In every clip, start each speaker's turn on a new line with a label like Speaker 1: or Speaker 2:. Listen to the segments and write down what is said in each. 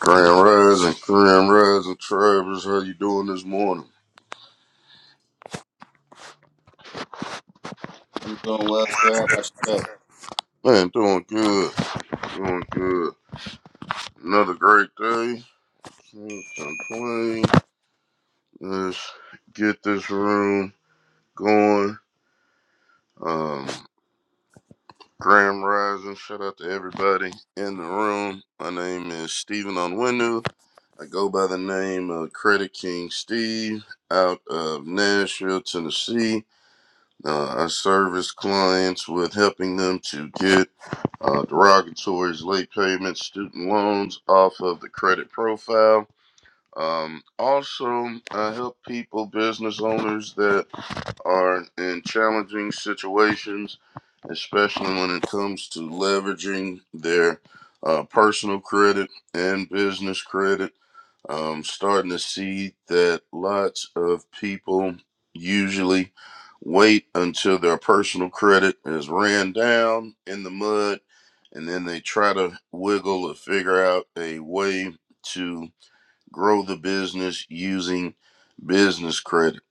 Speaker 1: Grand Rising, Grand Rising, Travis, how you doing this morning?
Speaker 2: I'm doing well, sir. How about yourself?
Speaker 1: Man, doing good, doing good. Another great day. Can't complain. Let's get this room going. Um, Grand Rising, shout out to everybody in the room. My name is Stephen Onwenu. I go by the name of Credit King Steve out of Nashville, Tennessee. Uh, I service clients with helping them to get uh, derogatories, late payments, student loans off of the credit profile. Um, also, I help people, business owners that are in challenging situations, especially when it comes to leveraging their uh, personal credit and business credit. I'm starting to see that lots of people usually wait until their personal credit is ran down in the mud and then they try to wiggle or figure out a way to grow the business using business credit.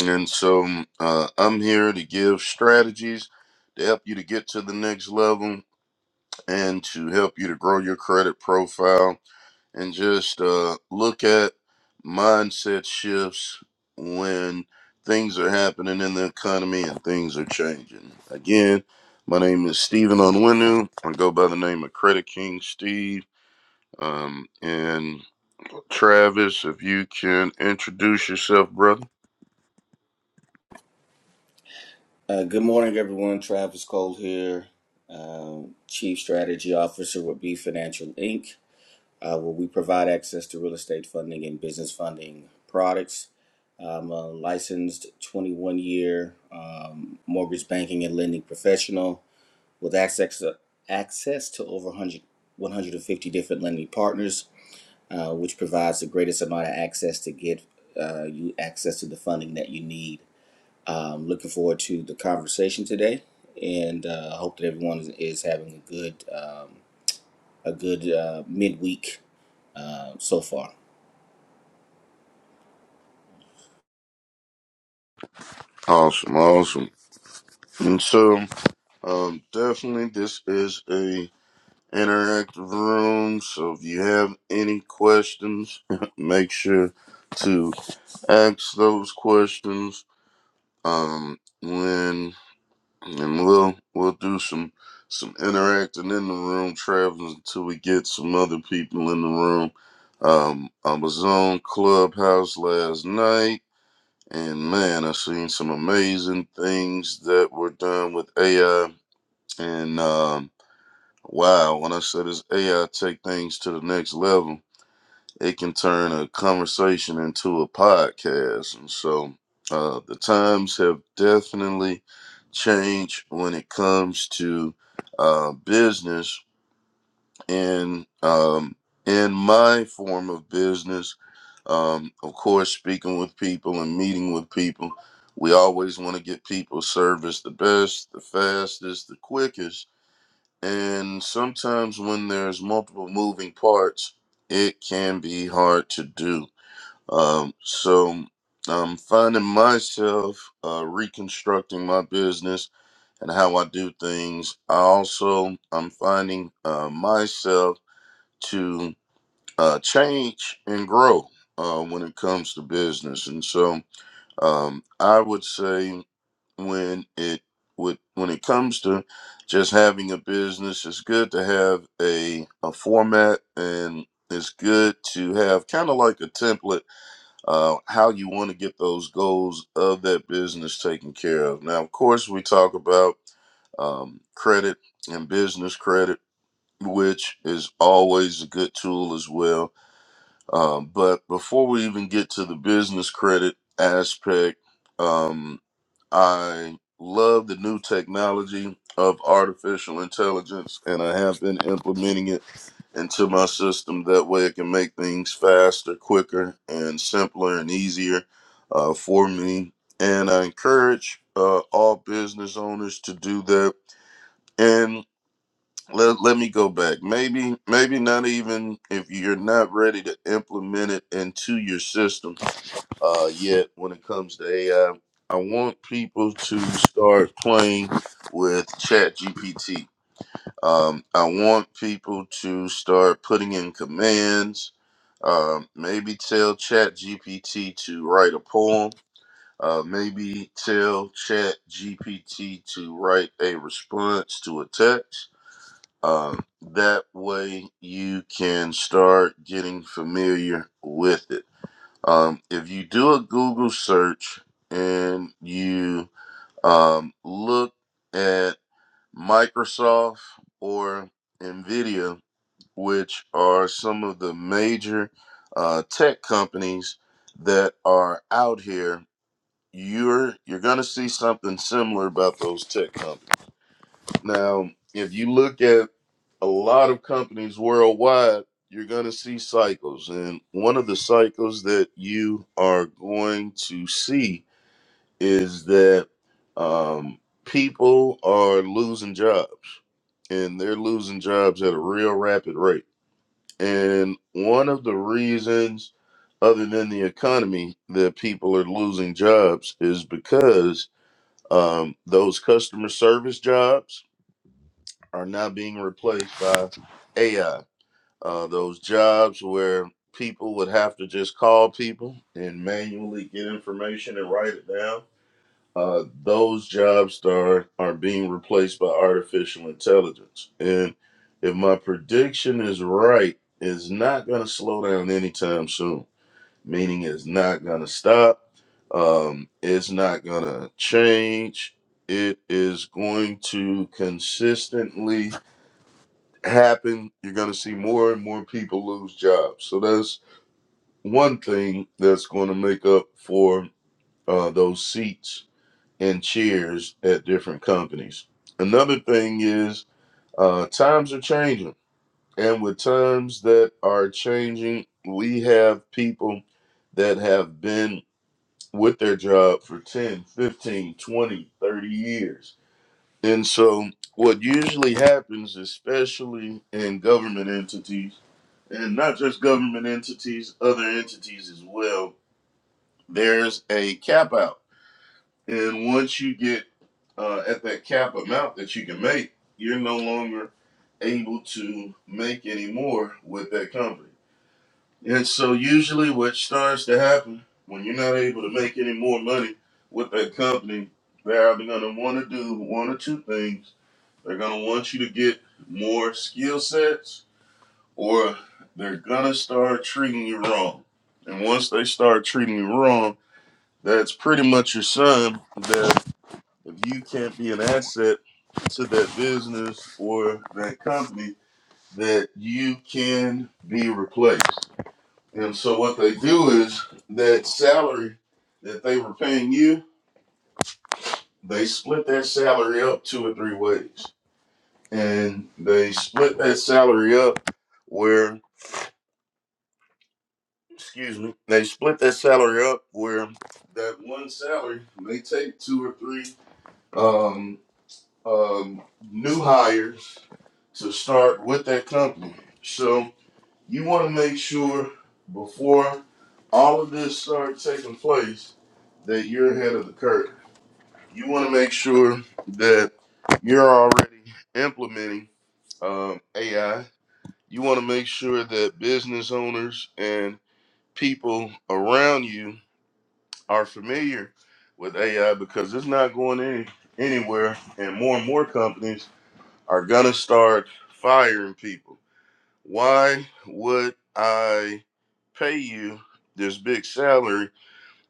Speaker 1: And so uh, I'm here to give strategies to help you to get to the next level and to help you to grow your credit profile and just uh, look at mindset shifts when things are happening in the economy and things are changing. Again, my name is Stephen Onwenu. I go by the name of Credit King Steve. Um, and Travis, if you can introduce yourself, brother.
Speaker 2: Uh, good morning, everyone. Travis Cole here, um, Chief Strategy Officer with B Financial Inc., uh, where we provide access to real estate funding and business funding products. I'm a licensed 21 year um, mortgage banking and lending professional with access to, access to over 100, 150 different lending partners, uh, which provides the greatest amount of access to get uh, you access to the funding that you need Um, looking forward to the conversation today, and uh, hope that everyone is, is having a good um, a good uh, midweek uh, so far.
Speaker 1: Awesome, awesome. And so, um, definitely this is a interactive room. So if you have any questions, make sure to ask those questions. Um, when and we'll we'll do some some interacting in the room, traveling until we get some other people in the room. Um, I was on Clubhouse last night, and man, I seen some amazing things that were done with AI. And um, wow, when I said this AI take things to the next level, it can turn a conversation into a podcast. And so uh, the times have definitely changed when it comes to uh, business. And um, in my form of business, um, of course, speaking with people and meeting with people, we always want to get people service the best, the fastest, the quickest. And sometimes when there's multiple moving parts, it can be hard to do. Um, so I'm finding myself uh, reconstructing my business and how I do things. I also I'm finding uh, myself to uh, change and grow uh, when it comes to business. And so um, I would say when it with, when it comes to just having a business, it's good to have a, a format and it's good to have kind of like a template uh, how you want to get those goals of that business taken care of. Now, of course, we talk about um, credit and business credit, which is always a good tool as well. Um, but before we even get to the business credit aspect, um, I love the new technology of artificial intelligence, and I have been implementing it into my system. That way, it can make things faster, quicker, and simpler and easier uh, for me. And I encourage uh, all business owners to do that. And let, let me go back. Maybe, maybe not even if you're not ready to implement it into your system uh, yet when it comes to AI. I I want people to start playing with ChatGPT. Um, I want people to start putting in commands um, maybe tell Chat GPT to write a poem. Uh, maybe tell Chat GPT to write a response to a text. Um, that way you can start getting familiar with it. Um, if you do a Google search and you um, look at Microsoft or NVIDIA which are some of the major uh, tech companies that are out here, you're you're gonna see something similar about those tech companies. Now, if you look at a lot of companies worldwide, you're gonna see cycles, and one of the cycles that you are going to see is that um, people are losing jobs, and they're losing jobs at a real rapid rate and one of the reasons, other than the economy, that people are losing jobs is because um, those customer service jobs are now being replaced by AI. Uh, those jobs where people would have to just call people and manually get information and write it down uh, those jobs are are being replaced by artificial intelligence. And if my prediction is right, it's not going to slow down anytime soon. Meaning, it's not going to stop. Um, it's not going to change. It is going to consistently happen. You're going to see more and more people lose jobs. So that's one thing that's going to make up for uh, those seats and cheers at different companies. Another thing is uh, times are changing, and with times that are changing, we have people that have been with their job for 10, 15, 20, 30 years. And so, what usually happens, especially in government entities, and not just government entities, other entities as well, there's a cap out And once you get uh, at that cap amount that you can make, you're no longer able to make any more with that company. And so, usually, what starts to happen when you're not able to make any more money with that company, they're either going to want to do one or two things. They're going to want you to get more skill sets, or they're going to start treating you wrong. And once they start treating you wrong, that's pretty much your sign that. If you can't be an asset to that business or that company, that you can be replaced. And so what they do is that salary that they were paying you, they split that salary up two or three ways. And they split that salary up where, excuse me, they split that salary up where that one salary may take two or three. Um, um, new hires to start with that company. So you want to make sure before all of this starts taking place that you're ahead of the curve. You want to make sure that you're already implementing um, AI. You want to make sure that business owners and people around you are familiar with AI because it's not going any, anywhere, and more and more companies are gonna start firing people. Why would I pay you this big salary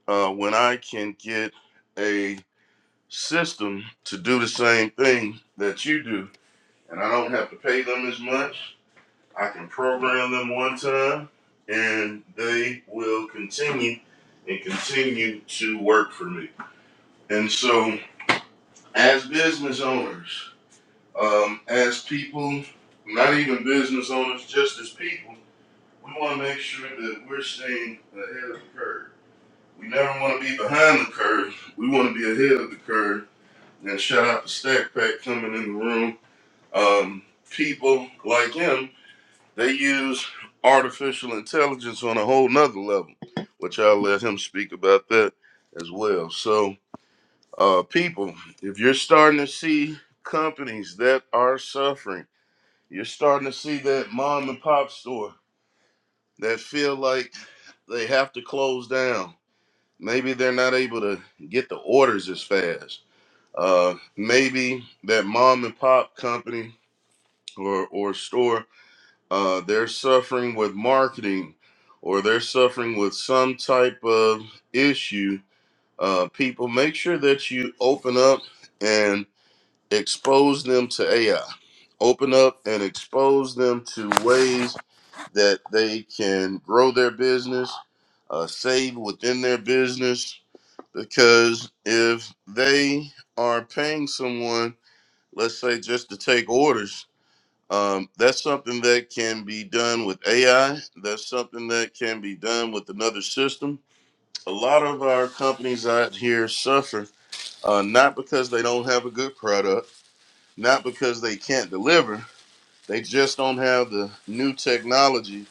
Speaker 1: uh, when I can get a system to do the same thing that you do? And I don't have to pay them as much. I can program them one time and they will continue and continue to work for me. And so, as business owners, um, as people, not even business owners, just as people, we want to make sure that we're staying ahead of the curve. We never want to be behind the curve. We want to be ahead of the curve. And shout out to Stack Pack coming in the room. Um, people like him, they use artificial intelligence on a whole nother level, which I'll let him speak about that as well. So, uh, people, if you're starting to see companies that are suffering, you're starting to see that mom and pop store that feel like they have to close down. Maybe they're not able to get the orders as fast. Uh, maybe that mom and pop company or, or store, uh, they're suffering with marketing or they're suffering with some type of issue. Uh, people, make sure that you open up and expose them to AI. Open up and expose them to ways that they can grow their business, uh, save within their business. Because if they are paying someone, let's say just to take orders, um, that's something that can be done with AI. That's something that can be done with another system. A lot of our companies out here suffer uh, not because they don't have a good product, not because they can't deliver, they just don't have the new technology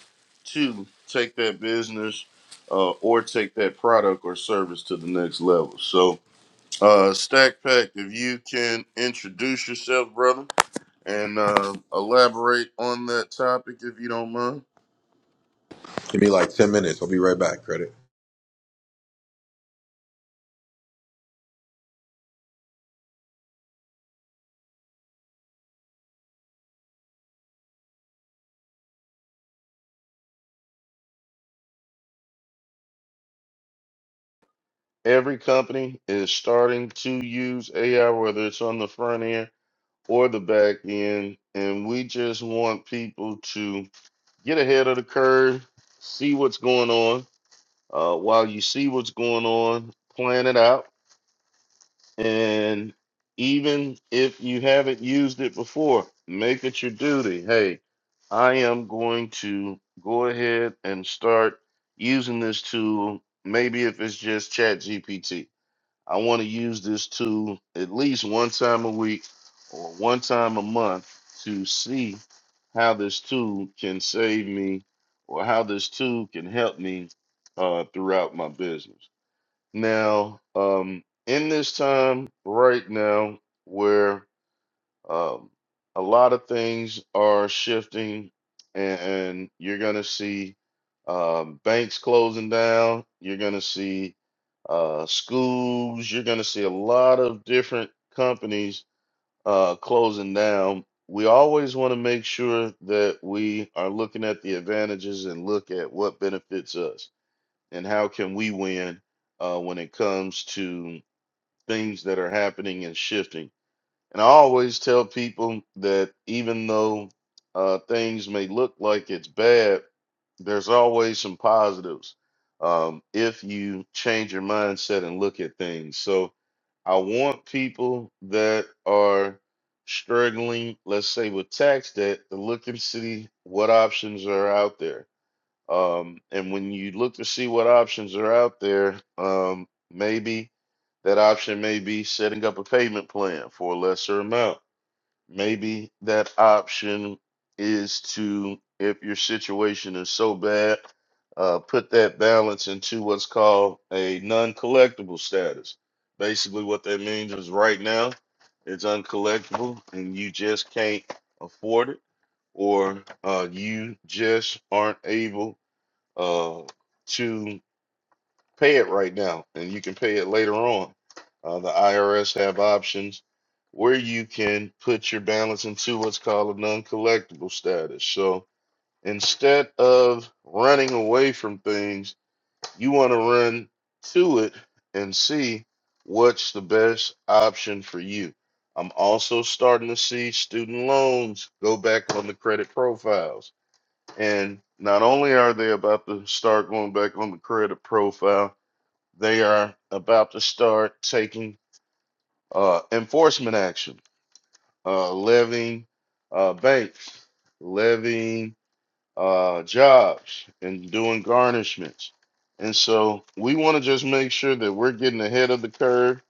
Speaker 1: to take that business uh, or take that product or service to the next level. So, uh, Stack Pack, if you can introduce yourself, brother, and uh, elaborate on that topic if you don't mind.
Speaker 3: Give me like 10 minutes. I'll be right back. Credit.
Speaker 1: Every company is starting to use AI, whether it's on the front end or the back end. And we just want people to get ahead of the curve, see what's going on uh, while you see what's going on, plan it out. And even if you haven't used it before, make it your duty. Hey, I am going to go ahead and start using this tool. Maybe if it's just Chat GPT, I want to use this tool at least one time a week or one time a month to see how this tool can save me or how this tool can help me uh, throughout my business. Now, um, in this time right now, where um, a lot of things are shifting, and, and you're going to see um, banks closing down, you're going to see uh, schools, you're going to see a lot of different companies uh, closing down. We always want to make sure that we are looking at the advantages and look at what benefits us and how can we win uh, when it comes to things that are happening and shifting. And I always tell people that even though uh, things may look like it's bad, there's always some positives um, if you change your mindset and look at things. So I want people that are struggling, let's say with tax debt, to look and see what options are out there um, and when you look to see what options are out there, um, maybe that option may be setting up a payment plan for a lesser amount. Maybe that option is to, if your situation is so bad, uh, put that balance into what's called a non collectible status. Basically, what that means is right now it's uncollectible and you just can't afford it, or uh, you just aren't able uh, to pay it right now, and you can pay it later on. Uh, the IRS have options where you can put your balance into what's called a non-collectible status. So instead of running away from things, you want to run to it and see what's the best option for you. I'm also starting to see student loans go back on the credit profiles and not only are they about to start going back on the credit profile, they are about to start taking uh, enforcement action, uh, levying uh, banks, levying uh, jobs, and doing garnishments. And so we want to just make sure that we're getting ahead of the curve.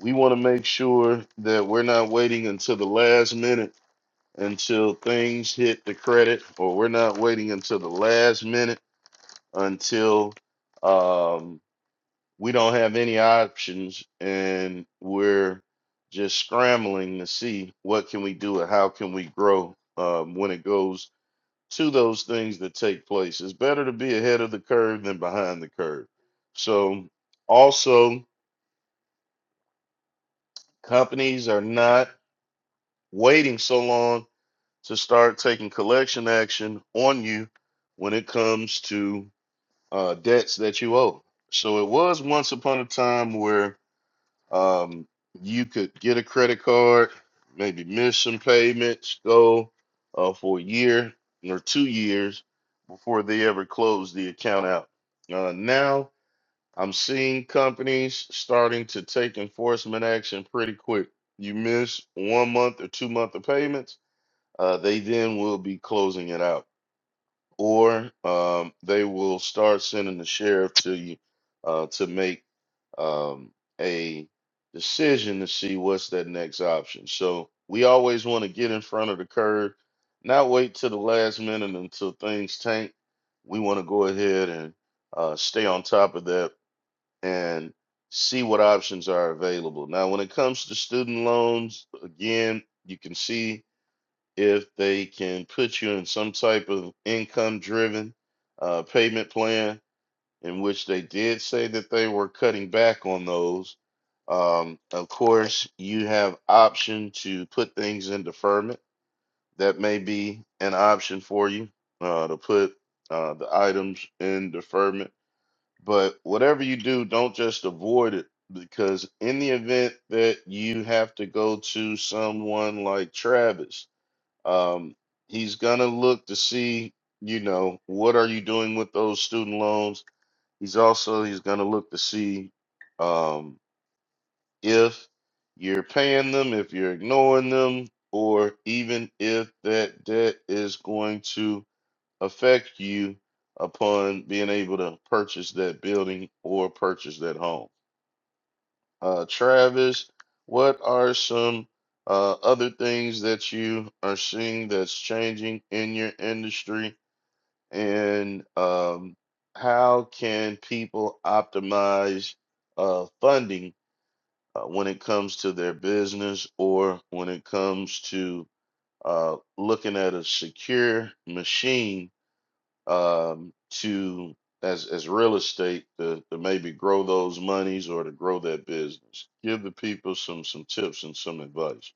Speaker 1: We want to make sure that we're not waiting until the last minute until things hit the credit, or we're not waiting until the last minute until um, we don't have any options and we're just scrambling to see what can we do and how can we grow um, when it goes to those things that take place. It's better to be ahead of the curve than behind the curve. So also companies are not waiting so long to start taking collection action on you when it comes to uh, debts that you owe. So it was once upon a time where Um, you could get a credit card, maybe miss some payments, go uh, for a year or two years before they ever close the account out. Uh, now I'm seeing companies starting to take enforcement action pretty quick. You miss one month or two month of payments, uh, they then will be closing it out, or um, they will start sending the sheriff to you uh, to make um, a decision to see what's that next option. So we always want to get in front of the curve, not wait till the last minute until things tank. We want to go ahead and uh, stay on top of that and see what options are available. Now, when it comes to student loans, again, you can see if they can put you in some type of income driven uh, payment plan in which they did say that they were cutting back on those. Um, of course, you have option to put things in deferment. That may be an option for you uh, to put uh, the items in deferment. But whatever you do, don't just avoid it because in the event that you have to go to someone like Travis, um, he's gonna look to see, you know, what are you doing with those student loans He's also he's going to look to see um, if you're paying them, if you're ignoring them, or even if that debt is going to affect you upon being able to purchase that building or purchase that home. Uh, Travis, what are some uh, other things that you are seeing that's changing in your industry? and um, how can people optimize uh, funding uh, when it comes to their business or when it comes to uh, looking at a secure machine um, to as as real estate to, to maybe grow those monies or to grow that business. Give the people some some tips and some advice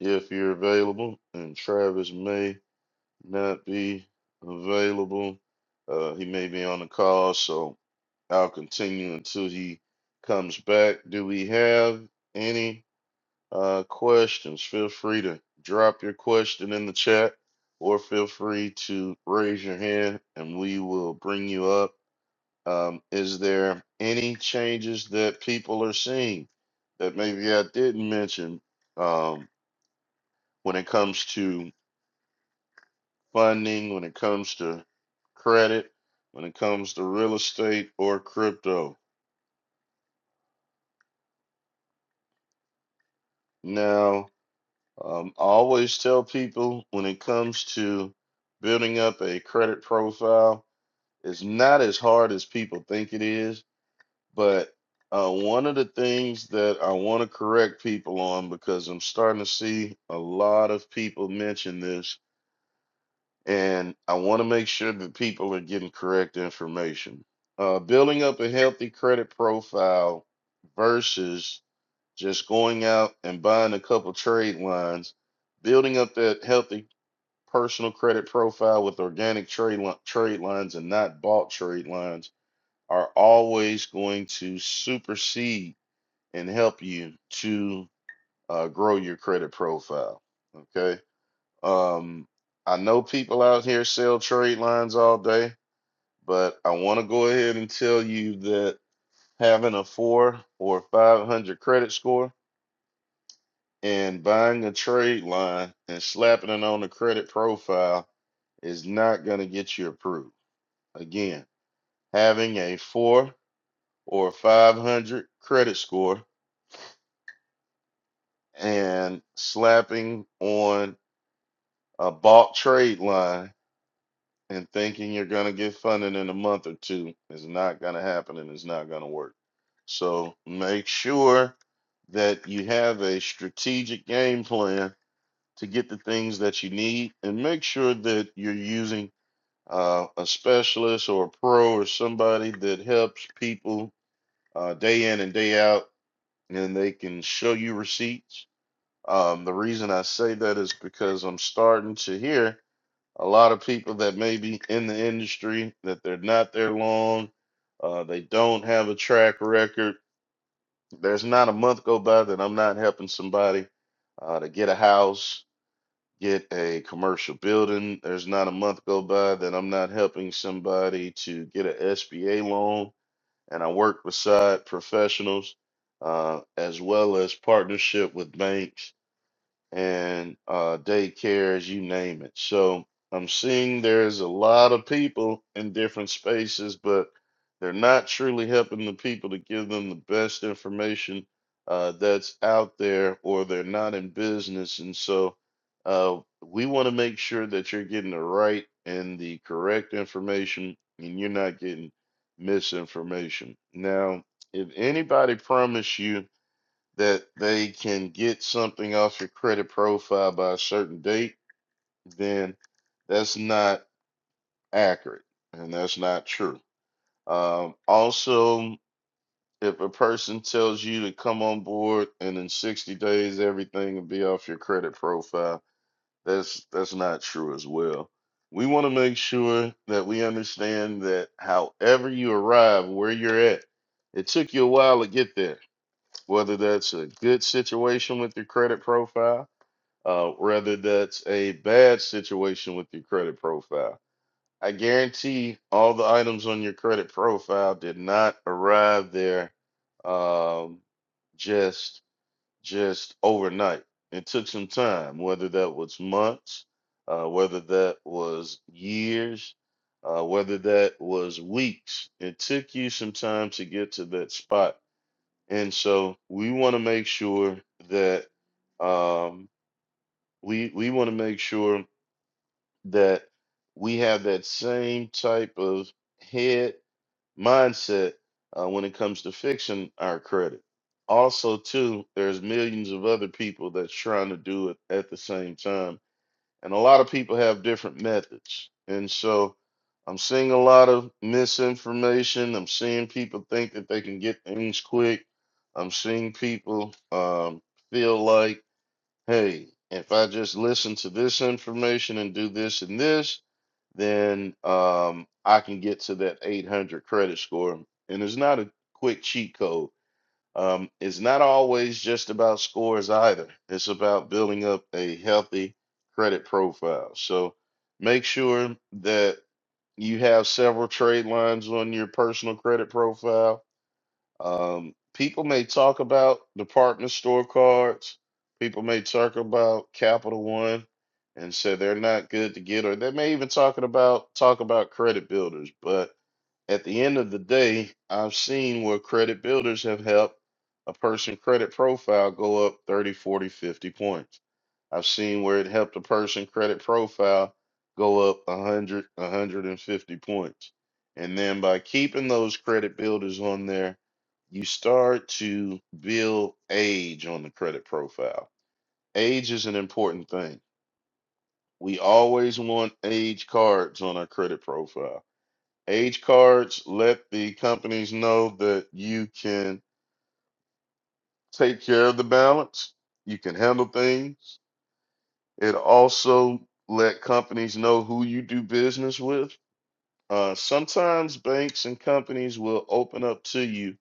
Speaker 1: if you're available. And Travis may not be available. Uh, he may be on the call, so I'll continue until he comes back. Do we have any uh, questions? Feel free to drop your question in the chat or feel free to raise your hand and we will bring you up. Um, is there any changes that people are seeing that maybe I didn't mention um, when it comes to funding, when it comes to credit, when it comes to real estate or crypto. Now, um, I always tell people when it comes to building up a credit profile, it's not as hard as people think it is. But uh, one of the things that I want to correct people on because I'm starting to see a lot of people mention this and I want to make sure that people are getting correct information. Uh, building up a healthy credit profile versus just going out and buying a couple trade lines, building up that healthy personal credit profile with organic trade li- trade lines and not bought trade lines are always going to supersede and help you to uh, grow your credit profile. Okay um, I know people out here sell trade lines all day, but I want to go ahead and tell you that having a four or 500 credit score and buying a trade line and slapping it on the credit profile is not going to get you approved. Again, having a four or 500 credit score and slapping on a bought trade line and thinking you're going to get funding in a month or two is not going to happen and it's not going to work. So make sure that you have a strategic game plan to get the things that you need and make sure that you're using uh, a specialist or a pro or somebody that helps people uh, day in and day out and they can show you receipts. Um, the reason I say that is because I'm starting to hear a lot of people that may be in the industry that they're not there long. Uh, they don't have a track record. There's not a month go by that I'm not helping somebody uh, to get a house, get a commercial building. There's not a month go by that I'm not helping somebody to get an S B a SBA loan. And I work beside professionals uh, as well as partnership with banks and uh, daycares, you name it. So I'm seeing there's a lot of people in different spaces, but they're not truly helping the people to give them the best information uh, that's out there, or they're not in business. And so uh, we want to make sure that you're getting the right and the correct information, and you're not getting misinformation. Now, if anybody promised you, that they can get something off your credit profile by a certain date, then that's not accurate and that's not true. Um, also, if a person tells you to come on board and in 60 days everything will be off your credit profile, that's that's not true as well. We want to make sure that we understand that however you arrive where you're at, it took you a while to get there, whether that's a good situation with your credit profile uh, whether that's a bad situation with your credit profile. I guarantee all the items on your credit profile did not arrive there um, just just overnight. It took some time, whether that was months, uh, whether that was years, uh, whether that was weeks. It took you some time to get to that spot, and so we want to make sure that. Um, we we want to make sure that we have that same type of head mindset uh, when it comes to fixing our credit. Also, too, there's millions of other people that's trying to do it at the same time, and a lot of people have different methods. And so, I'm seeing a lot of misinformation. I'm seeing people think that they can get things quick. I'm seeing people um, feel like hey, if I just listen to this information and do this and this, then um, I can get to that 800 credit score. And it's not a quick cheat code. Um, it's not always just about scores either. It's about building up a healthy credit profile. So make sure that you have several trade lines on your personal credit profile um, people may talk about department store cards. People may talk about Capital One and say they're not good to get, or they may even talking about talk about credit builders. But at the end of the day, I've seen where credit builders have helped a person credit profile go up 30, 40, 50 points. I've seen where it helped a person credit profile go up 100, 150 points. And then by keeping those credit builders on there, you start to build age on the credit profile. Age is an important thing. We always want age cards on our credit profile. Age cards let the companies know that you can take care of the balance, you can handle things, It also let companies know who you do business with. Uh, sometimes banks and companies will open up to you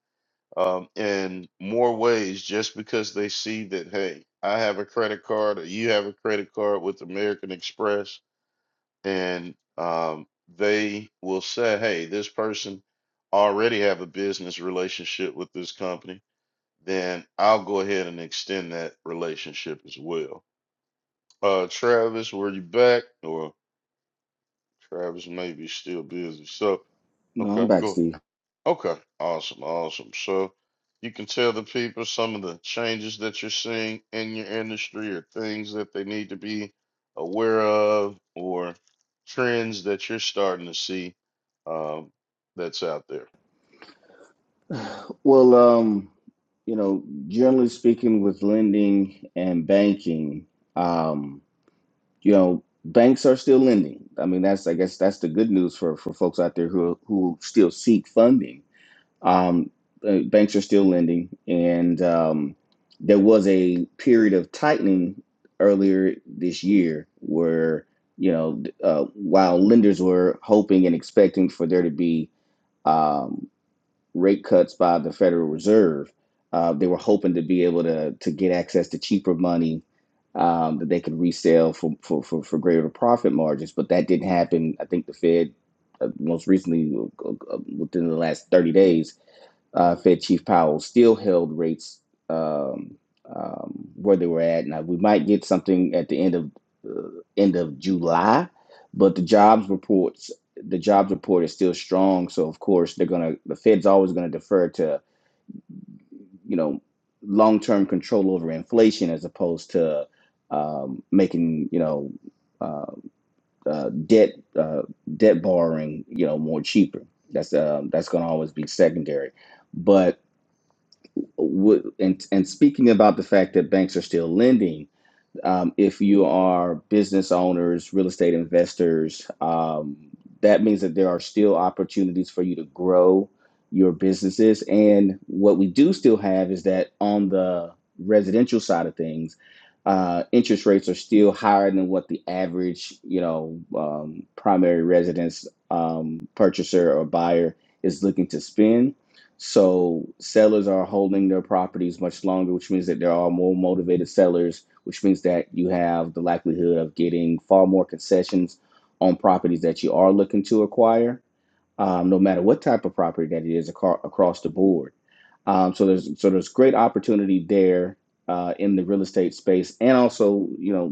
Speaker 1: um, in more ways just because they see that, hey, I have a credit card or you have a credit card with American Express, and um, they will say, hey, this person already have a business relationship with this company. Then I'll go ahead and extend that relationship as well. Uh, Travis, were you back or? Travis may be still busy. So,
Speaker 2: No, I'm
Speaker 1: okay,
Speaker 2: back,
Speaker 1: cool.
Speaker 2: Steve.
Speaker 1: Okay, awesome, awesome. So, you can tell the people some of the changes that you're seeing in your industry or things that they need to be aware of or trends that you're starting to see um, that's out there.
Speaker 2: Well, um, you know, generally speaking, with lending and banking, um, you know, banks are still lending. I mean, that's I guess that's the good news for for folks out there who who still seek funding. Um, uh, banks are still lending, and um, there was a period of tightening earlier this year where, you know, uh, while lenders were hoping and expecting for there to be um, rate cuts by the Federal Reserve, uh, they were hoping to be able to to get access to cheaper money um, that they could resell for, for, for, for greater profit margins, but that didn't happen. I think the Fed, uh, most recently, uh, uh, within the last 30 days, uh, Fed Chief Powell still held rates um, um, where they were at. Now we might get something at the end of uh, end of July, but the jobs reports the jobs report is still strong. So of course they're gonna the Fed's always gonna defer to you know long term control over inflation as opposed to um, making you know uh, uh, debt uh, debt borrowing you know more cheaper. That's uh, that's gonna always be secondary, but would and and speaking about the fact that banks are still lending, um, if you are business owners, real estate investors, um, that means that there are still opportunities for you to grow your businesses. And what we do still have is that on the residential side of things, uh, interest rates are still higher than what the average, you know, um, primary residence um, purchaser or buyer is looking to spend. So sellers are holding their properties much longer, which means that there are more motivated sellers which means that you have the likelihood of getting far more concessions on properties that you are looking to acquire um, no matter what type of property that it is aco- across the board. Um, so there's so there's great opportunity there uh, in the real estate space, and also you know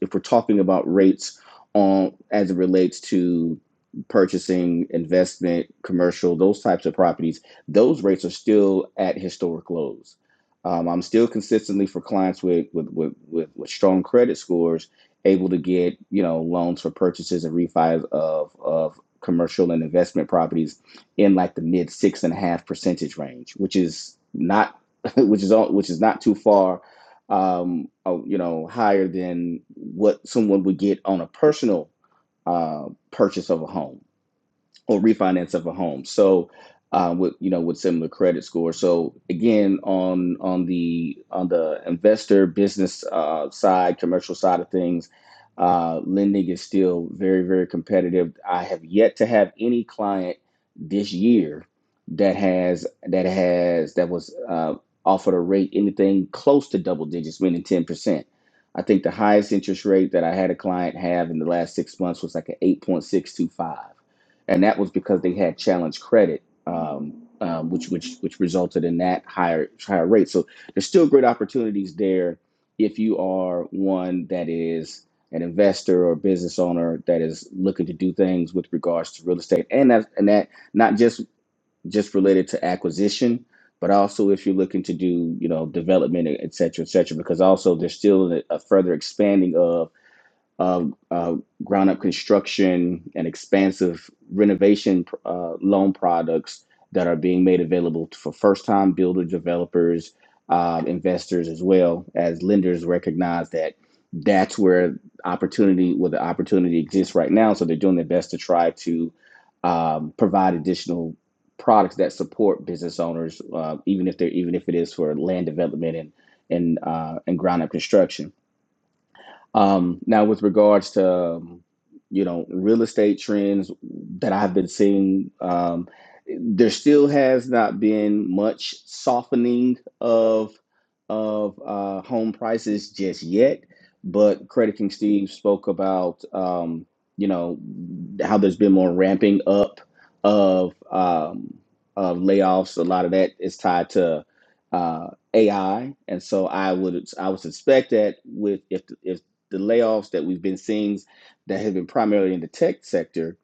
Speaker 2: if we're talking about rates on as it relates to purchasing, investment, commercial, those types of properties, those rates are still at historic lows. Um, I'm still consistently for clients with with, with with with strong credit scores able to get you know loans for purchases and refis of of commercial and investment properties in like the mid six and a half percentage range, which is not which is all which is not too far um uh, you know higher than what someone would get on a personal uh purchase of a home or refinance of a home. So uh, with you know with similar credit score. So again on on the on the investor business uh, side, commercial side of things, uh, lending is still very very competitive. I have yet to have any client this year that has that has that was uh, offered a rate anything close to double digits, meaning ten percent. I think the highest interest rate that I had a client have in the last six months was like an eight point six two five and that was because they had challenge credit, um, um, which which which resulted in that higher higher rate. So there's still great opportunities there if you are one that is an investor or business owner that is looking to do things with regards to real estate, and that and that not just just related to acquisition, but also if you're looking to do you know development, et cetera, et cetera, because also there's still a, a further expanding of uh, uh, ground up construction and expansive renovation uh, loan products that are being made available for first time builder developers, uh, investors, as well as lenders recognize that that's where opportunity where the opportunity exists right now. So they're doing their best to try to um, provide additional products that support business owners, uh, even if they're even if it is for land development and and uh, and ground up construction. Um, now, with regards to um, you know real estate trends that I've been seeing, um, there still has not been much softening of of uh, home prices just yet. But Credit King Steve spoke about um, you know how there's been more ramping up of um, of layoffs. A lot of that is tied to uh, AI, and so I would I would suspect that with if if the layoffs that we've been seeing that have been primarily in the tech sector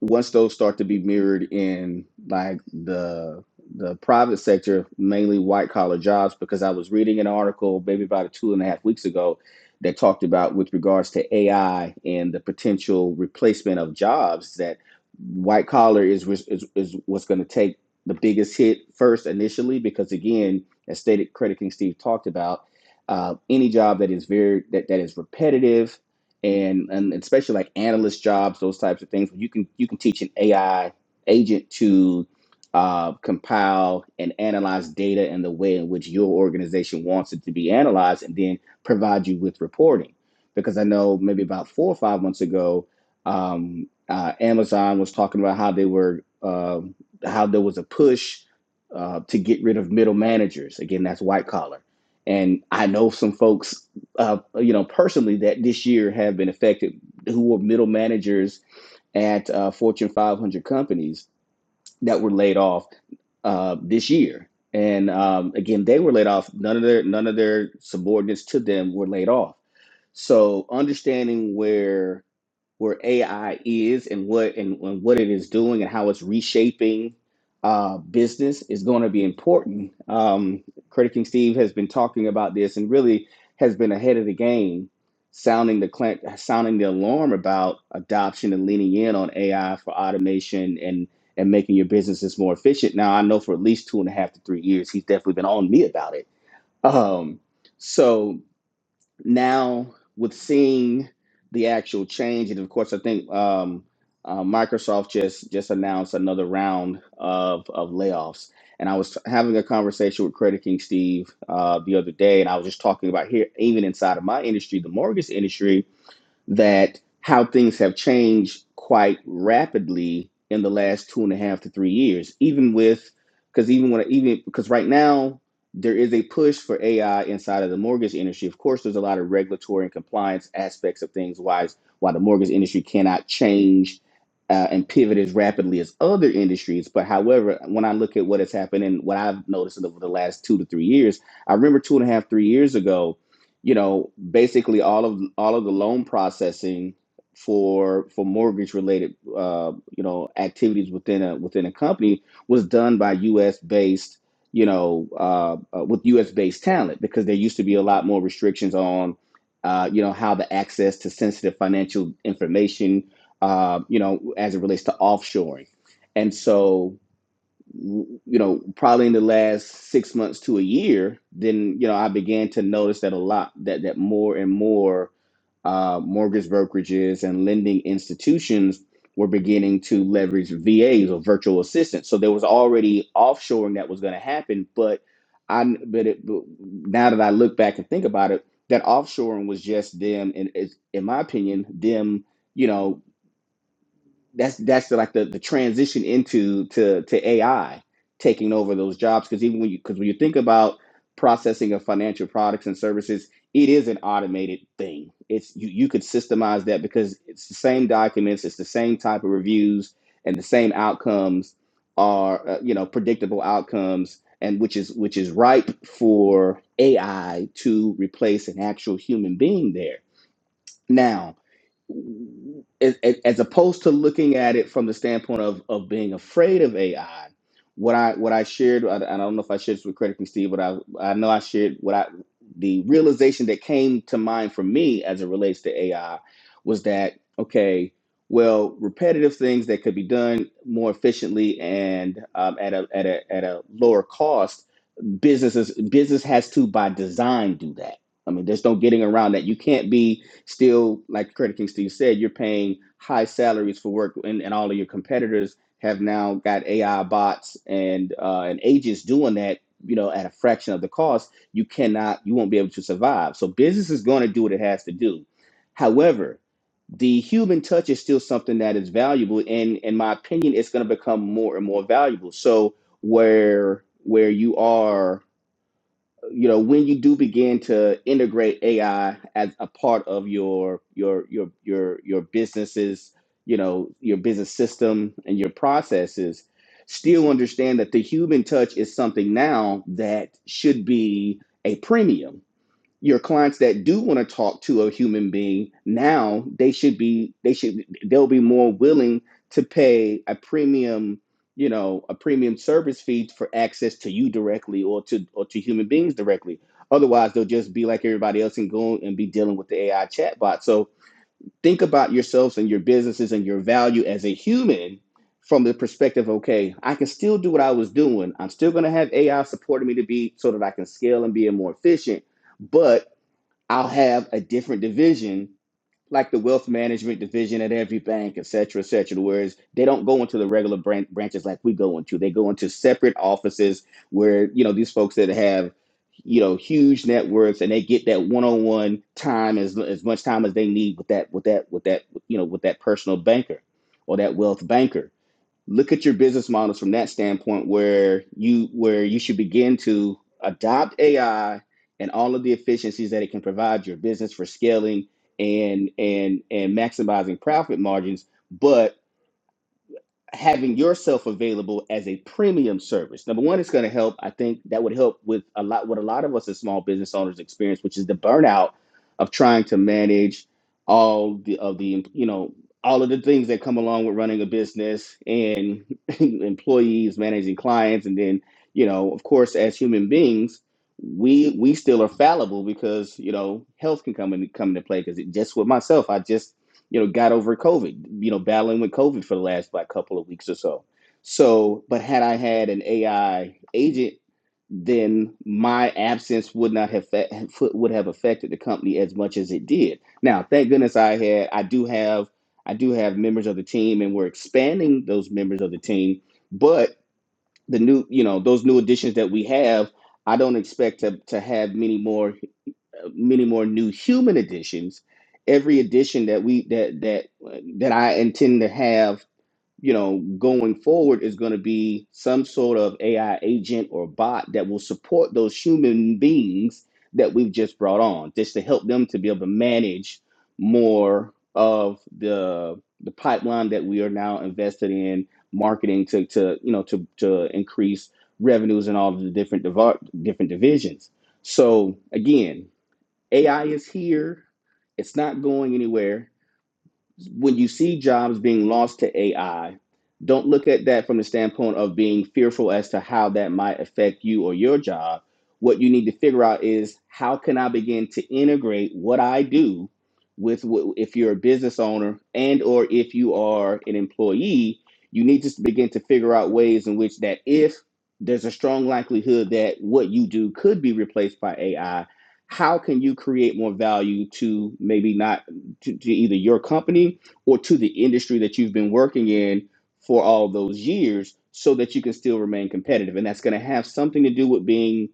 Speaker 2: once those start to be mirrored in like the the private sector, mainly white collar jobs, because I was reading an article maybe about two and a half weeks ago that talked about with regards to AI and the potential replacement of jobs that white collar is is, is what's going to take the biggest hit first initially, because again, as stated, Credit King Steve talked about, uh, any job that is very that, that is repetitive and and especially like analyst jobs, those types of things. where You can you can teach an AI agent to uh, compile and analyze data in the way in which your organization wants it to be analyzed, and then provide you with reporting. Because I know maybe about four or five months ago, um, uh, Amazon was talking about how they were um how there was a push uh, to get rid of middle managers. Again, that's white collar, and I know some folks uh, you know, personally that this year have been affected who were middle managers at uh, Fortune 500 companies that were laid off uh, this year. And um, again, they were laid off. None of their none of their subordinates to them were laid off. So understanding where where AI is and what and, and what it is doing and how it's reshaping uh, business is going to be important. Um, Credit King Steve has been talking about this and really has been ahead of the game, sounding the clan- sounding the alarm about adoption and leaning in on AI for automation and and making your businesses more efficient. Now I know for at least two and a half to three years, he's definitely been on me about it. Um, so now with seeing the actual change, and of course, I think um, uh, Microsoft just just announced another round of of layoffs. And I was having a conversation with Credit King Steve uh, the other day, and I was just talking about here, even inside of my industry, the mortgage industry that how things have changed quite rapidly in the last two and a half to three years, even with because even when even because right now there is a push for AI inside of the mortgage industry. Of course, there's a lot of regulatory and compliance aspects of things why it's- why the mortgage industry cannot change uh, and pivot as rapidly as other industries. But however, when I look at what has happened and what I've noticed over the last two to three years, I remember two and a half, three years ago, you know, basically all of all of the loan processing for for mortgage related uh, you know activities within a within a company was done by U.S. based you know uh, uh, with U.S. based talent because there used to be a lot more restrictions on uh, you know how the access to sensitive financial information uh, you know as it relates to offshoring, and so w- you know, probably in the last six months to a year, then you know I began to notice that a lot that that more and more uh, mortgage brokerages and lending institutions were beginning to leverage VAs or virtual assistants. So there was already offshoring that was going to happen, but I but, it, but now that I look back and think about it, that offshoring was just them, and it's- in my opinion, them. You know, that's that's the, like the, the transition into to to AI taking over those jobs because even when you because when you think about processing of financial products and services, it is an automated thing. It's you you could systemize that because it's the same documents, it's the same type of reviews, and the same outcomes are uh, you know predictable outcomes, and which is which is ripe for AI to replace an actual human being there as, as opposed to looking at it from the standpoint of of being afraid of AI, what I what I shared, I, I don't know if I shared this with critically Steve, but I I know I shared what I the realization that came to mind for me as it relates to AI was that okay, well, repetitive things that could be done more efficiently and um, at a at a at a lower cost businesses business has to by design do that. I mean, there's no getting around that. You can't be still like Credit King Steve said. You're paying high salaries for work, and, and all of your competitors have now got AI bots and uh, and agents doing that. You know, at a fraction of the cost, you cannot, you won't be able to survive. So business is going to do what it has to do. However, the human touch is still something that is valuable and in my opinion it's going to become more and more valuable so where where you are you know when you do begin to integrate AI as a part of your your your your your businesses you know your business system and your processes still understand that the human touch is something now that should be a premium your clients that do want to talk to a human being now they should be they should they'll be more willing to pay a premium you know a premium service fee for access to you directly or to or to human beings directly otherwise they'll just be like everybody else and go and be dealing with the ai chatbot so think about yourselves and your businesses and your value as a human from the perspective okay i can still do what i was doing i'm still going to have ai supporting me to be so that i can scale and be more efficient but I'll have a different division, like the wealth management division at every bank, et cetera, et cetera, whereas they don't go into the regular bran- branches like we go into. They go into separate offices where, you know, these folks that have, you know, huge networks and they get that one-on-one time as, as much time as they need with that, with that, with that, you know, with that personal banker or that wealth banker look at your business models from that standpoint where you where you should begin to adopt AI and all of the efficiencies that it can provide your business for scaling and and and maximizing profit margins but having yourself available as a premium service. Number one, it's going to help. I think that would help with a lot what a lot of us as small business owners experience, which is the burnout of trying to manage all the of the you know all of the things that come along with running a business and employees managing clients and then you know of course as human beings we we still are fallible because you know health can come in come into play because it just with myself i just you know, got over COVID, you know, battling with COVID for the last like couple of weeks or so. So, but had I had an AI agent, then my absence would not have fa- would have affected the company as much as it did. Now, thank goodness I had I do have I do have members of the team, and we're expanding those members of the team. But the new, you know, those new additions that we have, I don't expect to to have many more many more new human editions. every edition that we that that that i intend to have you know going forward is going to be some sort of ai agent or bot that will support those human beings that we've just brought on just to help them to be able to manage more of the the pipeline that we are now invested in marketing to to you know to to increase revenues in all of the different divar- different divisions so again AI is here. It's not going anywhere when you see jobs being lost to AI, don't look at that from the standpoint of being fearful as to how that might affect you or your job. What you need to figure out is how can I begin to integrate what I do with if you're a business owner and or if you are an employee, you need to begin to figure out ways in which that if there's a strong likelihood that what you do could be replaced by AI, how can you create more value to maybe not to, to either your company or to the industry that you've been working in for all those years so that you can still remain competitive and that's going to have something to do with being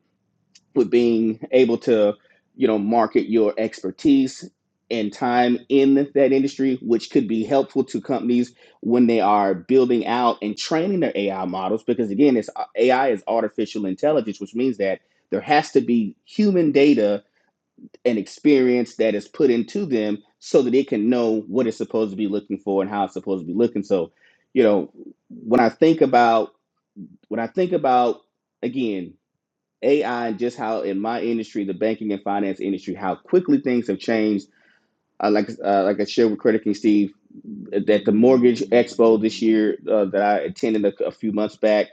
Speaker 2: with being able to you know market your expertise and time in that industry which could be helpful to companies when they are building out and training their AI models because again it's AI is artificial intelligence which means that there has to be human data an experience that is put into them so that they can know what it's supposed to be looking for and how it's supposed to be looking. So, you know, when I think about when I think about again AI and just how in my industry, the banking and finance industry, how quickly things have changed uh, like uh, like I shared with Credit King Steve that the mortgage expo this year uh, that I attended a, a few months back,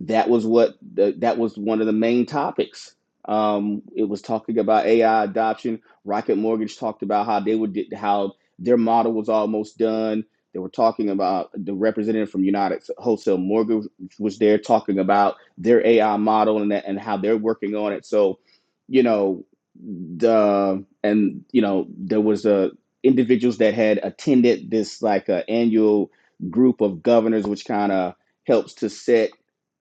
Speaker 2: that was what the, that was one of the main topics. Um, it was talking about AI adoption. Rocket Mortgage talked about how they would how their model was almost done. They were talking about the representative from United Wholesale Mortgage was there talking about their AI model and that, and how they're working on it. So, you know the and you know there was a individuals that had attended this like uh, annual group of governors which kind of helps to set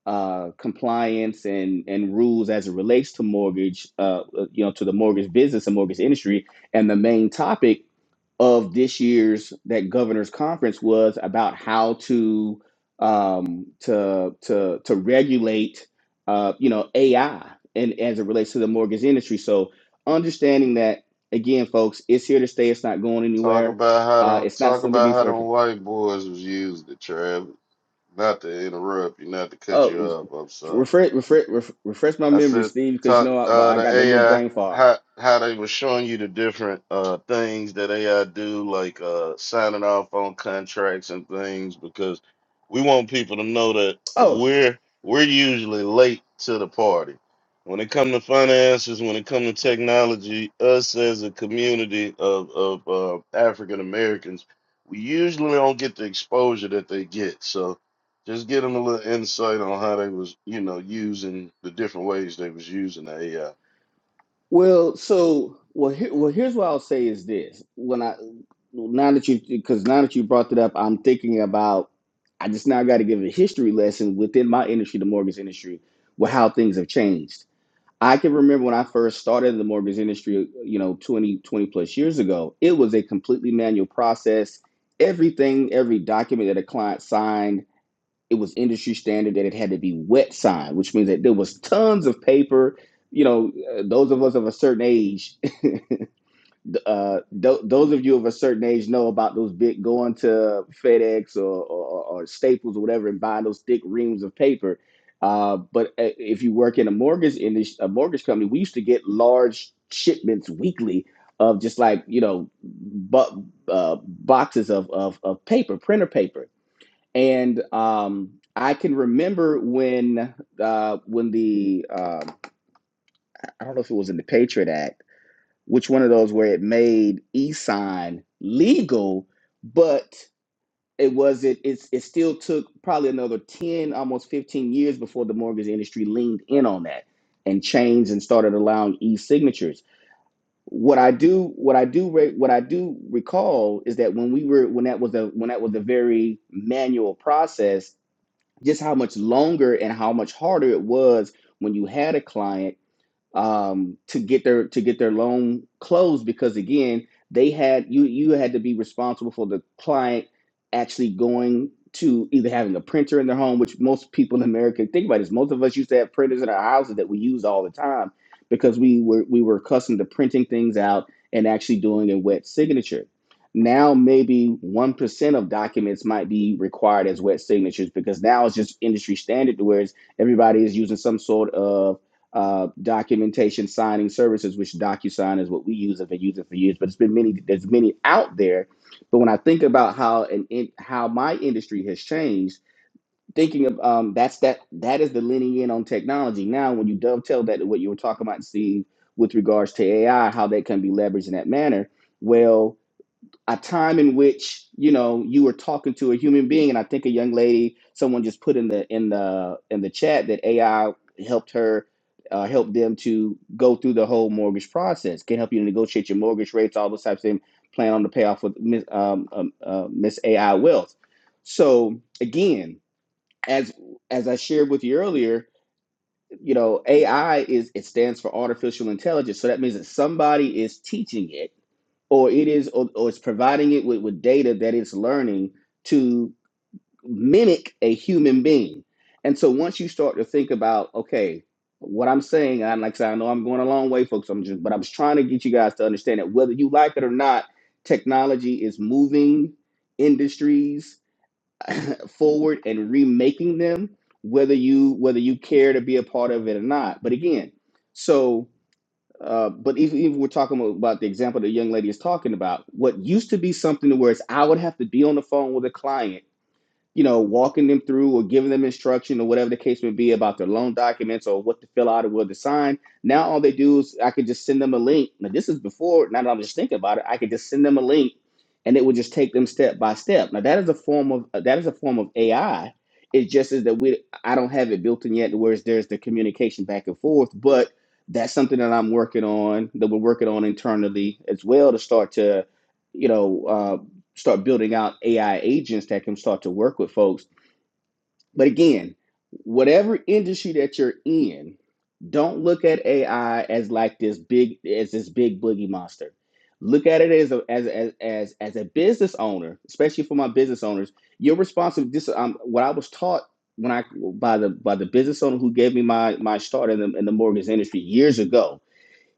Speaker 2: uh, compliance and and rules as it relates to mortgage uh, uh, you know to the mortgage business and mortgage industry and the main topic of this year's that governor's conference was about how to um, to to to regulate uh, you know AI and as it relates to the mortgage industry. So understanding that again, folks, it's here to stay. It's not going
Speaker 1: Talk
Speaker 2: anywhere.
Speaker 1: about how
Speaker 2: Uh,
Speaker 1: them,
Speaker 2: it's not
Speaker 1: talk
Speaker 2: something to be
Speaker 1: about how
Speaker 2: afraid
Speaker 1: them
Speaker 2: of.
Speaker 1: white boys was used to Travis. Not to interrupt you, not to cut you
Speaker 2: Oh,
Speaker 1: off. I'm sorry.
Speaker 2: refresh refresh refresh my
Speaker 1: I
Speaker 2: memory,
Speaker 1: said,
Speaker 2: Steve, because you
Speaker 1: "Ta-
Speaker 2: know
Speaker 1: uh,
Speaker 2: I, I
Speaker 1: the
Speaker 2: got the little
Speaker 1: AI,
Speaker 2: brain fog.
Speaker 1: how how they were showing you the different uh things that AI do, like uh signing off on contracts and things, because we want people to know that
Speaker 2: Oh.
Speaker 1: we're we're usually late to the party. When it comes to finances, when it comes to technology, us as a community of of uh, African Americans, we usually don't get the exposure that they get. So just get them a little insight on how they was, you know, using the different ways they was using the AI.
Speaker 2: Well, so well, here, well, here's what I'll say is this: when I now that you because now that you brought it up, I'm thinking about I just now got to give a history lesson within my industry, the mortgage industry, with how things have changed. I can remember when I first started in the mortgage industry, you know, 20 20 plus years ago, it was a completely manual process. Everything, every document that a client signed it was industry standard that it had to be wet signed, which means that there was tons of paper. You know, uh, those of us of a certain age, uh, th- those of you of a certain age know about those big going to FedEx or, or, or Staples or whatever and buying those thick reams of paper. Uh, but uh, if you work in a mortgage in this, a mortgage company, we used to get large shipments weekly of just like you know, bu- uh, boxes of, of of paper, printer paper and um, I can remember when uh, when the um, I don't know if it was in the Patriot Act, which one of those where it made e-sign legal, but it wasn't. It's it still took probably another ten, almost fifteen years before the mortgage industry leaned in on that and changed and started allowing e-signatures. What I do, what I do, re- what I do recall is that when we were when that was a when that was a very manual process just how much longer and how much harder it was when you had a client um, to get their to get their loan closed because again they had you you had to be responsible for the client actually going to either having a printer in their home, which most people in America think about is most of us used to have printers in our houses that we use all the time because we were we were accustomed to printing things out and actually doing a wet signature. Now maybe one percent of documents might be required as wet signatures because now it's just industry standard to where it's everybody is using some sort of uh, documentation signing services, which DocuSign is what we use and have been using for years. But it's been many. There's many out there. But when I think about how and in, how my industry has changed, thinking of um, that's that that is the leaning in on technology. Now, when you dovetail that to what you were talking about, Steve, with regards to AI, how that can be leveraged in that manner. Well, a time in which you know you were talking to a human being and i think a young lady someone just put in the in the in the chat that ai helped her uh, help them to go through the whole mortgage process can help you negotiate your mortgage rates all those types of things plan on the payoff with miss um, um, uh, miss ai wealth so again as as i shared with you earlier you know ai is it stands for artificial intelligence so that means that somebody is teaching it or it is or, or it's providing it with, with data that it's learning to mimic a human being and so once you start to think about okay what i'm saying i'm like I said, I know i'm going a long way folks i'm just but i'm just trying to get you guys to understand that whether you like it or not technology is moving industries forward and remaking them whether you whether you care to be a part of it or not but again so uh, but even if we're talking about the example the young lady is talking about, what used to be something where it's I would have to be on the phone with a client you know, walking them through or giving them instruction or whatever the case may be about their loan documents or what to fill out or what to sign. Now all they do is I could just send them a link. Now this is before, now that I'm just thinking about it, I could just send them a link and it would just take them step by step. Now that is a form of that is a form of AI. It just is that we I don't have it built in yet to where there's the communication back and forth, but that's something that I'm working on that we're working on internally as well to start to, you know, uh, start building out AI agents that can start to work with folks. But again, whatever industry that you're in, don't look at AI as like this big as this big boogie monster. Look at it as a as as as, as a business owner, especially for my business owners. You're responsible. This um, what I was taught when I by the by the business owner who gave me my my start in the in the mortgage industry years ago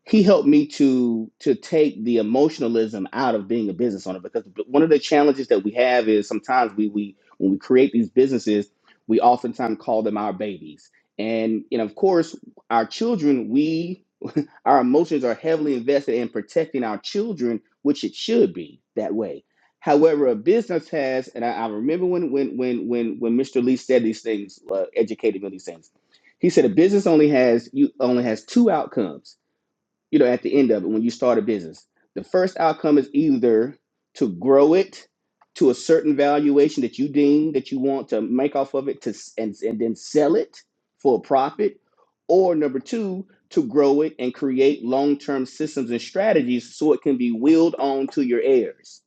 Speaker 2: he helped me to to take the emotionalism out of being a business owner because one of the challenges that we have is sometimes we we when we create these businesses we oftentimes call them our babies and and of course our children we our emotions are heavily invested in protecting our children which it should be that way however a business has and i, I remember when when when when when mr lee said these things uh, educated me on these things he said a business only has you only has two outcomes you know, at the end of it when you start a business. The first outcome is either to grow it to a certain valuation that you deem that you want to make off of it to s- and, and then sell it for a profit or number two to grow it and create long-term systems and strategies so it can be willed on to your heirs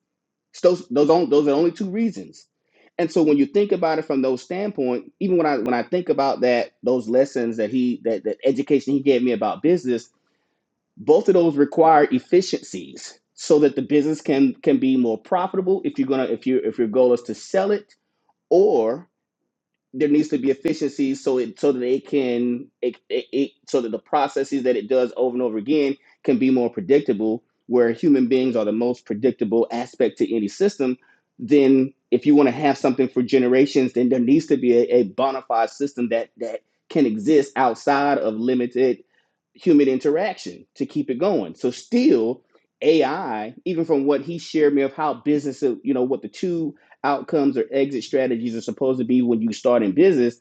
Speaker 2: it's those those, on, those are the only two reasons and so when you think about it from those standpoint even when i when i think about that those lessons that he that, that education he gave me about business both of those require efficiencies so that the business can can be more profitable if you're gonna if you if your goal is to sell it or there needs to be efficiency so it so that it can it, it, it so that the processes that it does over and over again can be more predictable where human beings are the most predictable aspect to any system then if you want to have something for generations then there needs to be a, a bona fide system that that can exist outside of limited human interaction to keep it going so still ai even from what he shared me of how business you know what the two outcomes or exit strategies are supposed to be when you start in business,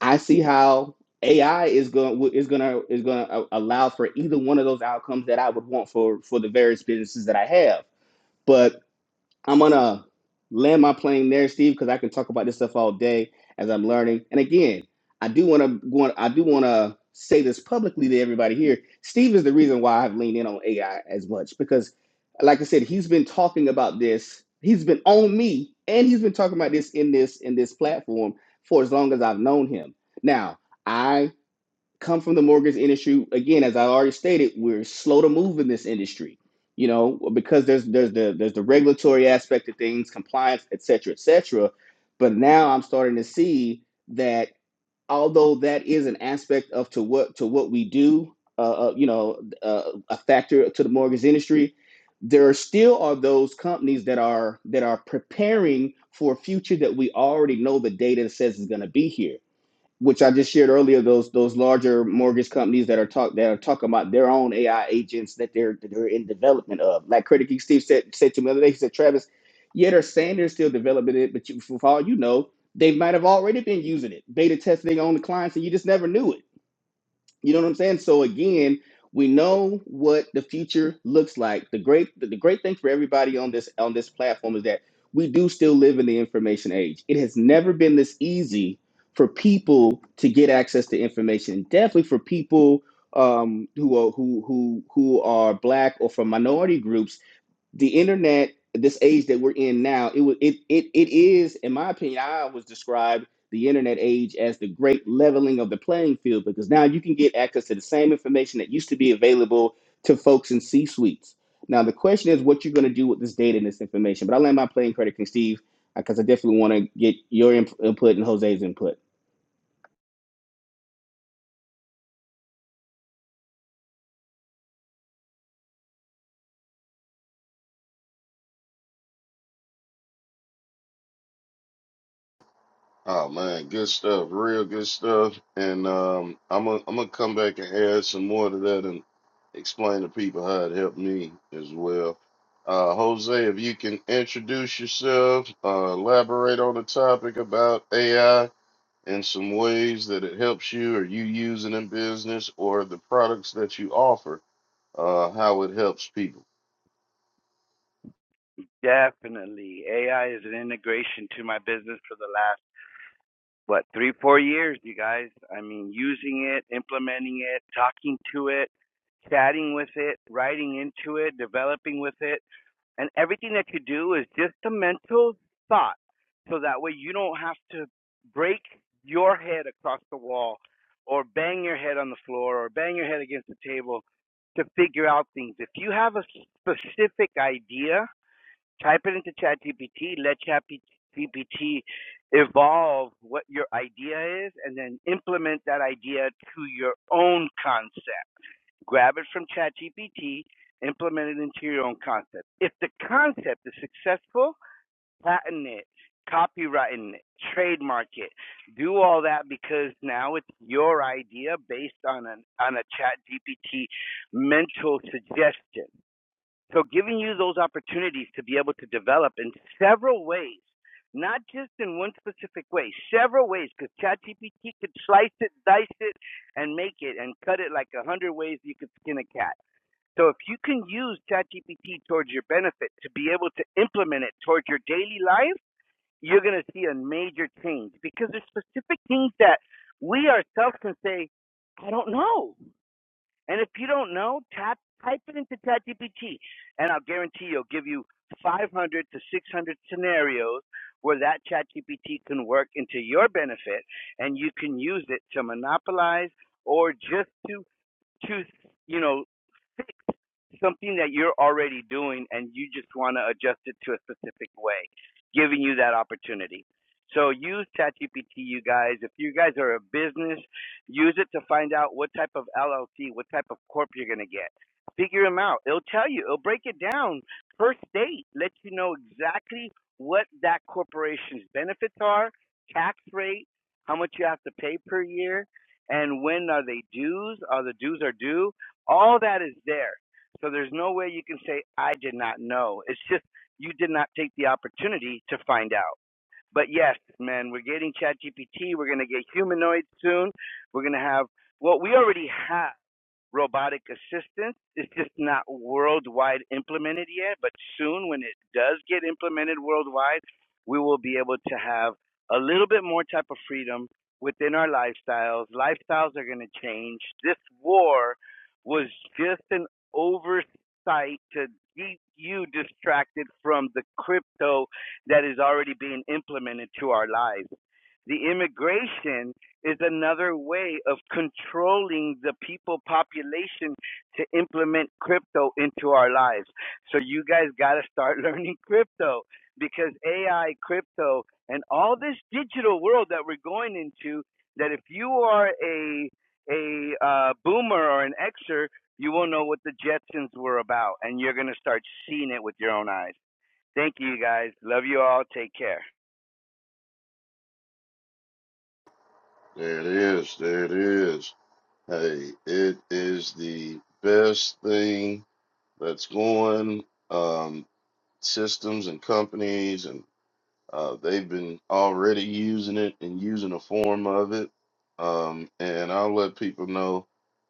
Speaker 2: I see how AI is going is going to is going to allow for either one of those outcomes that I would want for for the various businesses that I have. but. I'm gonna land my plane there, Steve, because I can talk about this stuff all day as I'm learning. And again, I do want to want I do want to say this publicly to everybody here. Steve is the reason why I've leaned in on AI as much because, like I said, he's been talking about this. He's been on me, and he's been talking about this in this in this platform for as long as I've known him. Now, I come from the mortgage industry again as i already stated we're slow to move in this industry you know because there's there's the there's the regulatory aspect of things compliance et cetera et cetera but now i'm starting to see that although that is an aspect of to what to what we do uh, uh, you know uh, a factor to the mortgage industry there are still are those companies that are that are preparing for a future that we already know the data says is going to be here which I just shared earlier, those those larger mortgage companies that are talk that are talking about their own AI agents that they're that they're in development of. Like Credit Geek Steve said said to me the other day, he said, Travis, yeah, they're saying they're still developing it, but you, for all you know, they might have already been using it, beta testing on the clients, and you just never knew it you know what I'm saying? So again, we know what the future looks like. The great the, the great thing for everybody on this on this platform is that we do still live in the information age. It has never been this easy for people to get access to information. Definitely for people um, who are who who who are black or from minority groups the internet this age that we're in now it was it, it it is in my opinion i was described the internet age as the great leveling of the playing field because now you can get access to the same information that used to be available to folks in c suites now the question is what you're going to do with this data and this information but i land my playing credit to steve because i definitely want to get your imp- input and jose's input
Speaker 1: Oh man, good stuff, real good stuff. And um, I'm gonna I'm gonna come back and add some more to that and explain to people how it helped me as well. Uh, Jose, if you can introduce yourself, uh, elaborate on the topic about AI and some ways that it helps you or you using in business or the products that you offer, uh, how it helps people.
Speaker 4: Definitely. AI is an integration to my business for the last, what, three, four years, you guys. I mean, using it, implementing it, talking to it, chatting with it, writing into it, developing with it. And everything that you do is just a mental thought. So that way you don't have to break your head across the wall or bang your head on the floor or bang your head against the table to figure out things. If you have a specific idea, Type it into ChatGPT. Let ChatGPT evolve what your idea is, and then implement that idea to your own concept. Grab it from ChatGPT, implement it into your own concept. If the concept is successful, patent it, copyright it, trademark it. Do all that because now it's your idea based on an on a ChatGPT mental suggestion. So giving you those opportunities to be able to develop in several ways, not just in one specific way, several ways, because ChatGPT could slice it, dice it, and make it and cut it like a hundred ways you could skin a cat. So if you can use ChatGPT towards your benefit to be able to implement it towards your daily life, you're going to see a major change because there's specific things that we ourselves can say, I don't know. And if you don't know, tap type it into ChatGPT, and I'll guarantee you'll give you 500 to 600 scenarios where that ChatGPT can work into your benefit, and you can use it to monopolize or just to to you know fix something that you're already doing and you just want to adjust it to a specific way, giving you that opportunity. So use ChatGPT, you guys. If you guys are a business, use it to find out what type of LLC, what type of corp you're going to get. Figure them out. It'll tell you. It'll break it down per state, let you know exactly what that corporation's benefits are, tax rate, how much you have to pay per year, and when are they dues? Are the dues are due? All that is there. So there's no way you can say, I did not know. It's just you did not take the opportunity to find out. But yes, man, we're getting ChatGPT. We're going to get humanoids soon. We're going to have, well, we already have robotic assistance is just not worldwide implemented yet, but soon when it does get implemented worldwide, we will be able to have a little bit more type of freedom within our lifestyles. Lifestyles are going to change. This war was just an oversight to keep you distracted from the crypto that is already being implemented to our lives. The immigration is another way of controlling the people population to implement crypto into our lives. So you guys got to start learning crypto because AI, crypto, and all this digital world that we're going into that if you are a a uh, boomer or an Xer, you will know what the Jetsons were about, and you're gonna start seeing it with your own eyes. Thank you, you guys. Love you all. Take care.
Speaker 1: There it is. There it is. Hey, it is the best thing that's going. Um, systems and companies, and uh, they've been already using it and using a form of it. Um, and I'll let people know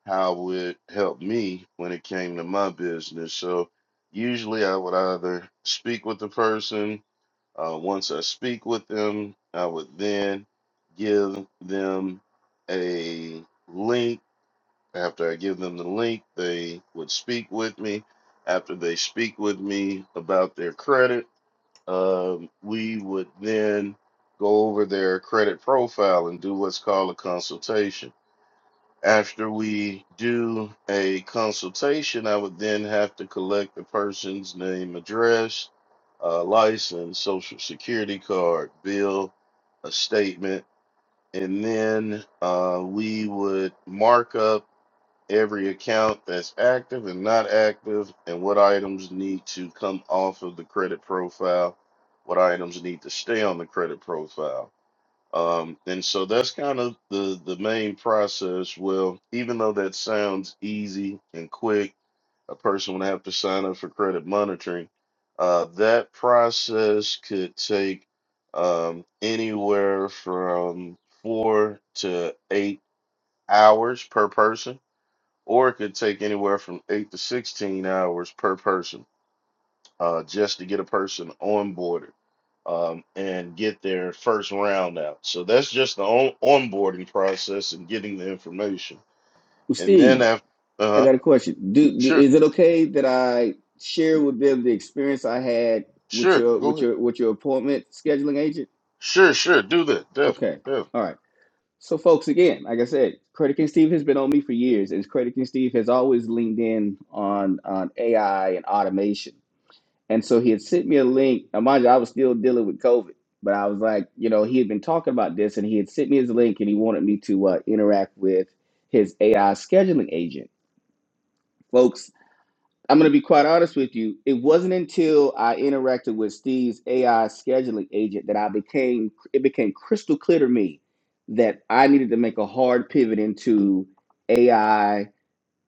Speaker 1: how it helped me when it came to my business. So usually I would either speak with the person uh, once I speak with them, I would then give them a link. After I give them the link, they would speak with me. After they speak with me about their credit, um, we would then go over their credit profile and do what's called a consultation after we do a consultation, I would then have to collect the person's name, address, uh, license, social security card, bill, a statement, and then uh, we would mark up every account that's active and not active, and what items need to come off of the credit profile, what items need to stay on the credit profile. Um, and so that's kind of the the main process. Well, even though that sounds easy and quick, a person would have to sign up for credit monitoring. Uh, that process could take um, anywhere from four to eight hours per person, or it could take anywhere from eight to sixteen hours per person uh, just to get a person onboarded um, and get their first round out. So that's just the on- onboarding process and getting the information.
Speaker 2: Well,
Speaker 1: And then
Speaker 2: steve
Speaker 1: after, uh
Speaker 2: I
Speaker 1: huh,
Speaker 2: got a question. Do, do
Speaker 1: sure,
Speaker 2: is it okay that I share with them the experience I had with
Speaker 1: sure,
Speaker 2: your
Speaker 1: go
Speaker 2: with
Speaker 1: ahead.
Speaker 2: your with your appointment scheduling agent?
Speaker 1: Sure, sure, do that. Definitely,
Speaker 2: Okay.
Speaker 1: definitely.
Speaker 2: All right. So folks, again, like I said, Credit King Steve has been on me for years, and Credit King Steve has always leaned in on on AI and automation. And so he had sent me a link. Now, mind you, I was still dealing with COVID, but I was like, you know, he had been talking about this, and he had sent me his link, and he wanted me to uh, interact with his AI scheduling agent, folks I'm going to be quite honest with you. It wasn't until I interacted with Steve's AI scheduling agent that I became it became crystal clear to me that I needed to make a hard pivot into AI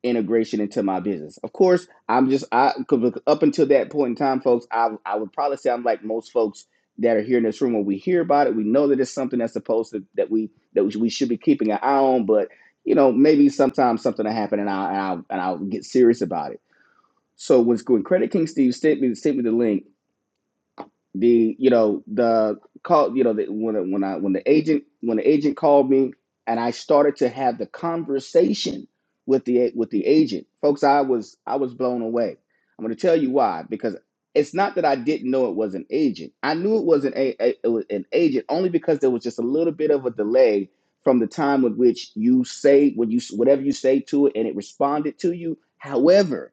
Speaker 2: integration into my business. Of course, I'm just I 'cause up until that point in time, folks, I I would probably say I'm like most folks that are here in this room. When we hear about it, we know that it's something that's supposed to that we that we should we should be keeping an eye on, but you know, maybe sometimes something will happen and I'll, and I'll, and I'll get serious about it so what's when Credit King Steve sent me sent me the link, the you know the call you know the, when when I when the agent when the agent called me and I started to have the conversation with the with the agent, folks, I was I was blown away. I'm going to tell you why because it's not that I didn't know it was an agent. I knew it was an a, a it was an agent only because there was just a little bit of a delay from the time with which you say what you whatever you say to it and it responded to you. However,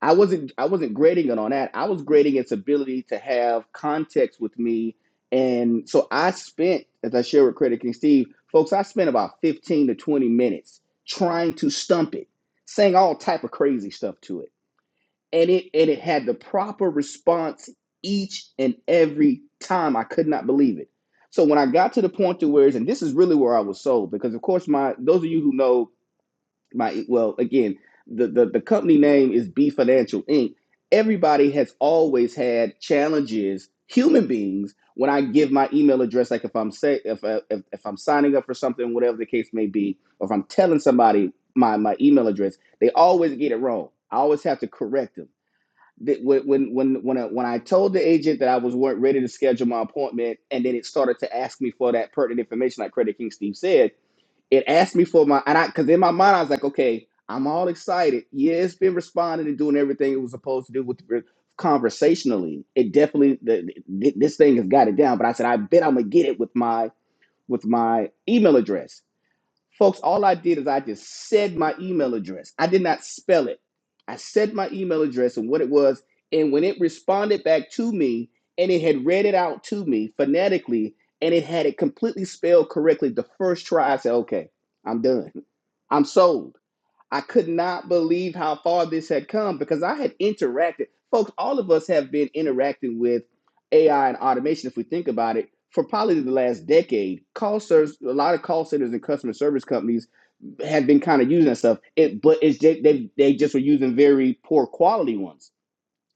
Speaker 2: I wasn't I wasn't grading it on that. I was grading its ability to have context with me. And so I spent, as I shared with Credit King Steve, folks, I spent about 15 to 20 minutes trying to stump it, saying all type of crazy stuff to it. And it and it had the proper response each and every time. I could not believe it. So when I got to the point to where, and this is really where I was sold, because of course my those of you who know my well again the, the the company name is b financial inc everybody has always had challenges human beings when i give my email address like if i'm say if, I- if if i'm signing up for something whatever the case may be or if i'm telling somebody my my email address they always get it wrong i always have to correct them That when when when when I, when I told the agent that I was weren't ready to schedule my appointment, and then it started to ask me for that pertinent information, like Credit King Steve said, it asked me for my and I because in my mind I was like, okay, I'm all excited. Yeah, it's been responding and doing everything it was supposed to do with the, conversationally. It definitely the, the- this thing has got it down. But I said, I bet I'm gonna get it with my with my email address. Folks, all I did is I just said my email address. I did not spell it. I said my email address and what it was. And when it responded back to me and it had read it out to me phonetically and it had it completely spelled correctly the first try, I said, okay, I'm done. I'm sold. I could not believe how far this had come because I had interacted. Folks, all of us have been interacting with AI and automation, if we think about it, for probably the last decade. Call centers, a lot of call centers and customer service companies have been kind of using that stuff, it, but it's, ju- they, they just were using very poor quality ones.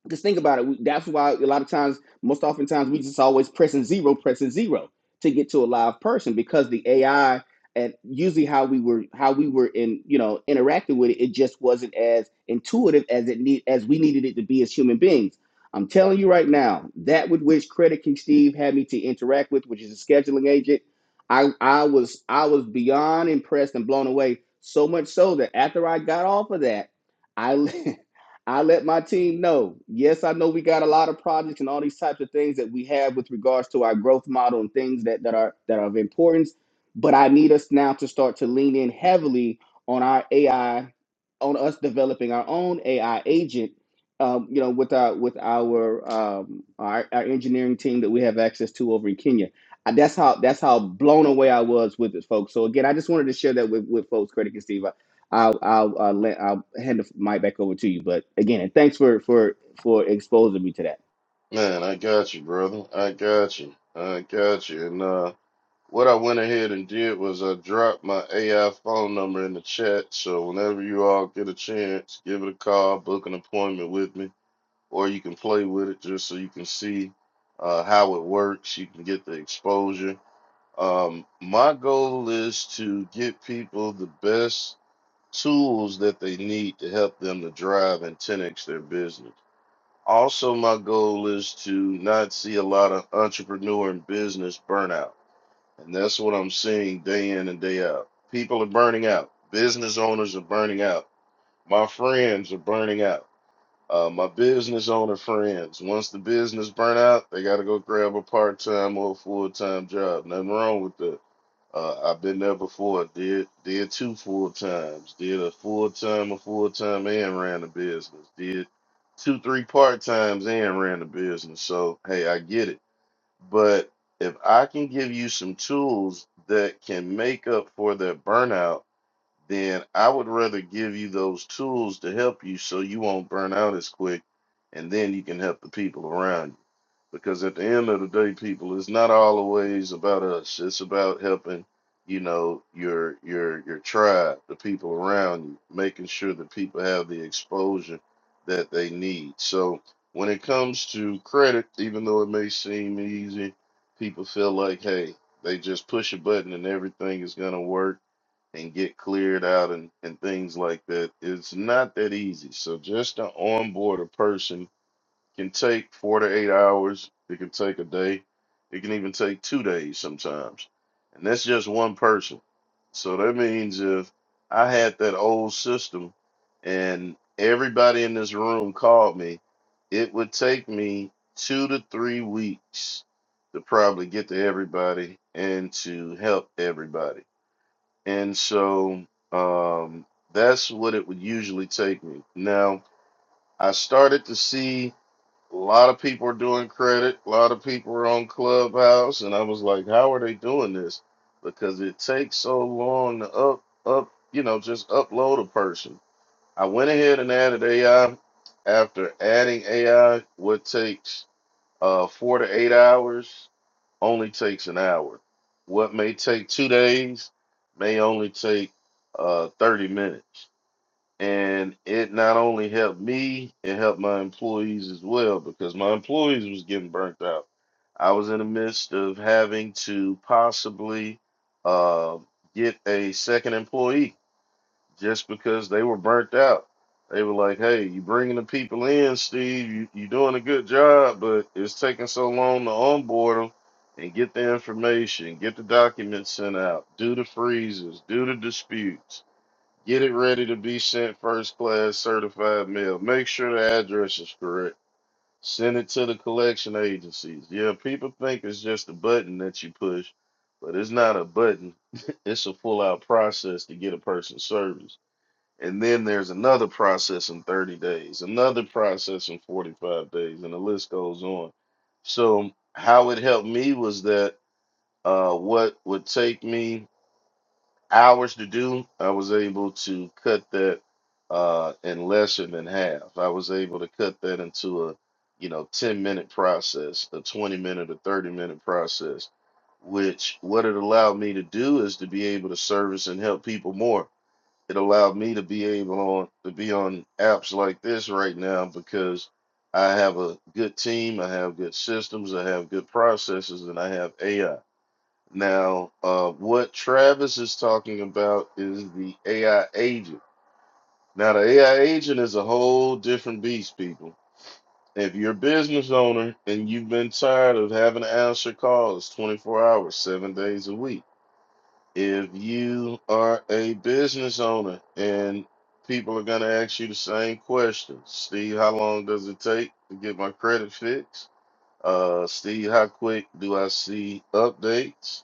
Speaker 2: Just think about it. We, that's why a lot of times, most oftentimes, we just always pressing zero, pressing zero to get to a live person because the AI and usually how we were how we were in you know interacting with it, it just wasn't as intuitive as it need as we needed it to be as human beings. I'm telling you right now, that with which Credit King Steve had me to interact with, which is a scheduling agent, I I was I was beyond impressed and blown away. So much so that after I got off of that, I I let my team know. Yes, I know we got a lot of projects and all these types of things that we have with regards to our growth model and things that, that are that are of importance. But I need us now to start to lean in heavily on our AI, on us developing our own AI agent. Um, you know, with our with our, um, our our engineering team that we have access to over in Kenya. Uh, That's how that's how blown away I was with it, folks. So again, I just wanted to share that with with folks, Credit and Steve. I'll I'll uh, let, I'll hand the mic back over to you. But again, and thanks for for for exposing me to that.
Speaker 1: Man, I got you, brother. I got you. I got you. And uh, what I went ahead and did was I dropped my AI phone number in the chat. So whenever you all get a chance, give it a call, book an appointment with me or you can play with it just so you can see uh, how it works. You can get the exposure. Um, my goal is to get people the best tools that they need to help them to drive and 10x their business. Also, my goal is to not see a lot of entrepreneur and business burnout. And that's what I'm seeing day in and day out. People are burning out. Business owners are burning out. My friends are burning out uh, my business owner friends, once the business burn out, they got to go grab a part time or full time job. Nothing wrong with that. Uh, I've been there before. Did did two full times. Did a full time, a full time, and ran the business. Did two, three part times, and ran the business. So hey, I get it. But if I can give you some tools that can make up for that burnout then I would rather give you those tools to help you so you won't burn out as quick and then you can help the people around you. Because at the end of the day, people, it's not always about us. It's about helping, you know, your your your tribe, the people around you, making sure that people have the exposure that they need. So when it comes to credit, even though it may seem easy, people feel like, hey, they just push a button and everything is gonna work and get cleared out and, and things like that. It's not that easy. So just to onboard a person can take four to eight hours. It can take a day. It can even take two days sometimes. And that's just one person. So that means if I had that old system and everybody in this room called me, it would take me two to three weeks to probably get to everybody and to help everybody and so um, that's what it would usually take me. Now, I started to see a lot of people are doing credit, a lot of people are on Clubhouse, and I was like, how are they doing this? Because it takes so long to up, up, you know, just upload a person. I went ahead and added AI. After adding AI, what takes uh, four to eight hours only takes an hour. What may take two days may only take uh, 30 minutes. And it not only helped me, it helped my employees as well because my employees was getting burnt out. I was in the midst of having to possibly uh, get a second employee just because they were burnt out. They were like, "Hey, you bringing the people in, Steve? You you doing a good job, but it's taking so long to onboard them and get the information, get the documents sent out, do the freezes, do the disputes, get it ready to be sent first class certified mail. Make sure the address is correct. Send it to the collection agencies. Yeah, people think it's just a button that you push, but it's not a button. It's a full out process to get a person service and then there's another process in 30 days, another process in 45 days, and the list goes on. So, how it helped me was that uh, what would take me hours to do, I was able to cut that uh, in less than half. I was able to cut that into a you know 10 minute process, a 20 minute, a 30 minute process, which what it allowed me to do is to be able to service and help people more it allowed me to be able on to be on apps like this right now because I have a good team, I have good systems, I have good processes, and I have AI. Now, uh, what Travis is talking about is the AI agent. Now, the AI agent is a whole different beast, people. If you're a business owner and you've been tired of having to answer calls 24 hours, seven days a week, if you are a business owner and people are going to ask you the same question steve how long does it take to get my credit fixed uh steve how quick do i see updates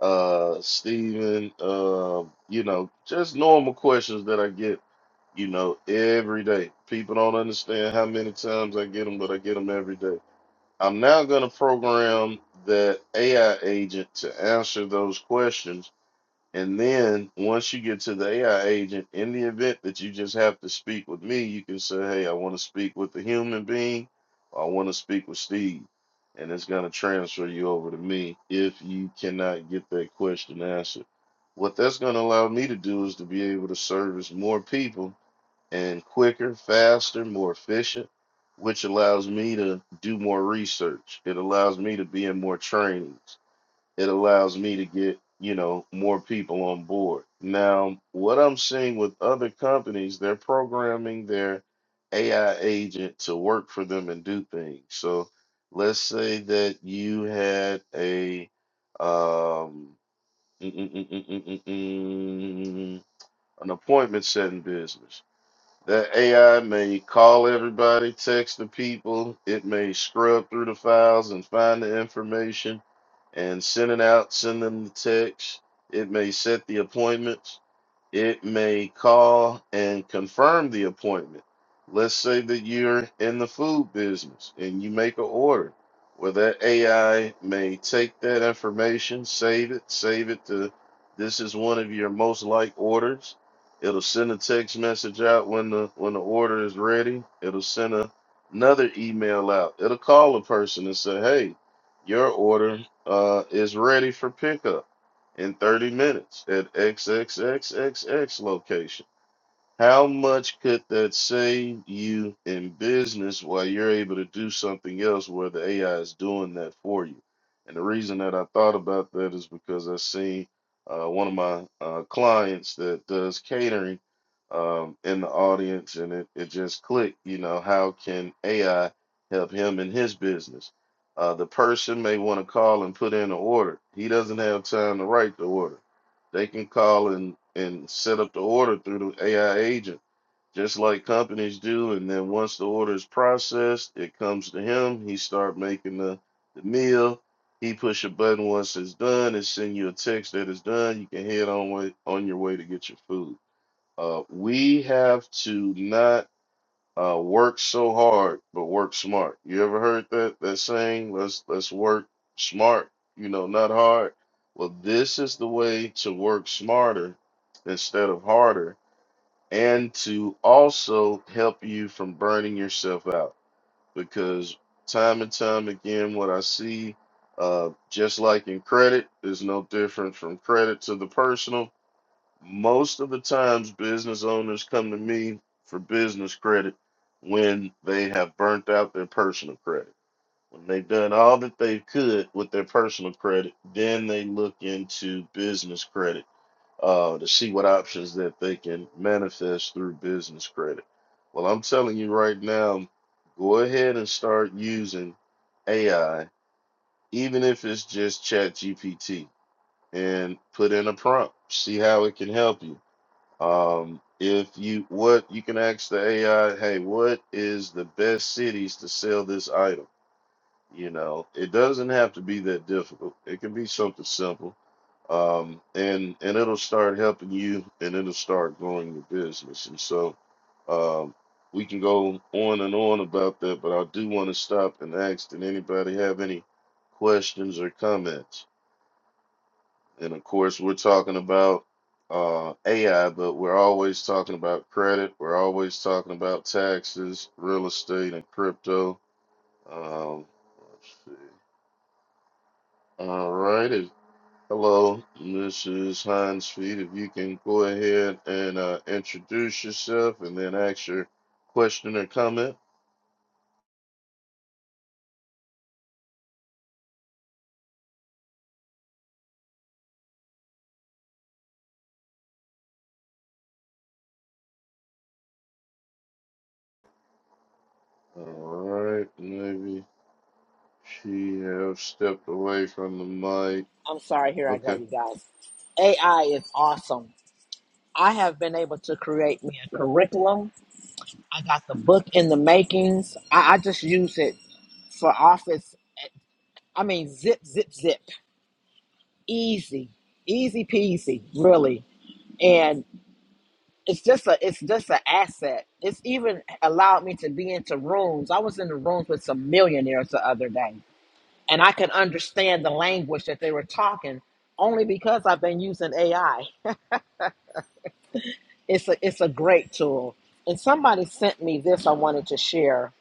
Speaker 1: uh steven uh you know just normal questions that i get you know every day people don't understand how many times i get them but i get them every day i'm now going to program that ai agent to answer those questions and then once you get to the AI agent, in the event that you just have to speak with me, you can say, Hey, I want to speak with the human being, or I want to speak with Steve. And it's going to transfer you over to me if you cannot get that question answered. What that's going to allow me to do is to be able to service more people and quicker, faster, more efficient, which allows me to do more research. It allows me to be in more trainings it allows me to get you know more people on board now what i'm seeing with other companies they're programming their ai agent to work for them and do things so let's say that you had a um mm, mm, mm, mm, mm, mm, mm, an appointment setting business that AI may call everybody, text the people. It may scrub through the files and find the information and send it out, send them the text. It may set the appointments. It may call and confirm the appointment. Let's say that you're in the food business and you make an order. Well, that AI may take that information, save it, save it to this is one of your most like orders. It'll send a text message out when the when the order is ready. It'll send a, another email out. It'll call a person and say, "Hey, your order uh, is ready for pickup." in 30 minutes at XXXXX location. How much could that save you in business while you're able to do something else where the AI is doing that for you? And the reason that I thought about that is because I seen uh, one of my uh, clients that does catering um, in the audience, and it, it just clicked, you know, how can AI help him in his business? Uh, the person may want to call and put in an order. He doesn't have time to write the order they can call and, and set up the order through the AI agent, just like companies do. And then once the order is processed, it comes to him. He start making the, the meal. He push a button once it's done. It send you a text that it's done. You can head on way on your way to get your food. Uh, we have to not uh, work so hard, but work smart. You ever heard that that saying? Let's let's work smart. You know, not hard. Well, this is the way to work smarter instead of harder, and to also help you from burning yourself out. Because time and time again, what I see, uh, just like in credit, is no different from credit to the personal most of the times business owners come to me for business credit when they have burnt out their personal credit. When they've done all that they could with their personal credit, then they look into business credit uh, to see what options that they can manifest through business credit. Well, I'm telling you right now, go ahead and start using AI, even if it's just ChatGPT, and put in a prompt, see how it can help you um, if you what you can ask the AI, hey, what is the best cities to sell this item? You know, it doesn't have to be that difficult. It can be something simple. Um, and and it'll start helping you and it'll start growing your business. And so um we can go on and on about that, but I do want to stop and ask, did anybody have any questions or comments? And of course, we're talking about uh, AI, but we're always talking about credit. We're always talking about taxes, real estate, and crypto. Um, let's see. All right. If, hello, Mrs. Hines Feet. If you can go ahead and uh, introduce yourself and then ask your question or comment. All right. Maybe she have stepped away from the mic.
Speaker 5: I'm sorry, here I go,
Speaker 1: Okay.
Speaker 5: you guys. AI is awesome. I have been able to create me a curriculum. I got the book in the makings. I, I just use it for office. I mean, zip, zip, zip. Easy, easy peasy, really. And it's just a, it's just an asset. It's even allowed me to be into rooms. I was in the rooms with some millionaires the other day, and I could understand the language that they were talking only because I've been using AI. It's a it's a great tool. And somebody sent me this I wanted to share.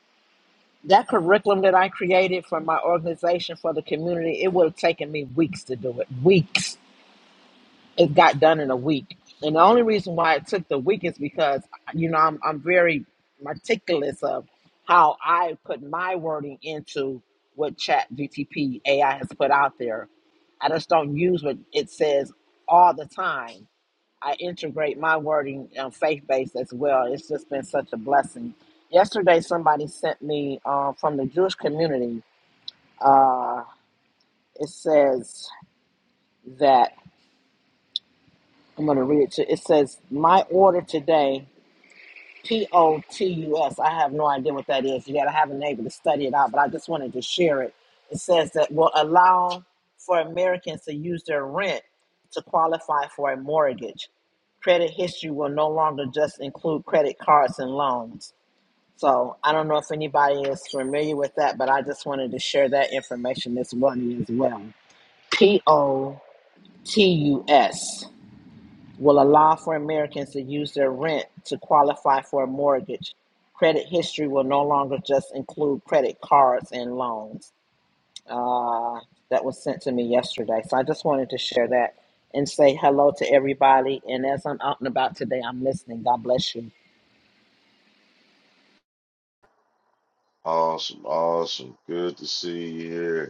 Speaker 5: That curriculum that I created for my organization for the community, it would have taken me weeks to do it. Weeks. It got done in a week. And the only reason why it took the week is because you know I'm I'm very meticulous of how I put my wording into what Chat GTP AI has put out there. I just don't use what it says all the time I integrate my wording um, faith based as well. It's just been such a blessing. Yesterday, somebody sent me uh, from the Jewish community. Uh, it says that I'm going to read it. To, it says, "My order today." P O T U S. I have no idea what that is yet. I haven't been able to study it out, but I just wanted to share it. It says that will allow for Americans to use their rent to qualify for a mortgage. Credit history will no longer just include credit cards and loans. So I don't know if anybody is familiar with that, but I just wanted to share that information this morning as well. P O T U S will allow for Americans to use their rent to qualify for a mortgage. Credit history will no longer just include credit cards and loans. Uh, that was sent to me yesterday. So I just wanted to share that and say hello to everybody. And as I'm out and about today, I'm listening. God bless you.
Speaker 1: Awesome. Awesome. Good to see you here.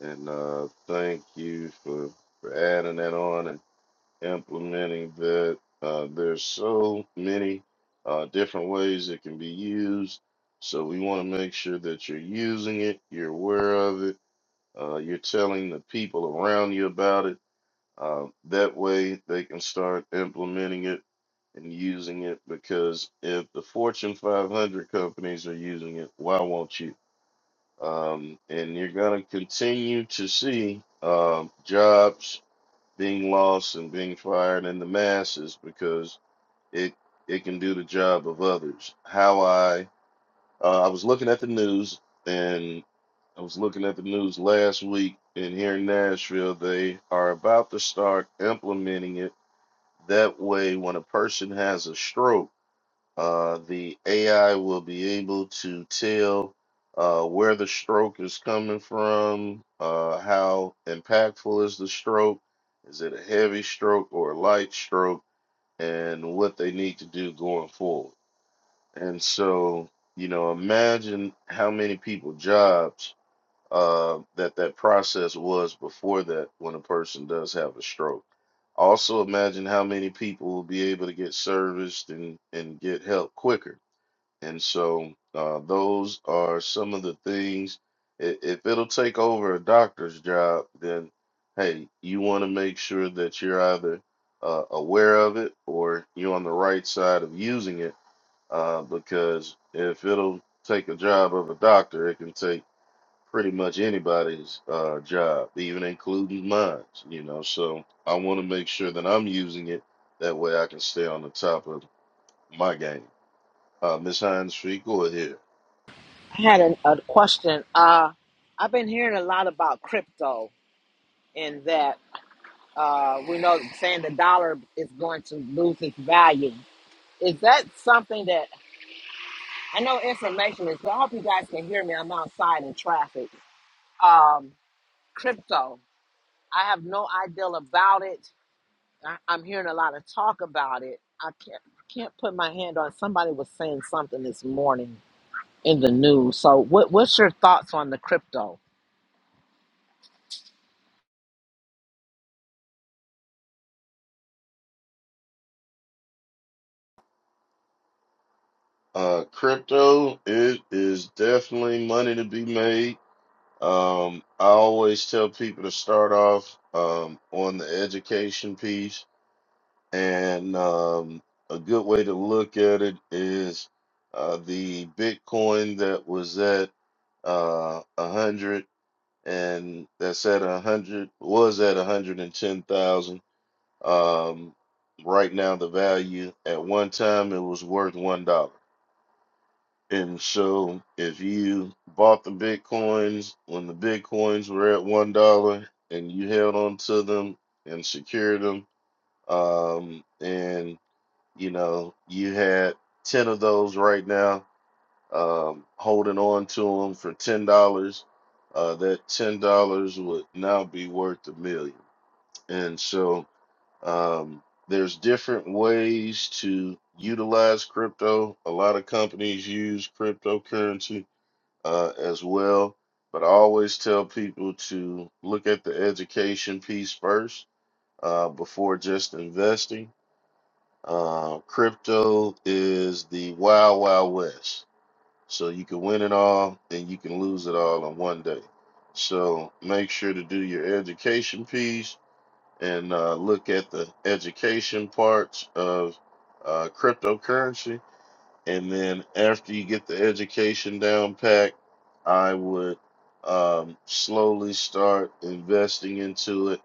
Speaker 1: And uh, thank you for, for adding that on and implementing that. Uh, there's so many uh, different ways it can be used. So we want to make sure that you're using it, you're aware of it, uh, you're telling the people around you about it. Uh, that way they can start implementing it and using it because if the Fortune 500 companies are using it, why won't you? Um, and you're going to continue to see um, jobs being lost and being fired in the masses because it it can do the job of others. How I uh, I was looking at the news and I was looking at the news last week, and here in Nashville they are about to start implementing it. That way, when a person has a stroke uh, the AI will be able to tell uh, where the stroke is coming from, uh, how impactful is the stroke, is it a heavy stroke or a light stroke, and what they need to do going forward. And so, you know, imagine how many people jobs uh, that that process was before that when a person does have a stroke. Also, imagine how many people will be able to get serviced and, and get help quicker and so uh, those are some of the things. i- If it'll take over a doctor's job, then hey, you want to make sure that you're either uh, aware of it or you're on the right side of using it. Uh, because if it'll take a job of a doctor, it can take pretty much anybody's uh, job, even including mine. You know, so I want to make sure that I'm using it. That way, I can stay on the top of my game. Uh, Miss Hines, Free, go ahead.
Speaker 5: I had a, a question. Uh, I've been hearing a lot about crypto and that uh, we know saying the dollar is going to lose its value. Is that something that I know information is, I hope you guys can hear me. I'm outside in traffic. Um, crypto, I have no idea about it. I, I'm hearing a lot of talk about it. I can't can't put my hand on. Somebody was saying something this morning in the news. So, what what's your thoughts on the crypto?
Speaker 1: Uh, crypto, it is definitely money to be made. Um, I always tell people to start off um, on the education piece, and um, a good way to look at it is uh, the Bitcoin that was at uh, a hundred and that's at a hundred was at a hundred and ten thousand. Um, right now, the value at one time it was worth $1. And so if you bought the Bitcoins when the Bitcoins were at one dollar and you held on to them and secured them, um, and you know, you had ten of those right now, um, holding on to them for ten dollars, uh, that ten dollars would now be worth a million. And so um there's different ways to utilize crypto. A lot of companies use cryptocurrency uh, as well. But I always tell people to look at the education piece first uh, before just investing. Uh, crypto is the wild, wild west. So you can win it all and you can lose it all in one day. So make sure to do your education piece and uh, look at the education parts of uh, cryptocurrency and then after you get the education down pat i would um, slowly start investing into it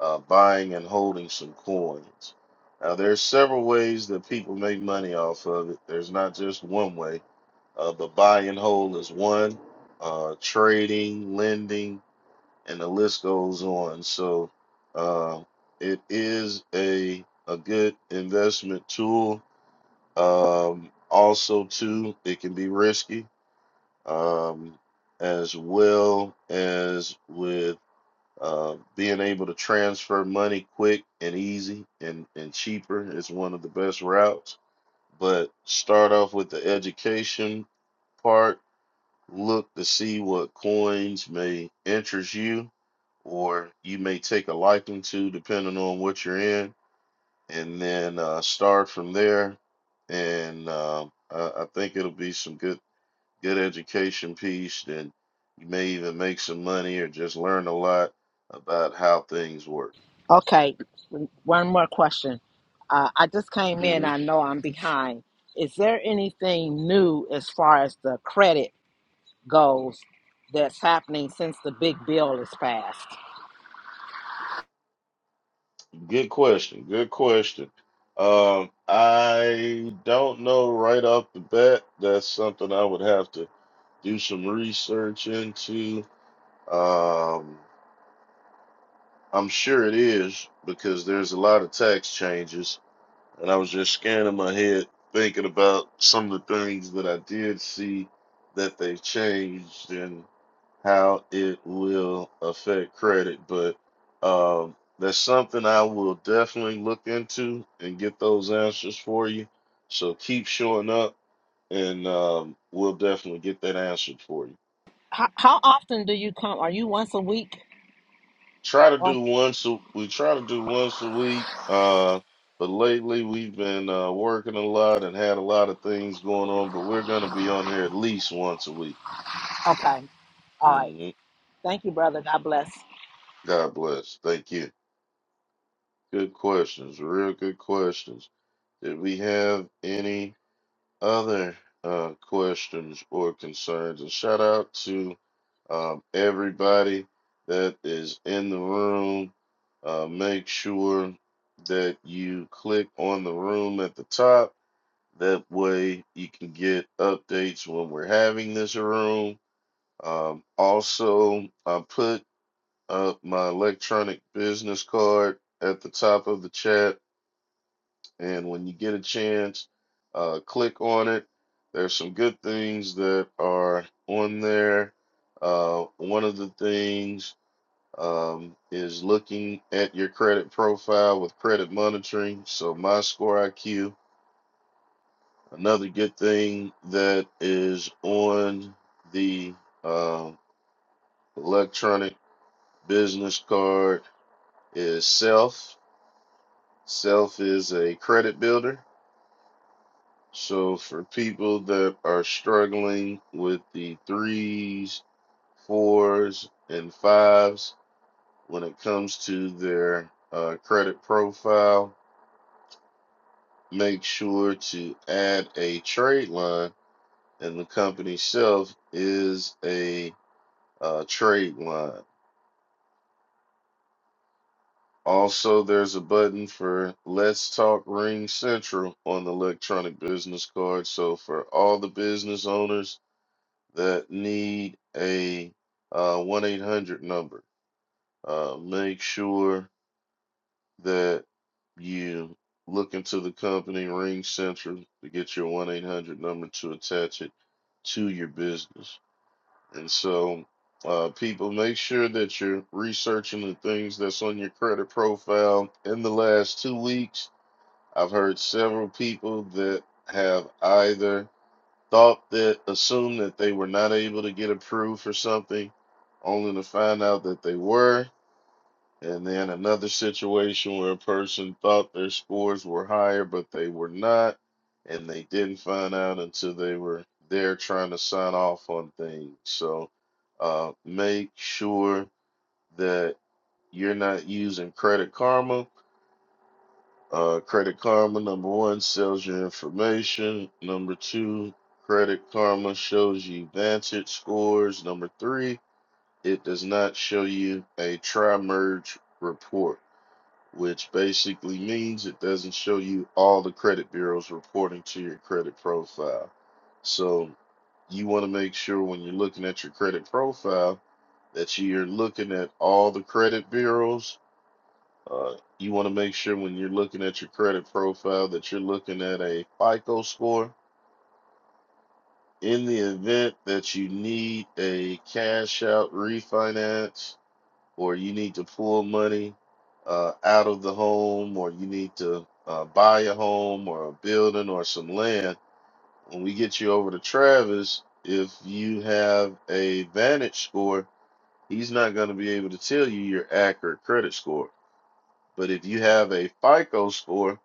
Speaker 1: uh, buying and holding some coins now there's several ways that people make money off of it there's not just one way uh, but buy and hold is one uh, trading lending and the list goes on so uh, it is a a good investment tool um, also, too, it can be risky, um, as well as with uh, being able to transfer money quick and easy and, and cheaper is one of the best routes. But start off with the education part. Look to see what coins may interest you or you may take a liking to, depending on what you're in and then uh, start from there. And um I, I think it'll be some good good education piece. And you may even make some money or just learn a lot about how things work.
Speaker 5: Okay, one more question. Uh, I just came in.
Speaker 1: hmm
Speaker 5: I know I'm behind. Is there anything new as far as the credit goes that's happening since the big bill is passed?
Speaker 1: Good question. Good question. Um, I don't know right off the bat. That's something I would have to do some research into. Um, I'm sure it is because there's a lot of tax changes and I was just scanning my head, thinking about some of the things that I did see that they changed and how it will affect credit. But um, that's something I will definitely look into and get those answers for you. So keep showing up, and um, we'll definitely get that answered for you.
Speaker 5: How, how often do you come? Are you once a week?
Speaker 1: try to
Speaker 5: Or,
Speaker 1: do once a, we try to do once a week uh but lately we've been uh working a lot and had a lot of things going on but we're going to be on here at least once a week
Speaker 5: okay. All right.
Speaker 1: hmm
Speaker 5: Thank you, brother. God bless.
Speaker 1: god bless thank you good questions real good questions did we have any other uh questions or concerns and shout out to Um, everybody that is in the room, uh, make sure that you click on the room at the top. That way you can get updates when we're having this room. Um, also, I put up my electronic business card at the top of the chat. And when you get a chance, uh, click on it. There's some good things that are on there. Uh, one of the things um, is looking at your credit profile with credit monitoring. So, my score IQ, another good thing that is on the uh, electronic business card is Self. Self is a credit builder. So, for people that are struggling with the threes, fours, and fives when it comes to their uh, credit profile, make sure to add a trade line, and the company shelf is a uh, trade line. Also, there's a button for Let's Talk Ring Central on the electronic business card. So, for all the business owners that need a uh, 1 800 number, uh, make sure that you look into the company Ring Central to get your 1 800 number to attach it to your business. And so, uh, people, make sure that you're researching the things that's on your credit profile. In the last two weeks, I've heard several people that have either thought that, assumed that they were not able to get approved for something, only to find out that they were and then another situation where a person thought their scores were higher, but they were not, and they didn't find out until they were there trying to sign off on things. So uh, make sure that you're not using Credit Karma. Uh, Credit Karma, number one, sells your information. Number two, Credit Karma shows you Vantage scores. Number three, it does not show you a tri merge report which basically means it doesn't show you all the credit bureaus reporting to your credit profile. So you want to make sure when you're looking at your credit profile that you're looking at all the credit bureaus. Uh, you want to make sure when you're looking at your credit profile that you're looking at a FICO score. In the event that you need a cash out refinance, or you need to pull money uh, out of the home, or you need to uh, buy a home or a building or some land, when we get you over to Travis, if you have a Vantage score, he's not going to be able to tell you your accurate credit score. But if you have a FICO score,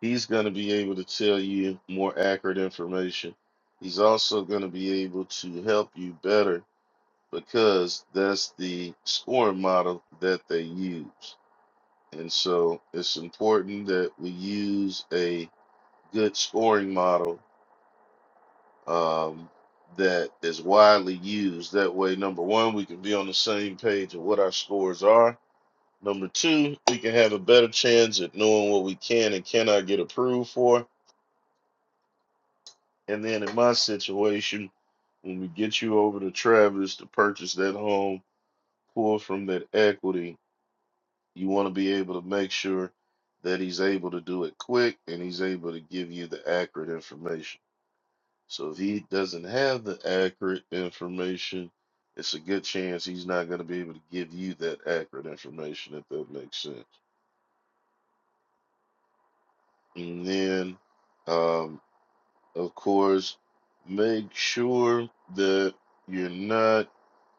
Speaker 1: he's going to be able to tell you more accurate information. He's also going to be able to help you better because that's the scoring model that they use. And so it's important that we use a good scoring model um, that is widely used. That way, number one, we can be on the same page of what our scores are. Number two, we can have a better chance at knowing what we can and cannot get approved for. And then in my situation, when we get you over to Travis to purchase that home, pull from that equity You want to be able to make sure that he's able to do it quick and he's able to give you the accurate information. So if he doesn't have the accurate information, it's a good chance he's not going to be able to give you that accurate information, if that makes sense. And then, um, of course, make sure that you're not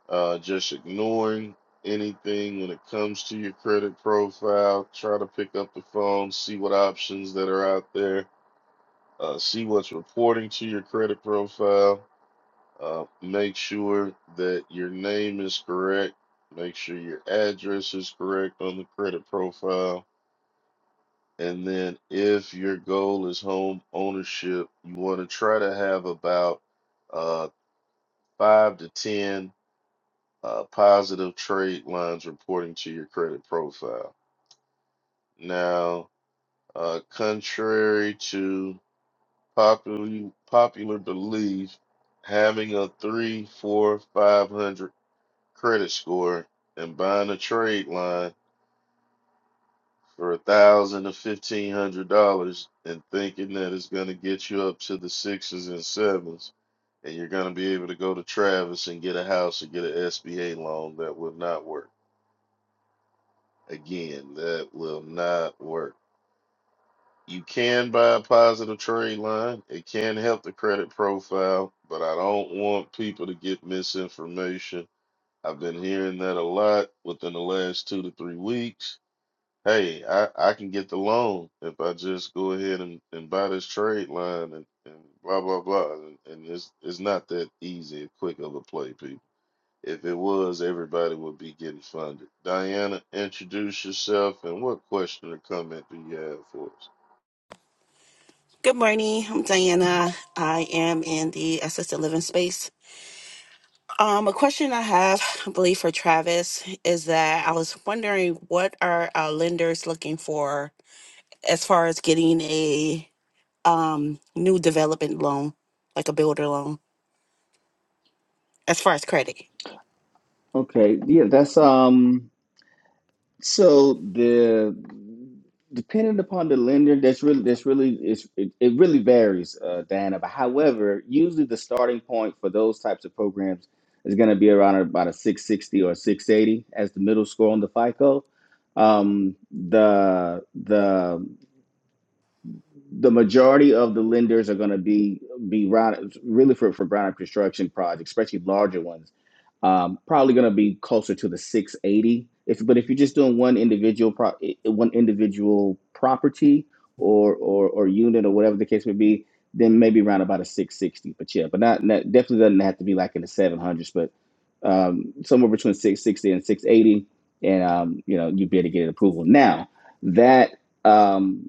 Speaker 1: uh, just ignoring anything when it comes to your credit profile. Try to pick up the phone, see what options that are out there, uh, see what's reporting to your credit profile. Uh, make sure that your name is correct. Make sure your address is correct on the credit profile. And then, if your goal is home ownership, you want to try to have about uh, five to 10 uh, positive trade lines reporting to your credit profile. Now, uh, contrary to popular popular belief, having a three, four, five hundred credit score and buying a trade line for a thousand to fifteen hundred dollars and thinking that it's going to get you up to the sixes and sevens and you're going to be able to go to Travis and get a house or get an SBA loan that would not work. Again, that will not work. You can buy a positive trade line. It can help the credit profile, but I don't want people to get misinformation. I've been hearing that a lot within the last two to three weeks. Hey, I, I can get the loan if I just go ahead and, and buy this trade line and, and blah blah blah. And, and it's it's not that easy and quick of a play, people. If it was, everybody would be getting funded. Diana, introduce yourself and what question or comment do you have for us?
Speaker 6: Good morning. I'm Diana. I am in the assisted living space. Um, a question I have, I believe, for Travis is that I was wondering what are our lenders looking for as far as getting a um, new development loan, like a builder loan, as far as credit.
Speaker 2: Okay, yeah, that's um. So the depending upon the lender, that's really that's really it's, it, it really varies, uh, Diana. But however, usually the starting point for those types of programs is going to be around about a six sixty or six eighty as the middle score on the FICO. Um, the the the majority of the lenders are going to be be round really for for brown construction projects, especially larger ones. Um, probably going to be closer to the 680. If but if you're just doing one individual pro, one individual property or or or unit or whatever the case may be, then maybe around about a 660. But yeah, but not, not definitely doesn't have to be like in the 700s, but um, somewhere between 660 and 680, and um, you know you'd be able to get an approval. Now that um,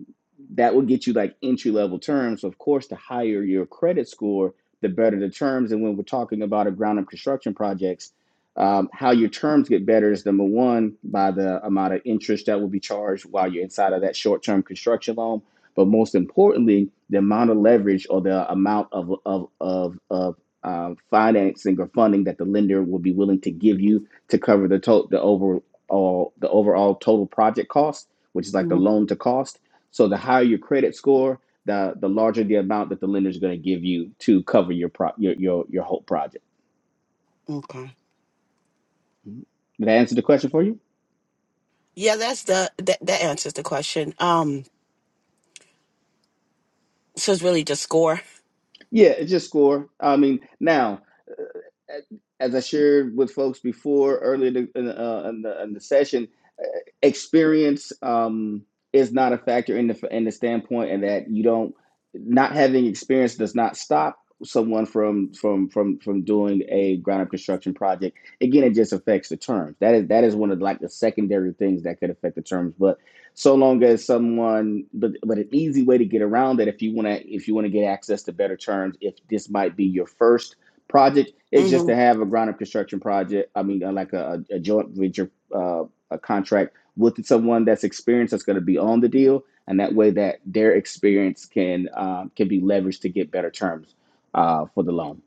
Speaker 2: that will get you like entry level terms. Of course, the higher your credit score, the better the terms. And when we're talking about a ground up construction projects, um, how your terms get better is number one by the amount of interest that will be charged while you're inside of that short term construction loan. But most importantly, the amount of leverage or the amount of of of, of uh, financing or funding that the lender will be willing to give you to cover the to- the overall the overall total project cost, which is like the
Speaker 6: Mhm.
Speaker 2: loan to cost so the higher your credit score, the the larger the amount that the lender is going to give you to cover your pro your your your whole project.
Speaker 6: Okay.
Speaker 2: Mhm. Did I answer the question for you?
Speaker 6: Yeah, that's the that that answers the question. Um, so it's really just score.
Speaker 2: Yeah, it's just score. I mean, now as I shared with folks before earlier in, the, uh, in, the, in the session, uh, experience um, is not a factor in the in the standpoint, and that you don't not having experience does not stop someone from from from from doing a ground up construction project. Again, it just affects the terms. That is that is one of like the secondary things that could affect the terms. But so long as someone, but but an easy way to get around that if you want to if you want to get access to better terms, if this might be your first project is just
Speaker 6: hmm
Speaker 2: to have a ground up construction project. I mean, uh, like a, a joint venture uh, a contract with someone that's experienced that's going to be on the deal, and that way that their experience can um, can be leveraged to get better terms uh, for the loan.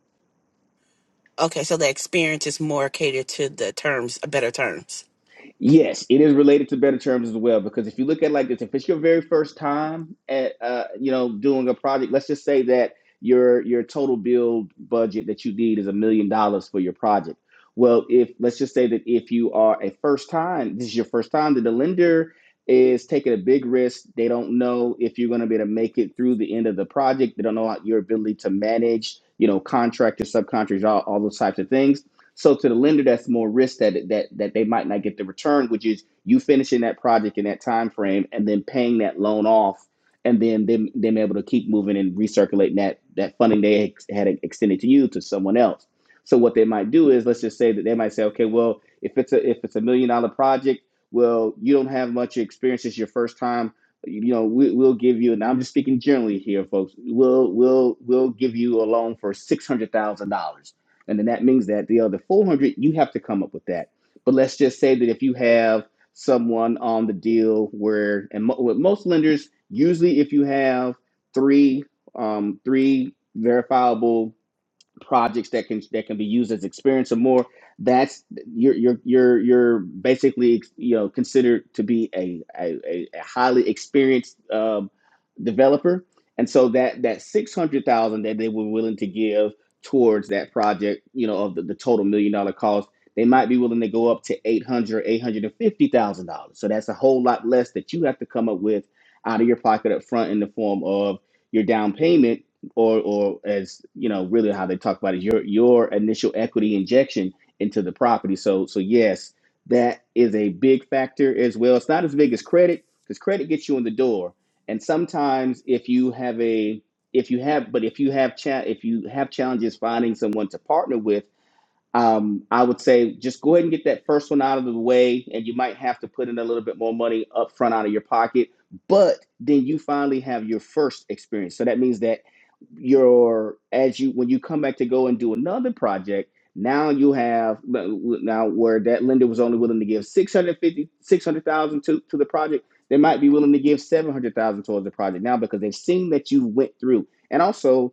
Speaker 6: Okay, so the experience is more catered to the terms, better terms.
Speaker 2: Yes, it is related to better terms as well because if you look at it like this, if it's your very first time at uh, you know doing a project, let's just say that your your total build budget that you need is a million dollars for your project. Well, if let's just say that if you are a first time, this is your first time, that the lender is taking a big risk. They don't know if you're going to be able to make it through the end of the project. They don't know your ability to manage, you know, contractors, subcontractors, all, all those types of things so to the lender, that's more risk that that that they might not get the return, which is you finishing that project in that time frame and then paying that loan off, and then them them able to keep moving and recirculating that that funding they ex- had extended to you to someone else. So what they might do is let's just say that they might say, okay, well, if it's a if it's a million dollar project, well, you don't have much experience. It's your first time. You know, we, we'll give you, and I'm just speaking generally here, folks. We'll we'll we'll give you a loan for six hundred thousand dollars and then that means that the other 400, you have to come up with that. But let's just say that if you have someone on the deal where, and mo- with most lenders, usually if you have three, um, three verifiable projects that can that can be used as experience or more that's you're you're you're you're basically you know considered to be a a, a highly experienced um, developer and so that that 600000 that they were willing to give towards that project you know of the, the total million dollar cost they might be willing to go up to 800 850000 dollars so that's a whole lot less that you have to come up with out of your pocket up front in the form of your down payment or or as you know really how they talk about it your your initial equity injection into the property so so yes that is a big factor as well it's not as big as credit because credit gets you in the door and sometimes if you have a if you have but if you have cha- if you have challenges finding someone to partner with um, I would say just go ahead and get that first one out of the way, and you might have to put in a little bit more money up front out of your pocket, but then you finally have your first experience. So that means that your as you when you come back to go and do another project, now you have now where that lender was only willing to give 650 600,000 to to the project, they might be willing to give 700,000 towards the project now because they've seen that you went through. And also,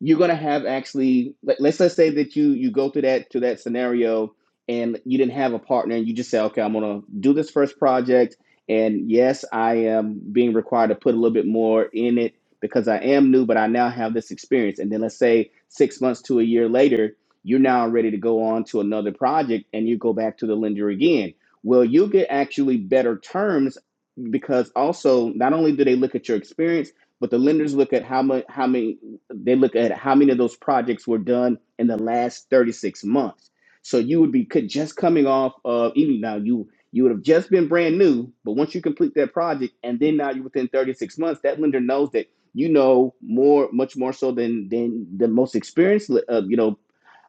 Speaker 2: you're gonna have actually let, us let's say that you you go through that to that scenario and you didn't have a partner and you just say okay i'm gonna do this first project and yes i am being required to put a little bit more in it because i am new but i now have this experience and then let's say six months to a year later you're now ready to go on to another project and you go back to the lender again well you get actually better terms because also not only do they look at your experience but the lenders look at how much how many they look at how many of those projects were done in the last 36 months. So you would be could just coming off of even now you you would have just been brand new, but once you complete that project and then now you're within 36 months, that lender knows that you know more much more so than than the most experienced uh, you know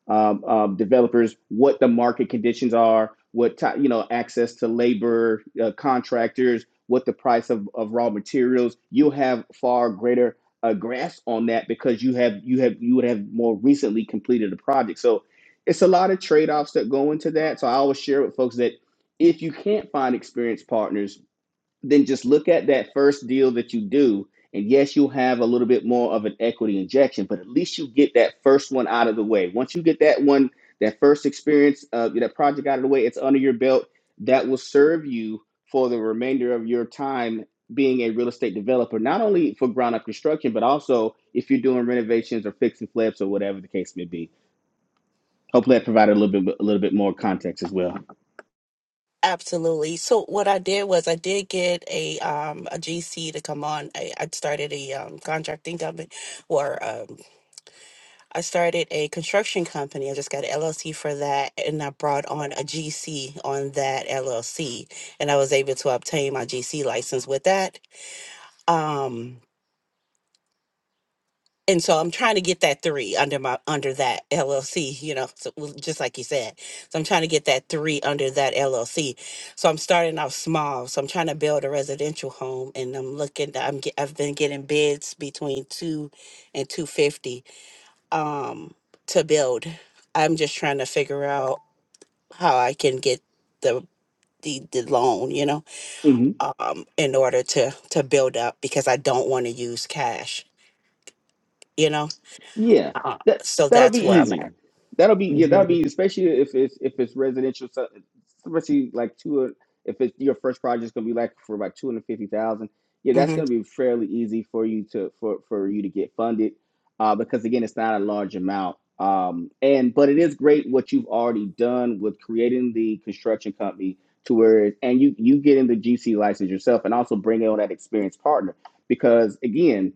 Speaker 2: um, um, developers what the market conditions are, what ti you know access to labor, uh, contractors, what the price of, of raw materials. You'll have far greater a grasp on that because you have you have you would have more recently completed a project. So it's a lot of trade offs that go into that. So I always share with folks that if you can't find experienced partners then just look at that first deal that you do. And yes, you'll have a little bit more of an equity injection, but at least you get that first one out of the way. Once you get that one, that first experience, uh, that project out of the way, it's under your belt. That will serve you for the remainder of your time being a real estate developer, not only for ground up construction, but also if you're doing renovations or fixing flips or whatever the case may be. Hopefully, I provided a little bit, a little bit more context as well.
Speaker 6: Absolutely. So what I did was I did get a um a GC to come on. I, I started a um contracting company or um I started a construction company. I just got an LLC for that and I brought on a GC on that LLC and I was able to obtain my GC license with that. Um and so I'm trying to get that three under my under that LLC, you know, so well, just like you said. So I'm trying to get that three under that LLC. So I'm starting out small. So I'm trying to build a residential home, and I'm looking. I'm get, I've been getting bids between two and two fifty um, to build. I'm just trying to figure out how I can get the the, the loan, you know,
Speaker 2: Mm-hmm.
Speaker 6: um, in order to to build up because I don't want to use cash, you know.
Speaker 2: Yeah,
Speaker 6: Uh,
Speaker 2: that
Speaker 6: so
Speaker 2: that'll
Speaker 6: that's
Speaker 2: be
Speaker 6: where I'm at.
Speaker 2: easy. That'll be yeah, that'll be
Speaker 6: Mhm,
Speaker 2: easy, especially if it's if it's residential, so- especially like two. If it's your first project's gonna be like for about two hundred fifty thousand, yeah, that's
Speaker 6: mhm,
Speaker 2: gonna be fairly easy for you to for for you to get funded, uh, because again, it's not a large amount. Um, and but it is great what you've already done with creating the construction company to where and you you getting the GC license yourself and also bringing on that experienced partner because again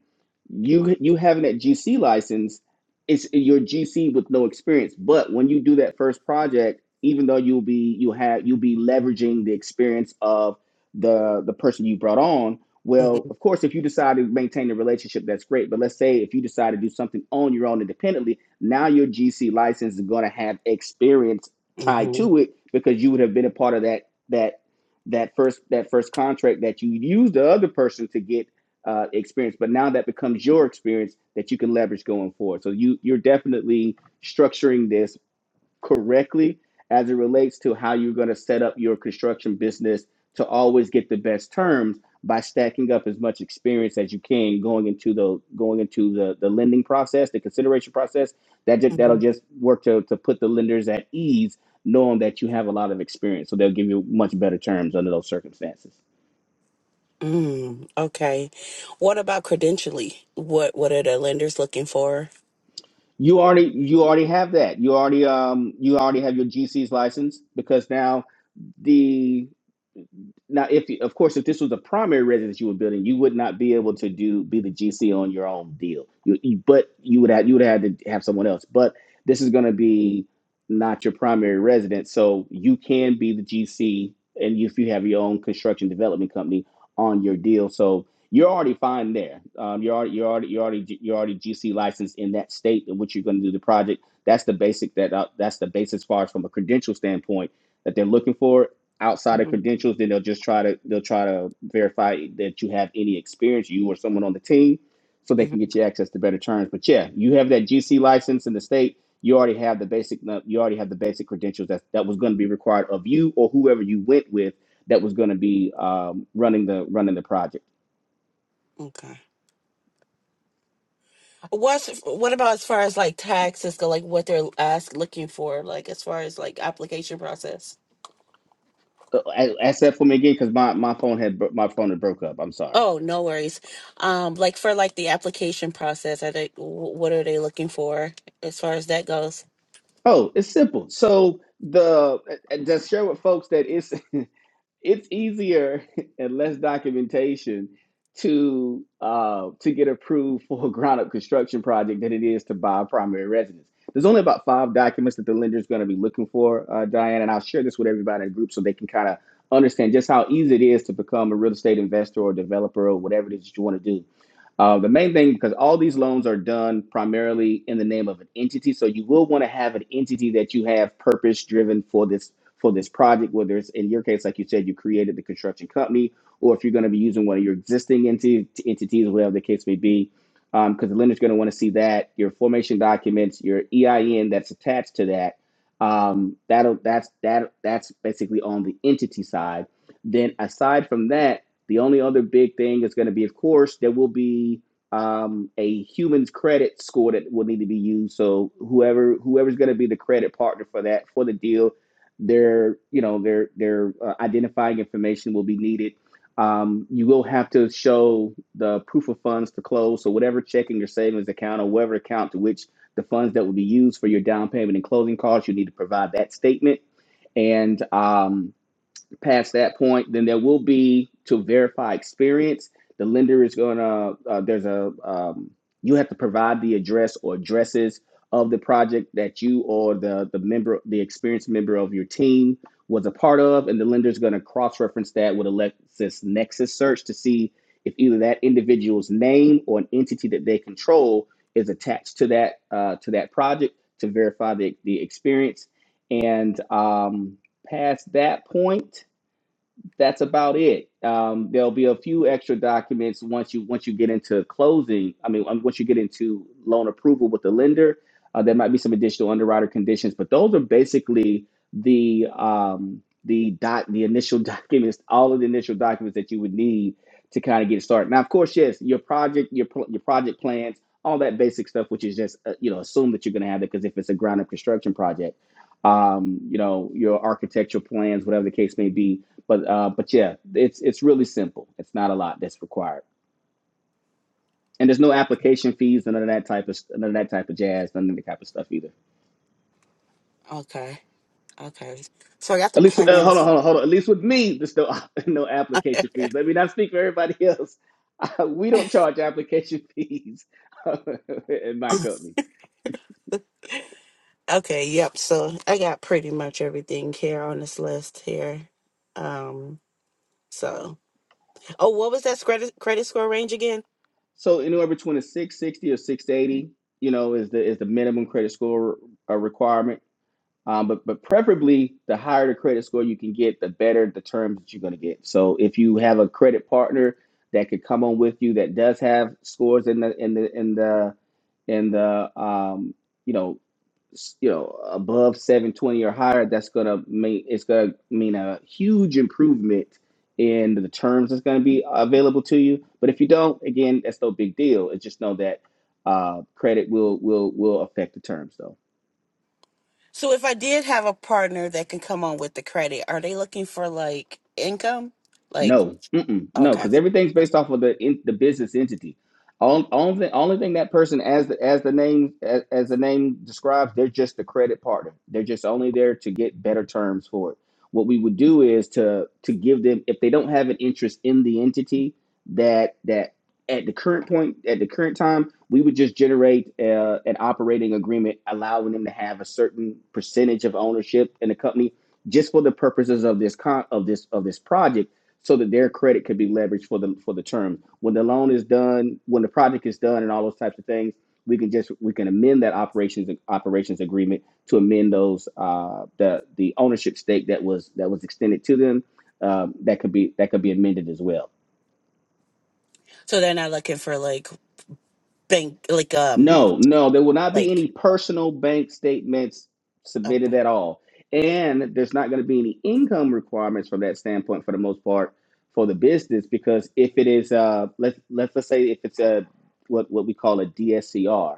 Speaker 2: you you having that GC license, it's your GC with no experience. But when you do that first project, even though you'll be you have you'll be leveraging the experience of the the person you brought on. Well,
Speaker 6: mhm,
Speaker 2: of course, if you decide to maintain a relationship, that's great. But let's say if you decide to do something on your own independently, now your GC license is going to have experience tied
Speaker 6: mhm,
Speaker 2: to it because you would have been a part of that that that first that first contract that you used the other person to get uh, experience, but now that becomes your experience that you can leverage going forward. So you you're definitely structuring this correctly as it relates to how you're going to set up your construction business to always get the best terms by stacking up as much experience as you can going into the going into the the lending process, the consideration process. That ju- that'll
Speaker 6: mhm,
Speaker 2: just work to to put the lenders at ease, knowing that you have a lot of experience, so they'll give you much better terms under those circumstances.
Speaker 6: mm. Okay. What about credentially? What what are the lenders looking for?
Speaker 2: You already you already have that. You already um you already have your GC's license because now the now if you- of course if this was a primary residence you were building you would not be able to do be the gc on your own deal you, you- but you would have you would have to have someone else but this is going to be not your primary residence so you can be the gc and if you have your own construction development company on your deal so you're already fine there um, you're already you're already you're already you're already gc licensed in that state in which you're going to do the project that's the basic that uh, that's the basis as far as from a credential standpoint that they're looking for outside of
Speaker 6: Mhm,
Speaker 2: credentials, then they'll just try to they'll try to verify that you have any experience, you or someone on the team, so they
Speaker 6: mhm,
Speaker 2: can get you access to better terms. But yeah, you have that GC license in the state. You already have the basic uh, you already have the basic credentials that that was going to be required of you or whoever you went with that was going to be um, running the running the project.
Speaker 6: Okay. What's what about as far as like taxes go? Like what they're ask looking for? Like as far as like application process?
Speaker 2: Uh, Ask that for me again because my, my phone had my phone had broke up. I'm sorry.
Speaker 6: Oh, no worries. Um, like for like the application process, are they wh- what are they looking for as far as that goes?
Speaker 2: Oh, it's simple. So the uh, uh, just share with folks that it's it's easier and less documentation to uh, to get approved for a ground up construction project than it is to buy a primary residence. There's only about five documents that the lender is going to be looking for, uh, Diane, and I'll share this with everybody in the group so they can kind of understand just how easy it is to become a real estate investor or developer or whatever it is that you want to do uh, the main thing, because all these loans are done primarily in the name of an entity, so you will want to have an entity that you have purpose driven for this for this project. Whether it's in your case, like you said, you created the construction company, or if you're going to be using one of your existing enti- entities, whatever the case may be, because um, the lender's going to want to see that your formation documents, your EIN that's attached to that. Um, that'll that's that that's basically on the entity side. Then aside from that the only other big thing is going to be, of course, there will be um, a humans credit score that will need to be used. So whoever whoever's going to be the credit partner for that for the deal, their you know their their uh, identifying information will be needed. Um, you will have to show the proof of funds to close. So whatever checking or savings account or whatever account to which the funds that will be used for your down payment and closing costs, you need to provide that statement and um, past that point, then there will be to verify experience. The lender is going to, uh, there's a, um, you have to provide the address or addresses of the project that you or the, the member, the experienced member of your team was a part of. And the lender is going to cross reference that with a Lexis Nexus search to see if either that individual's name or an entity that they control is attached to that, uh, to that project to verify the, the experience. And um, past that point, that's about it. Um, there'll be a few extra documents once you once you get into closing. I mean, um, once you get into loan approval with the lender, uh, there might be some additional underwriter conditions, but those are basically the um, the dot the initial documents, all of the initial documents that you would need to kind of get started. Now, of course, yes, your project, your pl- your project plans, all that basic stuff, which is just uh, you know assume that you're going to have it because if it's a ground up construction project, um, you know your architectural plans, whatever the case may be but uh, but yeah, it's it's really simple. It's not a lot that's required, and there's no application fees, none of that type of none of that type of jazz, none of that type of stuff either.
Speaker 6: Okay. Okay. So I got the
Speaker 2: At least uh,
Speaker 6: plan.
Speaker 2: hold on, hold on, hold on. At least with me, there's no no application fees. Let me not speak for everybody else. we don't charge application fees in my company.
Speaker 6: Okay, yep. So I got pretty much everything here on this list here. Um, so oh, what was that credit credit score range again?
Speaker 2: So anywhere between a six sixty or six eighty, you know, is the is the minimum credit score uh, requirement Um, but but preferably, the higher the credit score you can get, the better the terms that you're going to get. So if you have a credit partner that could come on with you that does have scores in the in the in the in the um, you know you know above 720 or higher, that's going to mean it's going to mean a huge improvement in the terms that's going to be available to you. But if you don't, again, that's no big deal. It's just know that uh, credit will will will affect the terms though.
Speaker 6: So if I did have a partner that can come on with the credit, are they looking for like income? Like
Speaker 2: No, mm-mm, no,
Speaker 6: okay,
Speaker 2: because everything's based off of the in, the business entity. On, only only thing that person as the as the name as, as the name describes, they're just the credit partner. They're just only there to get better terms for it. What we would do is to to give them if they don't have an interest in the entity that that at the current point at the current time we would just generate uh, an operating agreement allowing them to have a certain percentage of ownership in the company just for the purposes of this con- of this of this project so that their credit could be leveraged for the for the term. When the loan is done, when the project is done, and all those types of things, we can just we can amend that operations operations agreement to amend those uh, the the ownership stake that was that was extended to them. Um, that could be that could be amended as well.
Speaker 6: so they're not looking for like bank like um
Speaker 2: No, no, there will not be
Speaker 6: like
Speaker 2: any personal bank statements submitted
Speaker 6: okay
Speaker 2: at all. And there's not going to be any income requirements from that standpoint for the most part for the business because if it is uh let's let's let's say if it's a what what we call a DSCR,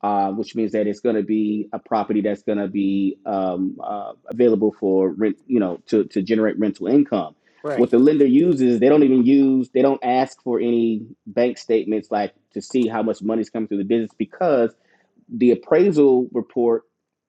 Speaker 2: uh, which means that it's going to be a property that's going to be um, uh, available for rent, you know, to to generate rental income what
Speaker 6: right.
Speaker 2: the lender uses, they don't even use, they don't ask for any bank statements like to see how much money's coming through the business because the appraisal report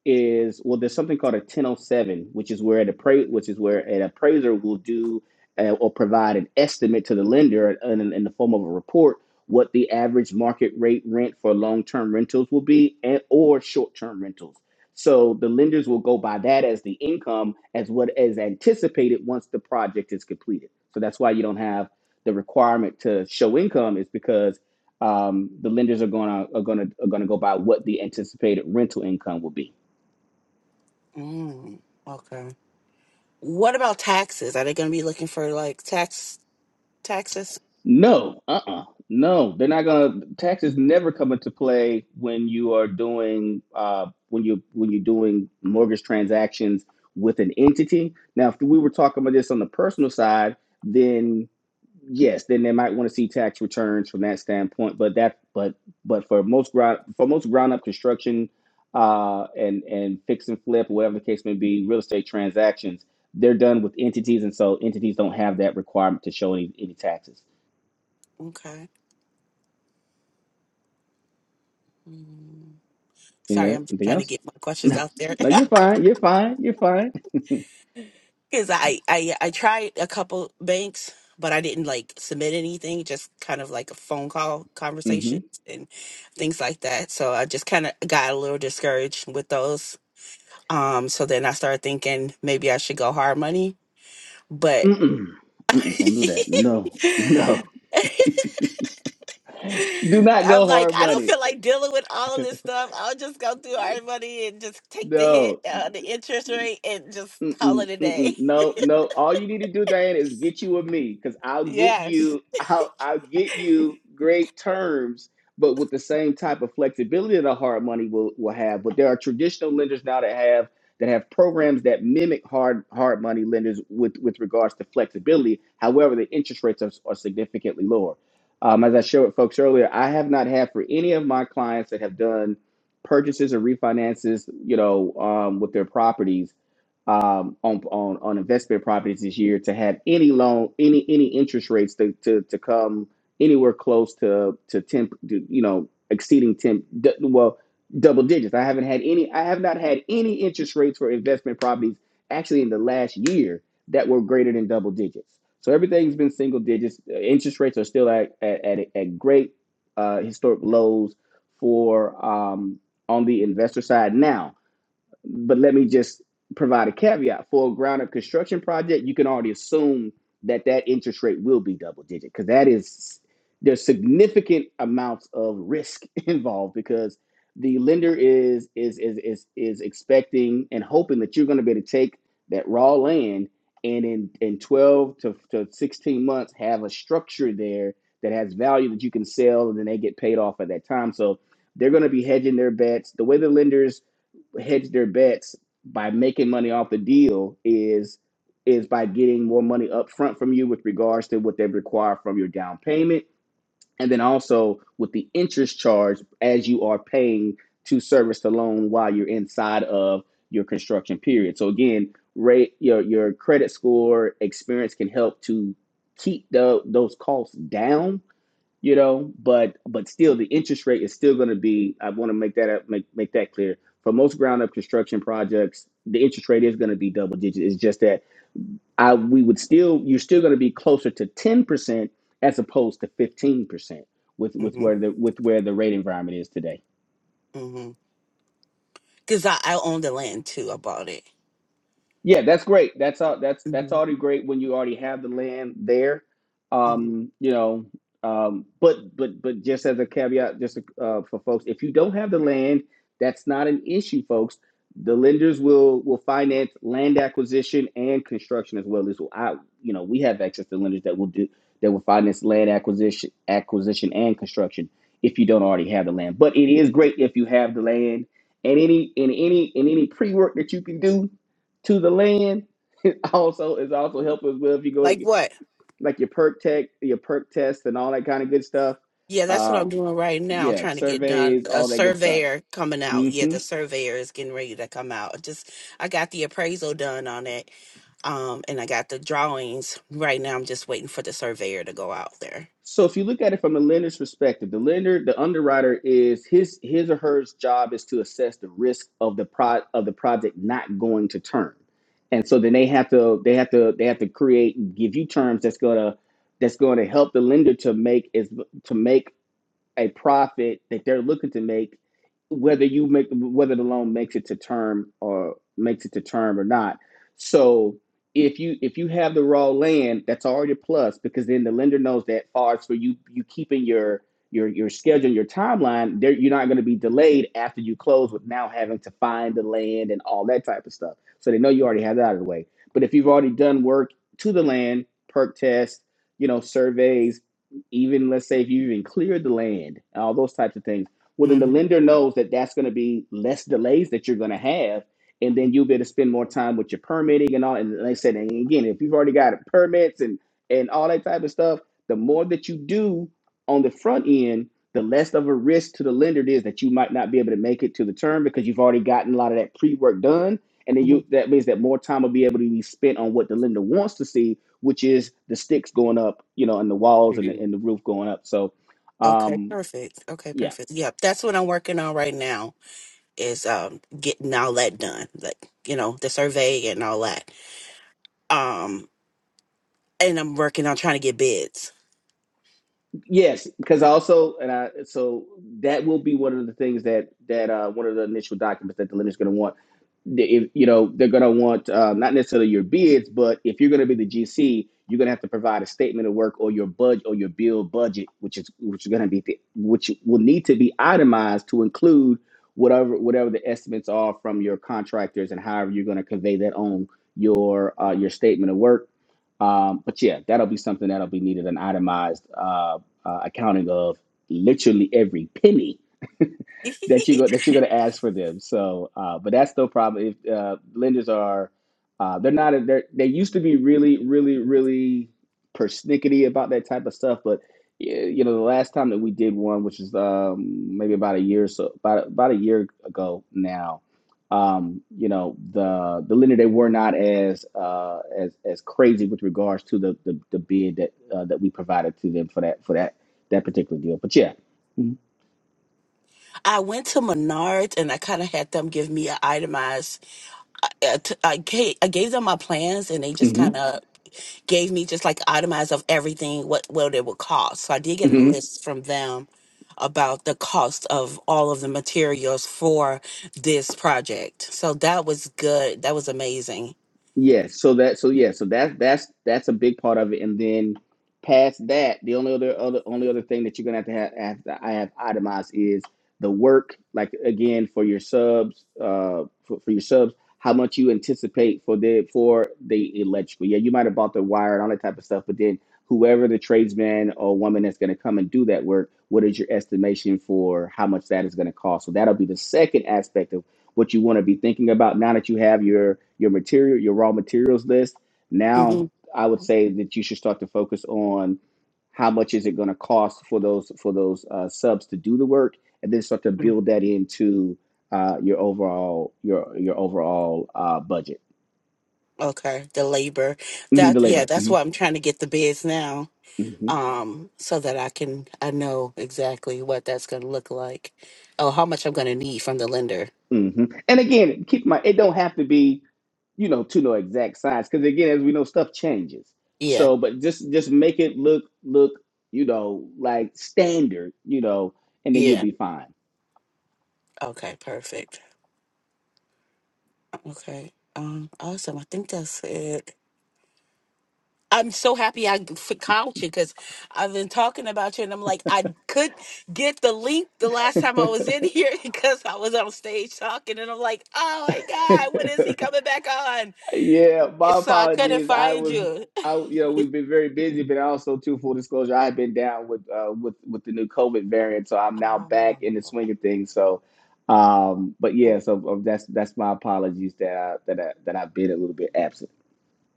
Speaker 2: is well there's something called a 1007 which is where an appra- which is where an appraiser will do uh, or provide an estimate to the lender in, in in the form of a report what the average market rate rent for long-term rentals will be and or short-term rentals so the lenders will go by that as the income as what is anticipated once the project is completed so that's why you don't have the requirement to show income is because um, the lenders are gonna are gonna are gonna go by what the anticipated rental income will be.
Speaker 6: Mm, okay. What about taxes? Are they going to be looking for like tax taxes?
Speaker 2: No, uh-uh, no, they're not gonna. Taxes never come into play when you are doing uh, when you when you're doing mortgage transactions with an entity. Now, if we were talking about this on the personal side, then yes, then they might want to see tax returns from that standpoint. But that, but but for most ground for most ground up construction, uh, and and fix and flip, whatever the case may be, real estate transactions, they're done with entities, and so entities don't have that requirement to show any any taxes.
Speaker 6: Okay. mm.
Speaker 2: Any
Speaker 6: Sorry, I'm just
Speaker 2: anything
Speaker 6: trying to
Speaker 2: else?
Speaker 6: get my questions
Speaker 2: No,
Speaker 6: out there
Speaker 2: no, you're fine. You're fine. You're fine.
Speaker 6: because I, I I tried a couple banks, but I didn't like submit anything. Just kind of like a phone call
Speaker 2: Mm-hmm.
Speaker 6: conversations and things like that. So I just kind of got a little discouraged with those. Um, so then I started thinking maybe I should go hard money, but
Speaker 2: Mm-mm. Mm-mm. Don't do that. No, no. Do not go
Speaker 6: I'm like,
Speaker 2: hard
Speaker 6: I don't
Speaker 2: money.
Speaker 6: feel like dealing with all of this stuff. I'll just go through our money and just take the hit,
Speaker 2: No.
Speaker 6: uh, the interest rate, and just call
Speaker 2: Mm-mm,
Speaker 6: it a day.
Speaker 2: mm-mm. No, no. All you need to do, Diane, is get you with me, because I'll get
Speaker 6: Yes.
Speaker 2: you. I'll I'll get you great terms, but with the same type of flexibility that a hard money will will have. But there are traditional lenders now that have that have programs that mimic hard hard money lenders with with regards to flexibility. However, the interest rates are, are significantly lower. Um, as I shared with folks earlier, I have not had for any of my clients that have done purchases or refinances, you know, um, with their properties um, on, on on investment properties this year to have any loan, any any interest rates to to, to come anywhere close to to ten, to, you know, exceeding ten, d- well, double digits. I haven't had any. I have not had any interest rates for investment properties actually in the last year that were greater than double digits. So everything's been single digits. Uh, Interest rates are still at at at, at great uh, historic lows for um, on the investor side now but let me just provide a caveat for a ground up construction project. You can already assume that that interest rate will be double digit because that is there's significant amounts of risk involved because the lender is is is is is expecting and hoping that you're going to be able to take that raw land and in in 12 to, to 16 months have a structure there that has value that you can sell and then they get paid off at that time so they're going to be hedging their bets the way the lenders hedge their bets by making money off the deal is is by getting more money up front from you with regards to what they require from your down payment and then also with the interest charge as you are paying to service the loan while you're inside of your construction period. So again, rate your your credit score experience can help to keep the, those costs down you know but but still the interest rate is still going to be i want to make that make, make that clear for most ground up construction projects the interest rate is going to be double digit it's just that i we would still you're still going to be closer to 10% as opposed to 15% with with
Speaker 6: Mm-hmm.
Speaker 2: where the with where the rate environment is today
Speaker 6: Mm-hmm. Cause I, I own the land too. I bought it.
Speaker 2: Yeah, that's great. That's all. That's that's
Speaker 6: hmm
Speaker 2: already great when you already have the land there.
Speaker 6: hmm
Speaker 2: Um, you know, um, but but but just as a caveat, just uh, for folks, if you don't have the land, that's not an issue, folks. The lenders will will finance land acquisition and construction as well. This will, I, you know, we have access to lenders that will do that will finance land acquisition, acquisition and construction if you don't already have the land. But it is great if you have the land and any in any in any pre work that you can do to the land. It also is also helpful as well if you go
Speaker 6: Like what?
Speaker 2: like your perk tech, your perk test, and all that kind of good stuff.
Speaker 6: Yeah, that's what
Speaker 2: Uh,
Speaker 6: I'm doing right now,
Speaker 2: yeah,
Speaker 6: trying to get done.
Speaker 2: surveys,
Speaker 6: A
Speaker 2: all that good stuff.
Speaker 6: surveyor coming out. Yeah,
Speaker 2: hmm
Speaker 6: the surveyor is getting ready to come out. Just I got the appraisal done on it. Um, and I got the drawings. Right now I'm just waiting for the surveyor to go out there.
Speaker 2: So if you look at it from the lender's perspective, the lender, the underwriter is his his or her job is to assess the risk of the pro of the project not going to term, and so then they have to they have to they have to create and give you terms that's gonna that's going to help the lender to make is to make a profit that they're looking to make, whether you make whether the loan makes it to term or makes it to term or not. So if you if you have the raw land, that's already a plus because then the lender knows that far as for you you keeping your your your schedule and your timeline, there you're not going to be delayed after you close with now having to find the land and all that type of stuff. So they know you already have that out of the way. But if you've already done work to the land, perk test, you know, surveys, even let's say if you even cleared the land, all those types of things, well, then the
Speaker 6: hmm
Speaker 2: lender knows that that's going to be less delays that you're going to have. And then you'll be able to spend more time with your permitting and all. And like I said, and again, if you've already got permits and, and all that type of stuff, the more that you do on the front end, the less of a risk to the lender it is that you might not be able to make it to the term because you've already gotten a lot of that pre work done. And then
Speaker 6: hmm
Speaker 2: you that means that more time will be able to be spent on what the lender wants to see which is the sticks going up, you know, and the walls and the, and the roof going up. So,
Speaker 6: Okay,
Speaker 2: um,
Speaker 6: perfect. Okay,
Speaker 2: yeah.
Speaker 6: perfect. Yep, that's what I'm working on right now is um getting all that done, like you know the survey and all that. Um, and I'm working on trying to get bids.
Speaker 2: Yes, because also and I so that will be one of the things that that uh, one of the initial documents that the lender's going to want. The- If you know they're going to want uh, not necessarily your bids, but if you're going to be the GC, you're going to have to provide a statement of work or your budget or your bill budget, which is which is going to be the, which will need to be itemized to include whatever whatever the estimates are from your contractors and however you're going to convey that on your uh, your statement of work. Um, but yeah, that'll be something that'll be needed and itemized Uh, uh, accounting of literally every penny that you go that you're going to ask for them. So, uh, but that's no problem. If uh, lenders are, uh, they're not. They're, they used to be really, really, really persnickety about that type of stuff. But you know, the last time that we did one, which is um, maybe about a year or so, about about a year ago now. Um, you know, the the lender they were not as uh, as as crazy with regards to the the, the bid that uh, that we provided to them for that for that that particular deal. But yeah.
Speaker 6: I went to Menards and I kind of had them give me an itemized. I, I, t- I ga- I gave them my plans and they just
Speaker 2: hmm
Speaker 6: kind of gave me just like itemized of everything what what it would cost. So I did get a list from them about the cost of all of the materials for this project. So that was good. That was amazing.
Speaker 2: Yes, so that so yeah, so that that's that's a big part of it, and then past that, the only other other only other thing that you're gonna have to have, have to, I have itemized is the work. Like again, for your subs, uh, for, for your subs, how much you anticipate for the for the electrical. Yeah, you might have bought the wire and all that type of stuff, but then whoever the tradesman or woman that's gonna come and do that work, what is your estimation for how much that is gonna cost? So that'll be the second aspect of what you want to be thinking about now that you have your your material your raw materials list now
Speaker 6: hmm
Speaker 2: i would say that you should start to focus on how much is it going to cost for those for those uh, subs to do the work and then start to build that into uh, your overall your your overall uh, budget
Speaker 6: Okay, the labor.
Speaker 2: Mhm,
Speaker 6: That
Speaker 2: the
Speaker 6: yeah,
Speaker 2: labor
Speaker 6: that's
Speaker 2: hmm
Speaker 6: why I'm trying to get the bids now.
Speaker 2: hmm
Speaker 6: Um, so that I can I know exactly what that's gonna look like. Oh, how much I'm gonna need from the lender.
Speaker 2: hmm and again keep in mind it don't have to be you know, to no exact science. Because again, as we know, stuff changes.
Speaker 6: Yeah,
Speaker 2: So, but just just make it look look, you know, like standard, you know, and then you'll
Speaker 6: yeah.
Speaker 2: be fine.
Speaker 6: Okay, perfect. Okay. Um, awesome. I think that's it. I'm so happy I f- called you because I've been talking about you, and I'm like, I could get the link the last time I was in here because I was on stage talking, and I'm like, oh my god, when is he coming back on?
Speaker 2: yeah,
Speaker 6: And
Speaker 2: my
Speaker 6: So I couldn't
Speaker 2: apologies. I
Speaker 6: find
Speaker 2: was,
Speaker 6: you.
Speaker 2: I you know, we've been very busy, but also too full disclosure, I've been down with uh, with with the new COVID variant, so I'm now back in the
Speaker 6: Oh,
Speaker 2: swing of things. So, um, but yeah, so um, that's that's my apologies that I, that I, that I've been a little bit absent.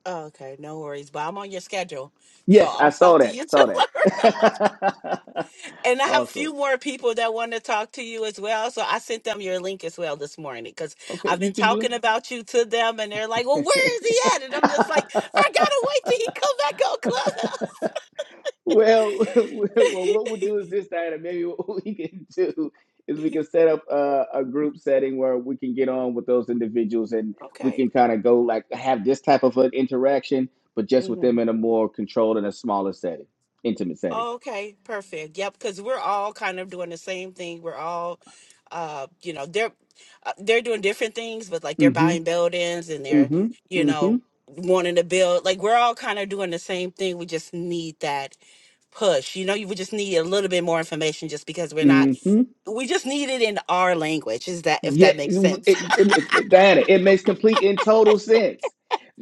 Speaker 6: oh, okay, no worries, but I'm on your schedule, so
Speaker 2: Yes, I
Speaker 6: I'll
Speaker 2: saw
Speaker 6: talk to
Speaker 2: that.
Speaker 6: you
Speaker 2: Saw that.
Speaker 6: tomorrow. And I have a
Speaker 2: awesome.
Speaker 6: few more people that want to talk to you as well. So I sent them your link as well this morning because
Speaker 2: Okay,
Speaker 6: I've
Speaker 2: you
Speaker 6: been
Speaker 2: can do
Speaker 6: talking about you to them and they're like, well,
Speaker 2: it.
Speaker 6: where is he at? And I'm just like, I got to wait till he come back on
Speaker 2: well, well, what we'll do
Speaker 6: Clubhouse.
Speaker 2: is this, Diana. Maybe what we can do is we can set up a, a group setting where we can get on with those individuals and we
Speaker 6: okay.
Speaker 2: can kind of go like have this type of an interaction, but just with
Speaker 6: Mm-hmm.
Speaker 2: them in a more controlled and a smaller setting, intimate setting.
Speaker 6: Okay, perfect. Yep, because we're all kind of doing the same thing. We're all, uh, you know, they're uh, they're doing different things, but like they're
Speaker 2: Mm-hmm.
Speaker 6: buying buildings and they're,
Speaker 2: Mm-hmm.
Speaker 6: you
Speaker 2: Mm-hmm.
Speaker 6: know, wanting to build. Like we're all kind of doing the same thing. We just need that push. You know, you would just need a little bit more information just because we're not.
Speaker 2: Mm-hmm.
Speaker 6: We just need it in our language. Is that if
Speaker 2: Yeah,
Speaker 6: that makes
Speaker 2: it,
Speaker 6: sense?
Speaker 2: it, it- Diana, it makes complete and total sense.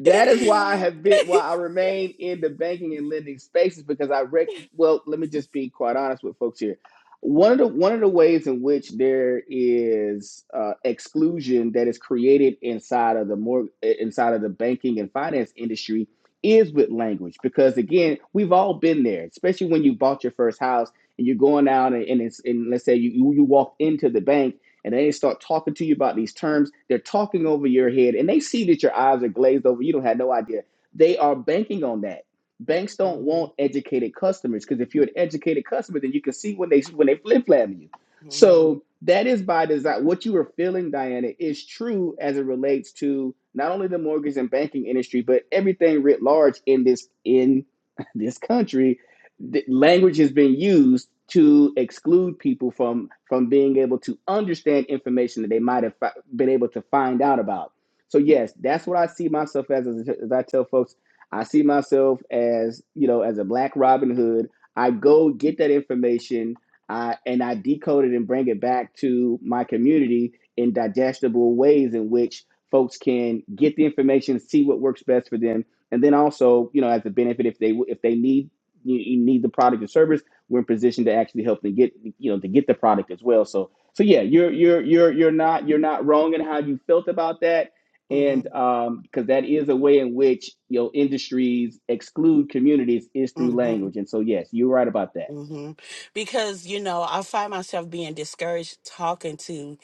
Speaker 2: That is why I have been, why I remain in the banking and lending spaces because I rec- well, let me just be quite honest with folks here. One of the one of the ways in which there is uh, exclusion that is created inside of the more inside of the banking and finance industry is with language because again, we've all been there, especially when you bought your first house and you're going out and, and, it's, and let's say you you you walked into the bank and they start talking to you about these terms. They're talking over your head and they see that your eyes are glazed over. You don't have no idea. They are banking on that. Banks don't
Speaker 6: Mhm,
Speaker 2: want educated customers because if you're an educated customer, then you can see when they when they flip flap you.
Speaker 6: mhm,
Speaker 2: So that is by design. What you were feeling, Diana, is true as it relates to not only the mortgage and banking industry, but everything writ large in this in this country th- language has been used to exclude people from from being able to understand information that they might have fi- been able to find out about so yes that's what i see myself as, as as i tell folks i see myself as you know as a black robin hood i go get that information uh, and i decode it and bring it back to my community in digestible ways in which folks can get the information see what works best for them and then also you know as a benefit if they if they need you, you need the product or service, we're in position to actually help them get you know to get the product as well. So so yeah, you're you're you're you're not you're not wrong in how you felt about that, and
Speaker 6: mhm,
Speaker 2: um because that is a way in which you know industries exclude communities is through
Speaker 6: mhm,
Speaker 2: language, and so yes, you're right about that.
Speaker 6: mhm. Because, you know, I find myself being discouraged talking to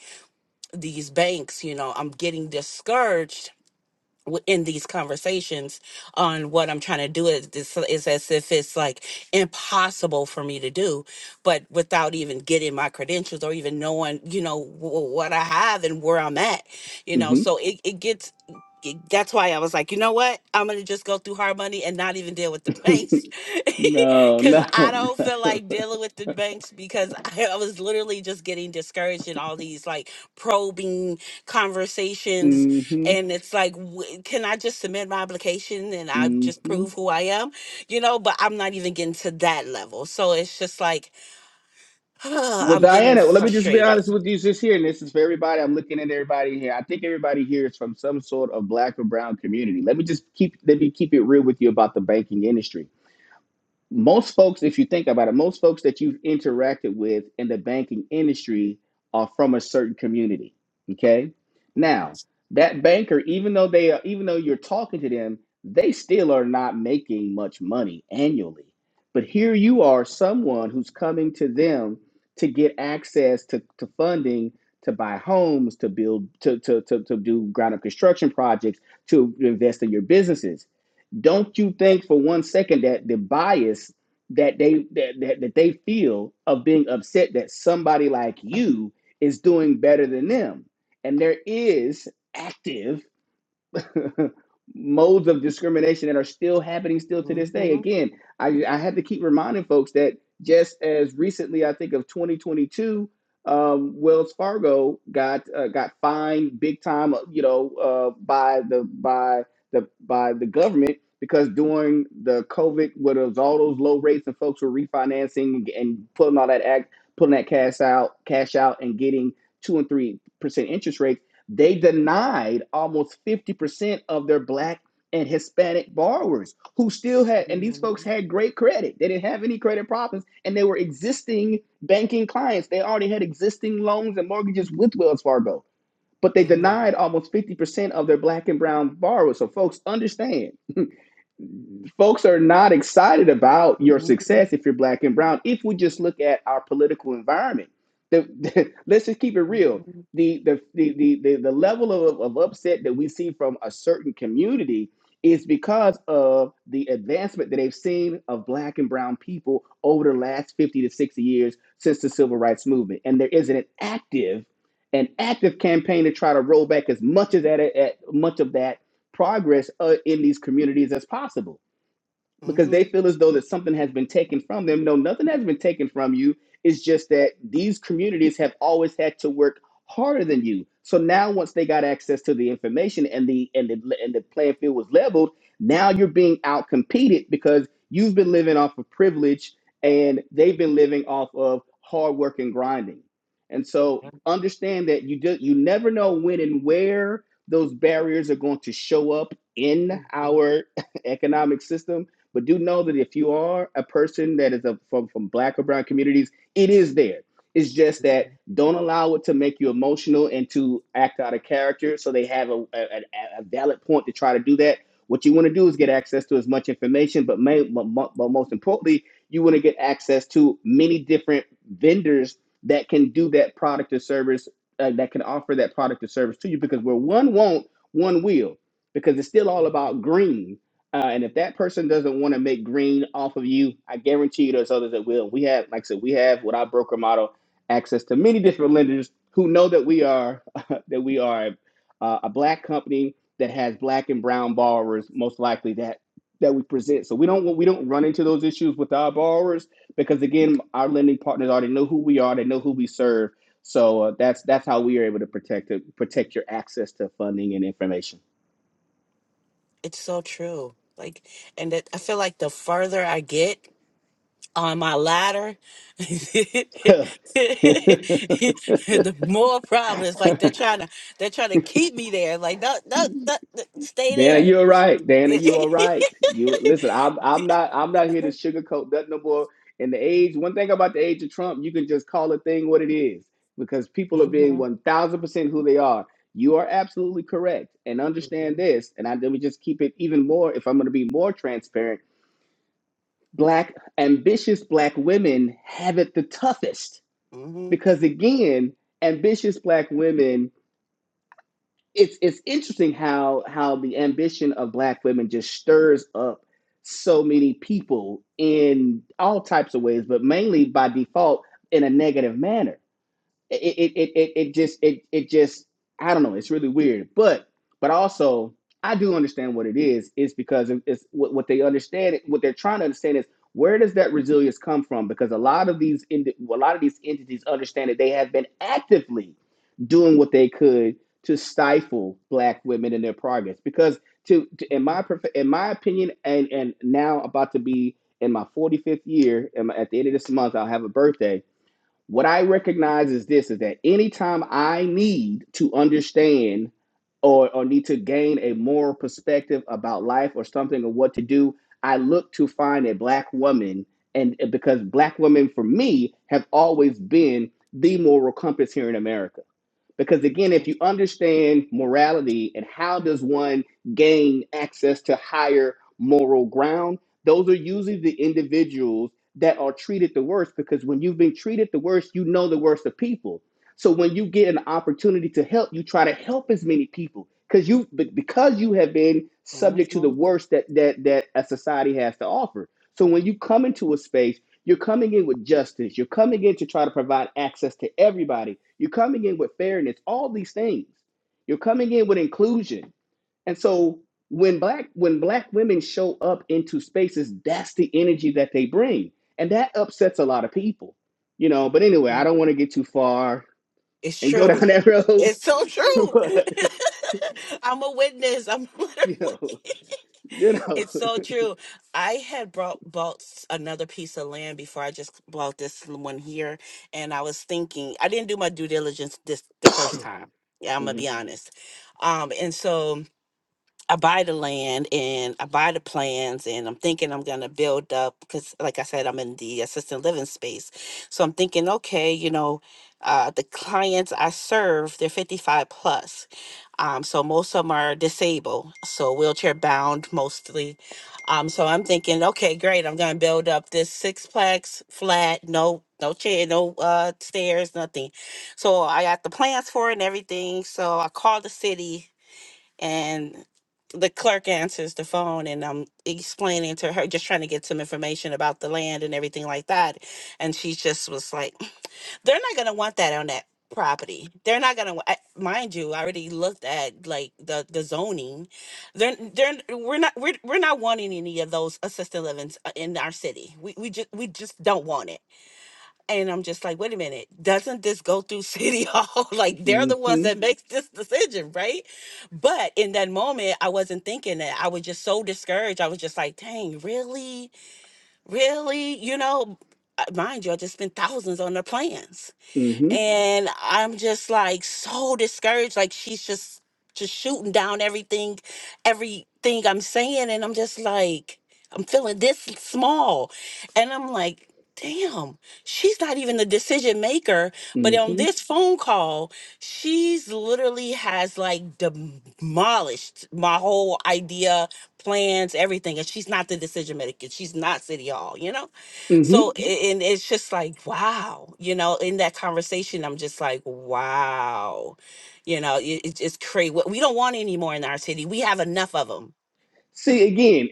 Speaker 6: these banks. You know, I'm getting discouraged w- in these conversations on what I'm trying to do is this is as if it's like impossible for me to do, but without even getting my credentials or even knowing, you know, w- what I have and where I'm at, you know,
Speaker 2: hmm
Speaker 6: so it, it gets it- that's why I was like, you know what? I'm gonna just go through hard money and not even deal with the banks,
Speaker 2: no,
Speaker 6: because I
Speaker 2: no,
Speaker 6: don't
Speaker 2: no.
Speaker 6: feel like dealing with the banks because I, I was literally just getting discouraged in all these like probing conversations
Speaker 2: hmm
Speaker 6: and it's like w- can i just submit my application and i just
Speaker 2: hmm
Speaker 6: prove who i am you know but i'm not even getting to that level so it's just like
Speaker 2: Well,
Speaker 6: i'm getting
Speaker 2: Diana, let me just be
Speaker 6: frustrated
Speaker 2: honest with you just here, and this is for everybody. I'm looking at everybody here. I think everybody here is from some sort of black or brown community. Let me just keep let me keep it real with you about the banking industry most folks, if you think about it, most folks that you've interacted with in the banking industry are from a certain community. Okay. Now, that banker, even though they are, even though you're talking to them, they still are not making much money annually. But here you are, someone who's coming to them to get access to, to funding to buy homes, to build, to, to, to, to do ground up construction projects, to invest in your businesses don't you think for one second that the bias that they that, that, that they feel of being upset that somebody like you is doing better than them and there is active modes of discrimination that are still happening still to
Speaker 6: Mhm,
Speaker 2: this day.
Speaker 6: mhm,
Speaker 2: Again, I, I had to keep reminding folks that just as recently, I think of 2022, um, Wells Fargo got uh, got fined big time, uh, you know, uh, by the by the by the government because during the COVID, with those- all those low rates and folks were refinancing and and pulling all that act, pulling that cash out, cash out, and getting two and three percent interest rates they denied almost 50% of their black and Hispanic borrowers who still had, and these
Speaker 6: mhm,
Speaker 2: folks had great credit. They didn't have any credit problems, and they were existing banking clients. They already had existing loans and mortgages with Wells Fargo, but they
Speaker 6: mhm,
Speaker 2: denied almost 50% of their black and brown borrowers. So, folks, understand folks are not excited about your
Speaker 6: mhm,
Speaker 2: success if you're black and brown. If we just look at our political environment, the, the, let's just keep it real. The the the the, the, the level of, of upset that we see from a certain community is because of the advancement that they've seen of black and brown people over the last 50 to 60 years since the civil rights movement. And there is an active, an active campaign to try to roll back as much of that, at, much of that progress uh, in these communities as possible because they
Speaker 6: mhm,
Speaker 2: feel as though that something has been taken from them. No, nothing has been taken from you. It's just that these communities have always had to work harder than you. So now, once they got access to the information and the and the and the playing field was leveled, now you're being outcompeted because you've been living off of privilege and they've been living off of hard work and grinding. And so understand that you do, you never know when and where those barriers are going to show up in
Speaker 6: mhm, mhm,
Speaker 2: our economic system but do know that if you are a person that is a, from from Black or Brown communities, it is there. It's just that don't allow it to make you emotional and to act out of character. So they have a, a, a valid point to try to do that. What you want to do is get access to as much information, but, may, but, but most importantly, you want to get access to many different vendors that can do that product or service, uh, that can offer that product or service to you. Because where one won't, one will, because it's still all
Speaker 6: mhm.
Speaker 2: about green. Uh, and if that person doesn't want to make green off of you, I guarantee you there's others that will. We have, like I said, we have with our broker model access to many different lenders who know that we are that we are uh, a black company that has black and brown borrowers most likely that that we present. So we don't we don't run into those issues with our borrowers because again, our lending partners already know who we are. They know who we serve. So uh, that's that's how we are able to protect protect your access to funding and information.
Speaker 6: it's so true like and it, i feel like the further i get on my ladder, the more problems. Like they're trying to, they're trying to keep me there. Like no, no, no, no, stay
Speaker 2: Dana,
Speaker 6: there.
Speaker 2: you're right. Dana, you are right. You listen. I'm I'm not I'm not here to sugarcoat nothing no more. And the age, one thing about the age of Trump, you can just call a thing what it is because people are being
Speaker 6: mm-hmm,
Speaker 2: one thousand percent who they are. You are absolutely correct, and understand this. And I let me just keep it even more. If I'm going to be more transparent, black ambitious black women have it the toughest
Speaker 6: hmm
Speaker 2: because again, ambitious black women it's it's interesting how how the ambition of black women just stirs up so many people in all types of ways but mainly by default in a negative manner it it it it, it just it it just I don't know. It's really weird, but but also I do understand what it is. Is because it- it's what what they understand. What they're trying to understand is where does that resilience come from? Because a lot of these indi- a lot of these entities understand that they have been actively doing what they could to stifle black women in their progress. Because to, to in my prof- in my opinion, and and now about to be in my 45th year, and at the end of this month I'll have a birthday what I recognize is this is that anytime I need to understand or, or need to gain a moral perspective about life or something or what to do, I look to find a black woman. And because black women for me have always been the moral compass here in America because again if you understand morality and how does one gain access to higher moral ground those are usually the individuals that are treated the worst because when you've been treated the worst you know the worst of people so when you get an opportunity to help you try to help as many people because you be- because you have been
Speaker 6: hmm
Speaker 2: subject to the worst that that that a society has to offer so when you come into a space you're coming in with justice. You're coming in to try to provide access to everybody. You're coming in with fairness, all these things. You're coming in with inclusion. And so when black when black women show up into spaces, that's the energy that they bring. And that upsets a lot of people. You know, but anyway,
Speaker 6: hmm
Speaker 2: I don't want to get too far
Speaker 6: It's
Speaker 2: and go
Speaker 6: true.
Speaker 2: down that road.
Speaker 6: It's so true.
Speaker 2: but
Speaker 6: I'm a witness. I'm
Speaker 2: you
Speaker 6: literally.
Speaker 2: know, you know.
Speaker 6: It's so true. I had brought bought s- another piece of land before I just bought this one here, and I was thinking I didn't do my due diligence this the first time. Yeah, I'm gonna
Speaker 2: hmm
Speaker 6: be honest. Um, and so I buy the land and I buy the plans, and I'm thinking I'm gonna build up because, like I said, I'm in the assisted living space. So I'm thinking, okay, you know, uh, the clients I serve, they're 55 plus. Um, so most of them are disabled, so wheelchair bound mostly. Um, so I'm thinking, okay, great, I'm gonna build up this sixplex flat, no, no chair, no uh, stairs, nothing. So I got the plans for it and everything. So I called the city and the clerk answers the phone and I'm explaining to her just trying to get some information about the land and everything like that and she just was like they're not going to want that on that property they're not going to mind you I already looked at like the the zoning they're they're we're not we're, we're not wanting any of those assisted livings uh, in our city we we just we just don't want it and I'm just like, wait a minute, doesn't this go through City Hall? like they're the ones
Speaker 2: hmm
Speaker 6: that makes this decision, right? But in that moment, I wasn't thinking that. I was just so discouraged. I was just like, dang, really? Really? You know, uh, mind you, I just spent thousands on the plans and I'm just like so discouraged. Like she's just just shooting down everything, everything I'm saying, and I'm just like, I'm feeling this small, and I'm like. Damn, she's not even the decision maker. But on
Speaker 2: hmm
Speaker 6: this phone call, she's literally has like demolished my whole idea, plans, everything. And she's not the decision maker. She's not City Hall, you know?
Speaker 2: hmm
Speaker 6: So, a- and it's just like, wow, you know, in that conversation, I'm just like, wow, you know, it, it- it's crazy. We don't want any more in our city. We have enough of them.
Speaker 2: See again,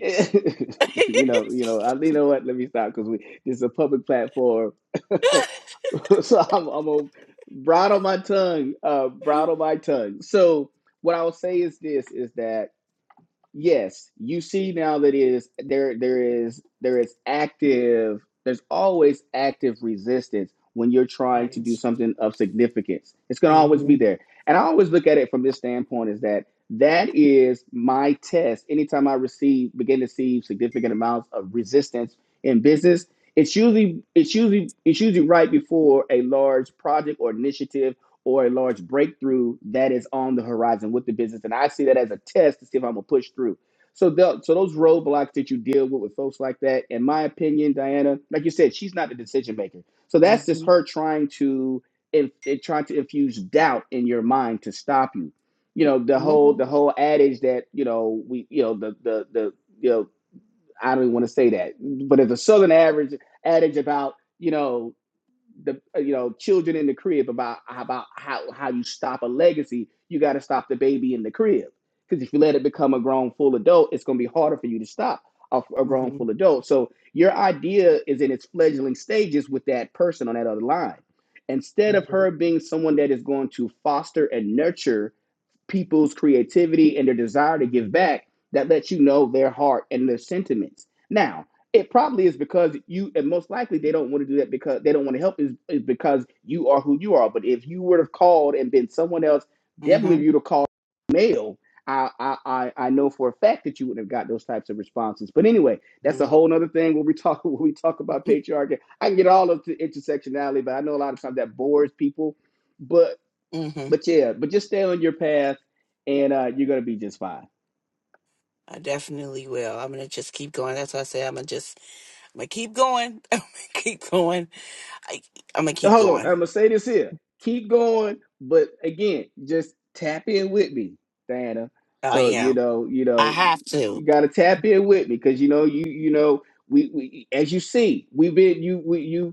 Speaker 2: you know, you know, I, you know what? Let me stop because we this is a public platform, so I'm, I'm gonna bridle my tongue, uh, bridle my tongue. So what I will say is this: is that Yes, you see now that it is there there is there is active there's always active resistance when you're trying to do something of significance. It's going to
Speaker 6: hmm
Speaker 2: always be there. And I always look at it from this standpoint is that that is my test. Anytime I receive begin to see significant amounts of resistance in business, it's usually it's usually it's usually right before a large project or initiative or a large breakthrough that is on the horizon with the business. And I see that as a test to see if I'm gonna push through. So the, so those roadblocks that you deal with with folks like that, in my opinion, Diana, like you said, she's not the decision maker. So
Speaker 6: hmm
Speaker 2: that's just
Speaker 6: hmm
Speaker 2: her trying to in, in trying to infuse doubt in your mind to stop you. You know the whole
Speaker 6: hmm
Speaker 2: the whole adage that you know we you know the the the you know I don't even want to say that, but it's a Southern average adage about you know the uh, you know children in the crib about about how how you stop a legacy. You got to stop the baby in the crib because if you let it become a grown full adult, it's going to be harder for you to stop a, a grown
Speaker 6: hmm
Speaker 2: full adult. So your idea is in its fledgling stages with that person on that other line. Instead of her being someone that is going to foster and nurture people's creativity and their desire to give back that lets you know their heart and their sentiments. Now, it probably is because you, and most likely they don't want to do that because they don't want to help is, is because you are who you are. But if you would have called and been someone else, definitely if
Speaker 6: hmm
Speaker 2: you'd have called male, I, I, I I know for a fact that you wouldn't have got those types of responses. But anyway, that's a whole other thing when we talk when we talk about patriarchy. I can get all of the intersectionality, but I know a lot of times that bores people. But.
Speaker 6: hmm
Speaker 2: But yeah, but just stay on your path and uh, you're gonna be just fine.
Speaker 6: I definitely will. I'm gonna just keep going. That's why I say I'm gonna just, I'm gonna keep going. I'm gonna keep going. I, I'm gonna keep
Speaker 2: Hold on,
Speaker 6: going.
Speaker 2: I'm gonna say this here. Keep going, but again, just tap in with me, Diana.
Speaker 6: I
Speaker 2: So you
Speaker 6: am.
Speaker 2: know, you
Speaker 6: I
Speaker 2: know,
Speaker 6: have to.
Speaker 2: you gotta tap in with me because you know, you you know, we, we as you see, we've been you we you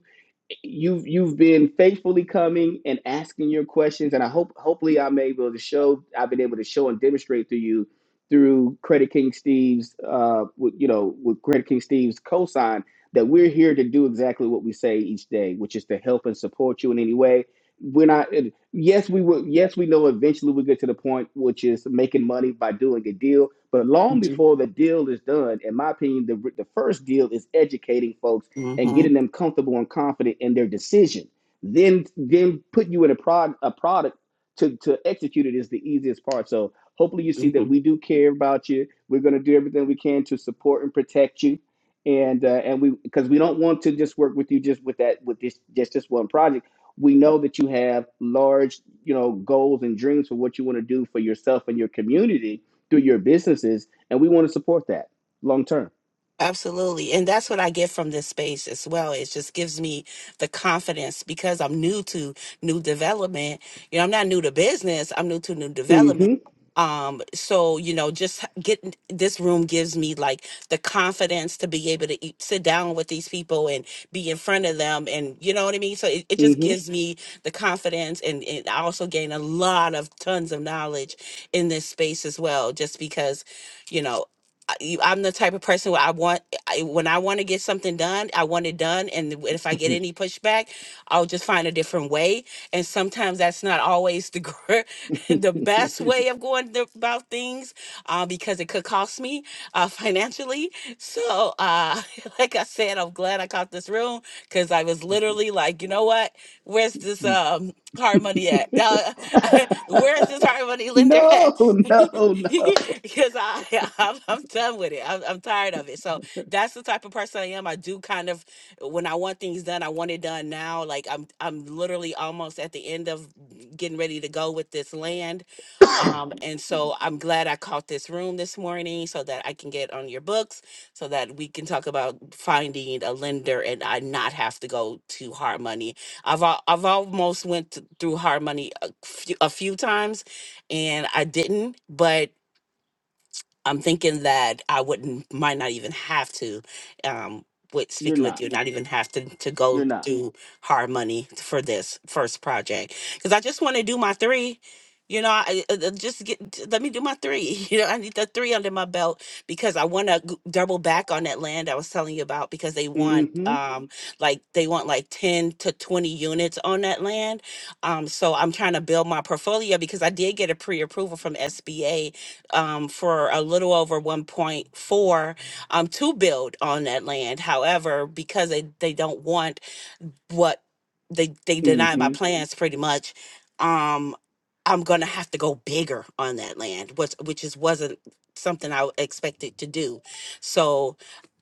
Speaker 2: you've you've been faithfully coming and asking your questions and i hope hopefully i'm able to show i've been able to show and demonstrate to you through credit king steve's uh with, you know with credit king steve's cosign that we're here to do exactly what we say each day which is to help and support you in any way we're not and yes we will yes we know eventually we get to the point which is making money by doing a deal but long before the deal is done in my opinion the, the first deal is educating folks and
Speaker 6: hmm
Speaker 2: getting them comfortable and confident in their decision. Then then put you in a prog a product to, to execute it is the easiest part. So hopefully you see
Speaker 6: hmm
Speaker 2: that we do care about you. We're gonna do everything we can to support and protect you. And uh, and we because we don't want to just work with you just with that with this just this one project. We know that you have large, you know, goals and dreams for what you want to do for yourself and your community through your businesses, and we want to support that long term.
Speaker 6: Absolutely. And that's what I get from this space as well. It just gives me the confidence because I'm new to new development. You know, I'm not new to business, I'm new to new development.
Speaker 2: Mm-hmm.
Speaker 6: Um, so, you know, just h- getting this room gives me like the confidence to be able to eat, sit down with these people and be in front of them. And you know what I mean? So it, it just
Speaker 2: Mm-hmm.
Speaker 6: gives me the confidence. And, and I also gain a lot of tons of knowledge in this space as well, just because, you know, I- you- I'm the type of person where I want I, when I want to get something done, I want it done, and th- if I get any pushback, I'll just find a different way. And sometimes that's not always the gr- the best way of going th- about things, uh, because it could cost me uh, financially. So, uh, like I said, I'm glad I caught this room because I was literally like, you know what? Where's this um hard money at? Uh, where's this hard money lender at?
Speaker 2: no, no, no.
Speaker 6: because I I'm, I'm done with it. I'm, I'm tired of it. So that's the type of person I am. I do kind of when I want things done, I want it done now. Like I'm I'm literally almost at the end of getting ready to go with this land. Um, and
Speaker 2: Excuse me.
Speaker 6: so I'm glad I caught this room this morning so that I can get on your books so that we can talk about finding a lender and I not have to go to hard money. I've al- I've almost went th- through hard money a few, a few times and I didn't, but I'm thinking that I wouldn't might not even have to um with
Speaker 2: You're
Speaker 6: speaking with
Speaker 2: not.
Speaker 6: you, not even have to to
Speaker 2: You're
Speaker 6: go
Speaker 2: not.
Speaker 6: do hard money for this first project because I just want to do my three. You know, I, I- I just get j- let me do my three. You know, I need the three under my belt because I want to double back on that land I was telling you about because they want
Speaker 2: Mm-hmm.
Speaker 6: um like they want like ten to twenty units on that land. Um, so I'm trying to build my portfolio because I did get a pre-approval from SBA um, for a little over 1.4 um, to build on that land. However, because they, they don't want what they they denied
Speaker 2: Mm-hmm.
Speaker 6: my Mhm. plans pretty much, um, I'm gonna have to go bigger on that land, which which is wasn't something I expected to do. So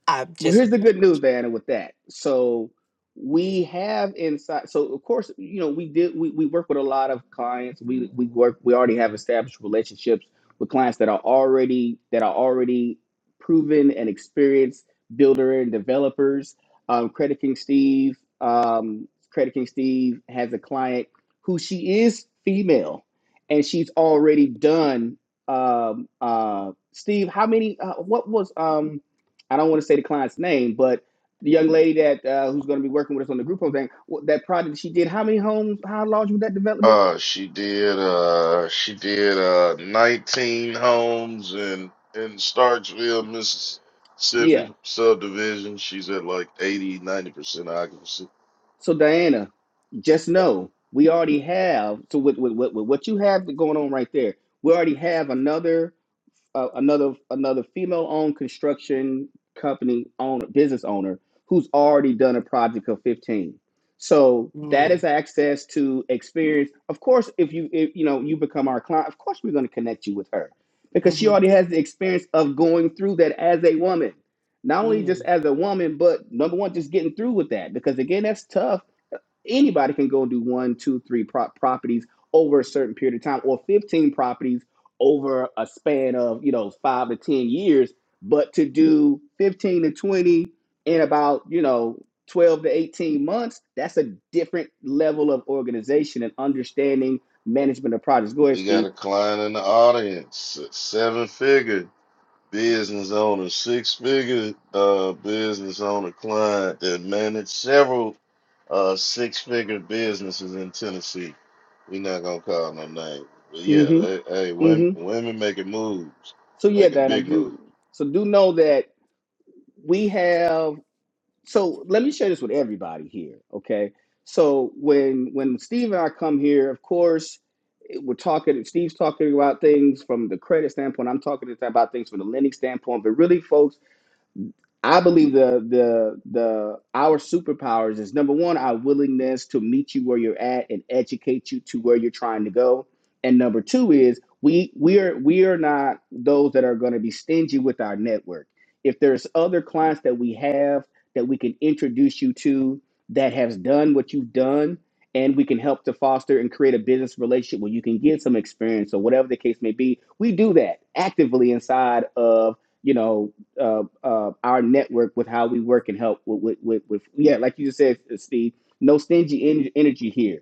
Speaker 6: I
Speaker 2: Well,
Speaker 6: just
Speaker 2: here's the good news, Diana, with that. So we have inside. So of course, you know, we did. We, we work with a lot of clients. We we work. We already have established relationships with clients that are already that are already proven and experienced builder and developers. Um, Credit King Steve. Um, Credit King Steve has a client who she is female, and she's already done. Um, uh, Steve, how many? Uh, what was um? I don't want to say the client's name, but the young lady that uh, who's going to be working with us on the group home thing, that project she did, how many homes, how large was that development?
Speaker 1: Uh, she did, uh, she did, uh, 19 homes in, in Starksville,
Speaker 2: Yeah.
Speaker 1: Mississippi subdivision. She's at like 80, 90% occupancy.
Speaker 2: So Diana, just know we already have. So with with, with, with what you have going on right there, we already have another. uh, another another female owned construction company owner business owner who's already done a project of 15 so that
Speaker 6: mm,
Speaker 2: is access to experience of course if you if, you know you become our client of course we're going to connect you with her because she
Speaker 6: mhm,
Speaker 2: already has the experience of going through that as a woman not only just
Speaker 6: mm,
Speaker 2: as a woman but number one just getting through with that because again that's tough anybody can go do one two three prop properties over a certain period of time or 15 properties over a span of you know five to ten years but to do 15 to 20 in about you know 12 to 18 months that's a different level of organization and understanding management of projects go ahead
Speaker 1: We got
Speaker 2: steve
Speaker 1: a client in the audience, a seven figure business owner, six figure, uh, business owner client that managed several uh six figure businesses in Tennessee. we not gonna call no names. But yeah,
Speaker 2: mm-hmm
Speaker 1: they, hey, women,
Speaker 2: mm-hmm
Speaker 1: women making moves,
Speaker 2: so yeah
Speaker 1: making
Speaker 2: dan i
Speaker 1: big moves.
Speaker 2: do so do know that we have so let me share this with everybody here okay so when when steve and i come here of course eh, we're talking steve's talking about things from the credit standpoint i'm talking about things from the lending standpoint but really folks I believe the the the our superpowers is number one, our willingness to meet you where you're at and educate you to where you're trying to go. And number two is we we are we are not those that are going to be stingy with our network. If there's other clients that we have that we can introduce you to that has done what you've done and we can help to foster and create a business relationship where you can get some experience or whatever the case may be, we do that actively inside of you know uh, uh, our network with how we work and help with, with, with, with yeah, like you just said, Steve, no stingy en- energy here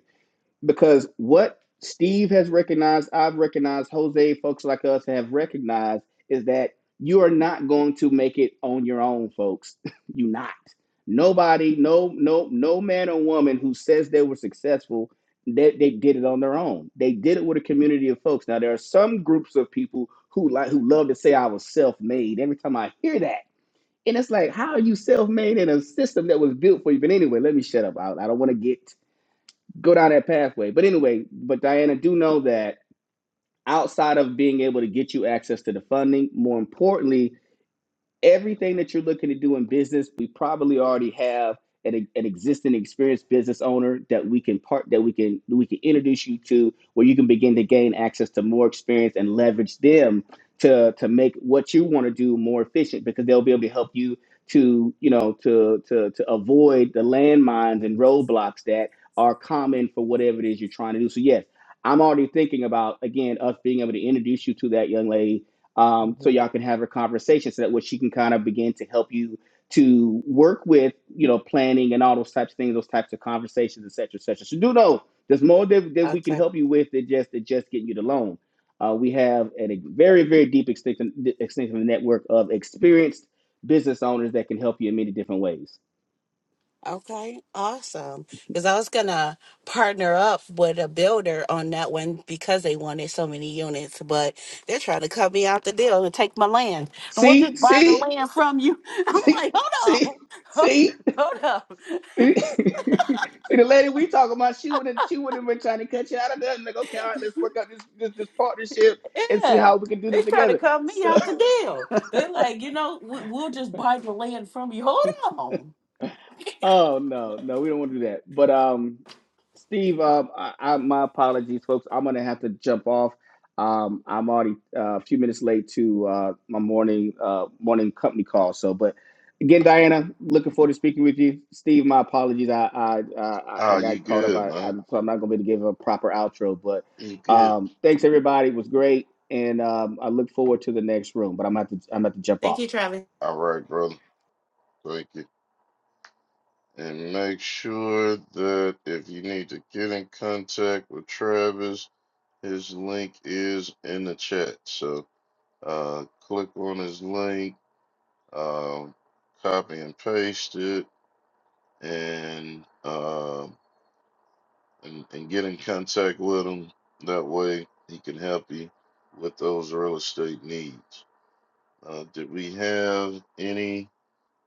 Speaker 2: because what Steve has recognized, I've recognized, Jose, folks like us have recognized is that you are not going to make it on your own, folks. you not. Nobody, no, no, no man or woman who says they were successful, they, they did it on their own. They did it with a community of folks. Now there are some groups of people who like who love to say I was self-made. Every time I hear that. And it's like, how are you self-made in a system that was built for you? But anyway, let me shut up. I, I don't want to get go down that pathway. But anyway, but Diana, do know that outside of being able to get you access to the funding, more importantly, everything that you're looking to do in business, we probably already have an, an existing experienced business owner that we can part that we can we can introduce you to where you can begin to gain access to more experience and leverage them to to make what you want to do more efficient because they'll be able to help you to you know to to to avoid the landmines and roadblocks that are common for whatever it is you're trying to do. So yes, I'm already thinking about again us being able to introduce you to that young lady um, so
Speaker 6: mhm.
Speaker 2: y'all can have a conversation so that way she can kind of begin to help you to work with you know planning and all those types of things those types of conversations etc cetera, etc cetera. so do know there's more that, that we can
Speaker 6: Okay.
Speaker 2: help you with than just than just getting you the loan uh, we have a very very deep extensive, extensive network of experienced business owners that can help you in many different ways
Speaker 6: Okay, awesome. Because I was gonna partner up with a builder on that one because they wanted so many units, but they're trying to cut me out the deal and take my land. And we'll
Speaker 2: see
Speaker 6: just buy the
Speaker 2: see
Speaker 6: land from you. I'm
Speaker 2: see
Speaker 6: like,
Speaker 2: see
Speaker 6: hold up,
Speaker 2: see
Speaker 6: hold up.
Speaker 2: See, see, the lady we talking about, she would not she would not been trying to cut you out of there. And like, okay, all right, let's work out this, this this partnership and see
Speaker 6: yeah,
Speaker 2: how we can do
Speaker 6: they
Speaker 2: this
Speaker 6: trying to
Speaker 2: together.
Speaker 6: cut me
Speaker 2: So.
Speaker 6: out the deal. They're like, you know, we- we'll just buy the land from you. Hold on.
Speaker 2: Oh no, no, we don't want to do that. But um, Steve, um, I, I, my apologies, folks. I'm gonna have to jump off. Um, I'm already uh, a few minutes late to uh, my morning uh, morning company call. So, but again, Diana, looking forward to speaking with you. Steve, my apologies. I I I, I
Speaker 1: Oh, you
Speaker 2: got caught up.
Speaker 1: good,
Speaker 2: I,
Speaker 1: man?
Speaker 2: I'm, so I'm not gonna be able to give a proper outro. But
Speaker 1: You good?
Speaker 2: um, thanks everybody. It was great, and um, I look forward to the next room. But I'm gonna have to I'm gonna have to jump
Speaker 6: Thank
Speaker 2: off.
Speaker 6: you, Travis.
Speaker 1: All right, brother. Thank you. And make sure that if you need to get in contact with Travis, his link is in the chat. So uh, click on his link, um, copy and paste it, and uh, and, and get in contact with him. That way, he can help you with those real estate needs. Uh, did we have any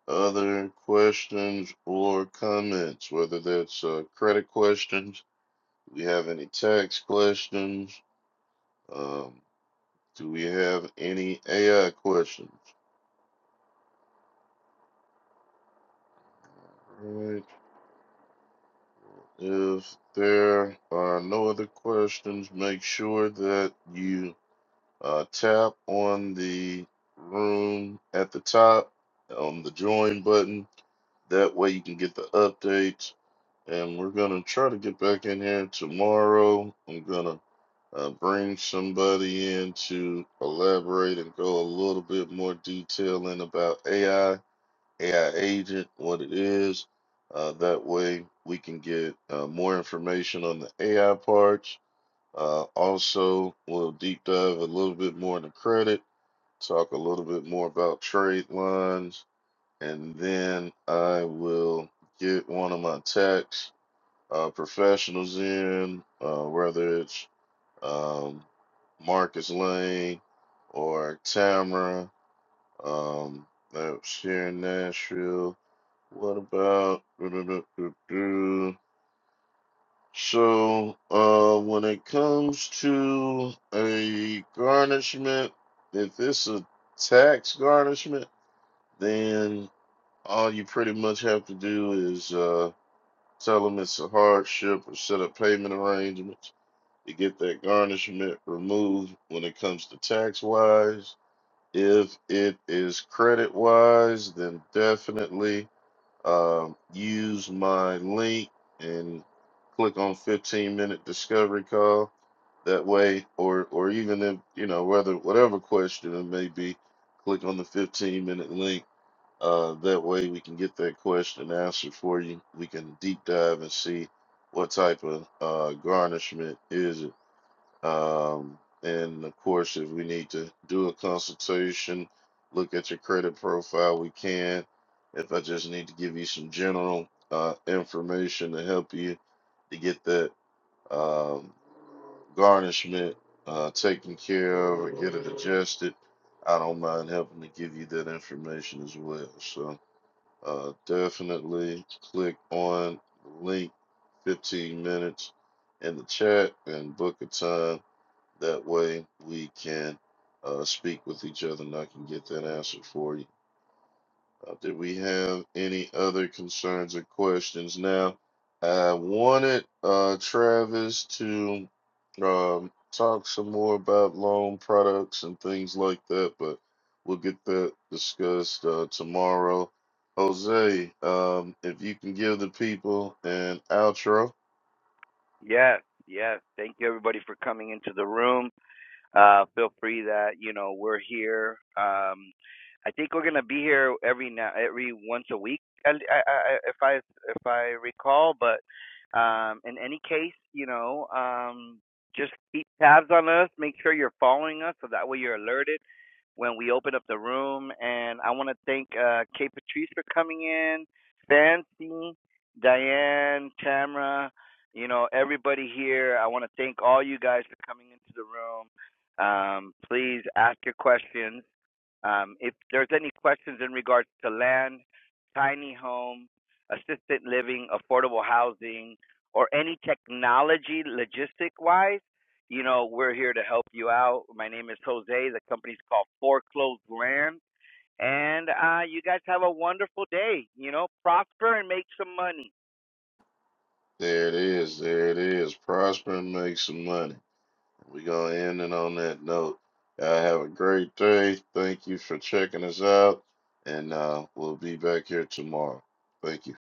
Speaker 1: other questions or comments? Whether that's uh, credit questions, do we have any tax questions? Um, do we have any AI questions? All right. If there are no other questions, make sure that you Uh, tap on the room at the top on the join button. That way you can get the updates. And we're going to try to get back in here tomorrow. I'm going to uh, bring somebody in to elaborate and go a little bit more detail in about AI, AI agent, what it is. Uh, that way we can get uh, more information on the AI parts. Uh, also, we'll deep dive a little bit more into credit talk a little bit more about trade lines, and then I will get one of my tax uh, professionals in, uh, whether it's um, Marcus Lane or Tamara. Um, that's here in Nashville. What about? So, uh, when it comes to a garnishment, if it's a tax garnishment, Then all you pretty much have to do is uh, tell them it's a hardship or set up payment arrangements to get that garnishment removed when it comes to tax wise. If it is credit wise, then definitely um, use my link and click on 15 minute discovery call. That way, or or even if you know whether whatever question it may be, click on the 15 minute link uh, that way we can get that question answered for you. We can deep dive and see what type of uh, garnishment is it. Um, and of course, if we need to do a consultation, look at your credit profile, we can. If I just need to give you some general uh, information to help you to get that um, garnishment uh, taken care of or get it adjusted, I don't mind helping to give you that information as well. So uh, definitely click on the link 15 minutes in the chat and book a time. That way we can uh, speak with each other and I can get that answer for you. Uh, did we have any other concerns or questions? Now, I wanted uh, Travis to um, talk some more about loan products and things like that, but we'll get that discussed uh, tomorrow. Jose, um, if you can give the people an outro,
Speaker 4: Yes, yes. Thank you, everybody, for coming into the room. uh, feel free that you know we're here. Um, I think we're gonna be here every now, every once a week, I, I, I, if I if I recall. But um, in any case, you know, um, just keep tabs on us. Make sure you're following us, so that way you're alerted when we open up the room. And I want to thank uh, Kate Patrice for coming in, Fancy, Diane, Tamara, you know, everybody here. I want to thank all you guys for coming into the room. Um, please ask your questions. Um, if there's any questions in regards to land, tiny home, assisted living, affordable housing, or any technology logistic wise, you know, we're here to help you out. My name is Jose. The company's called Foreclosed Land. And uh, you guys have a wonderful day. You know, prosper and make some money.
Speaker 1: there it is. There it is. Prosper and make some money. We're going to end it on that note. Y'all have a great day. Thank you for checking us out. And uh, we'll be back here tomorrow. Thank you.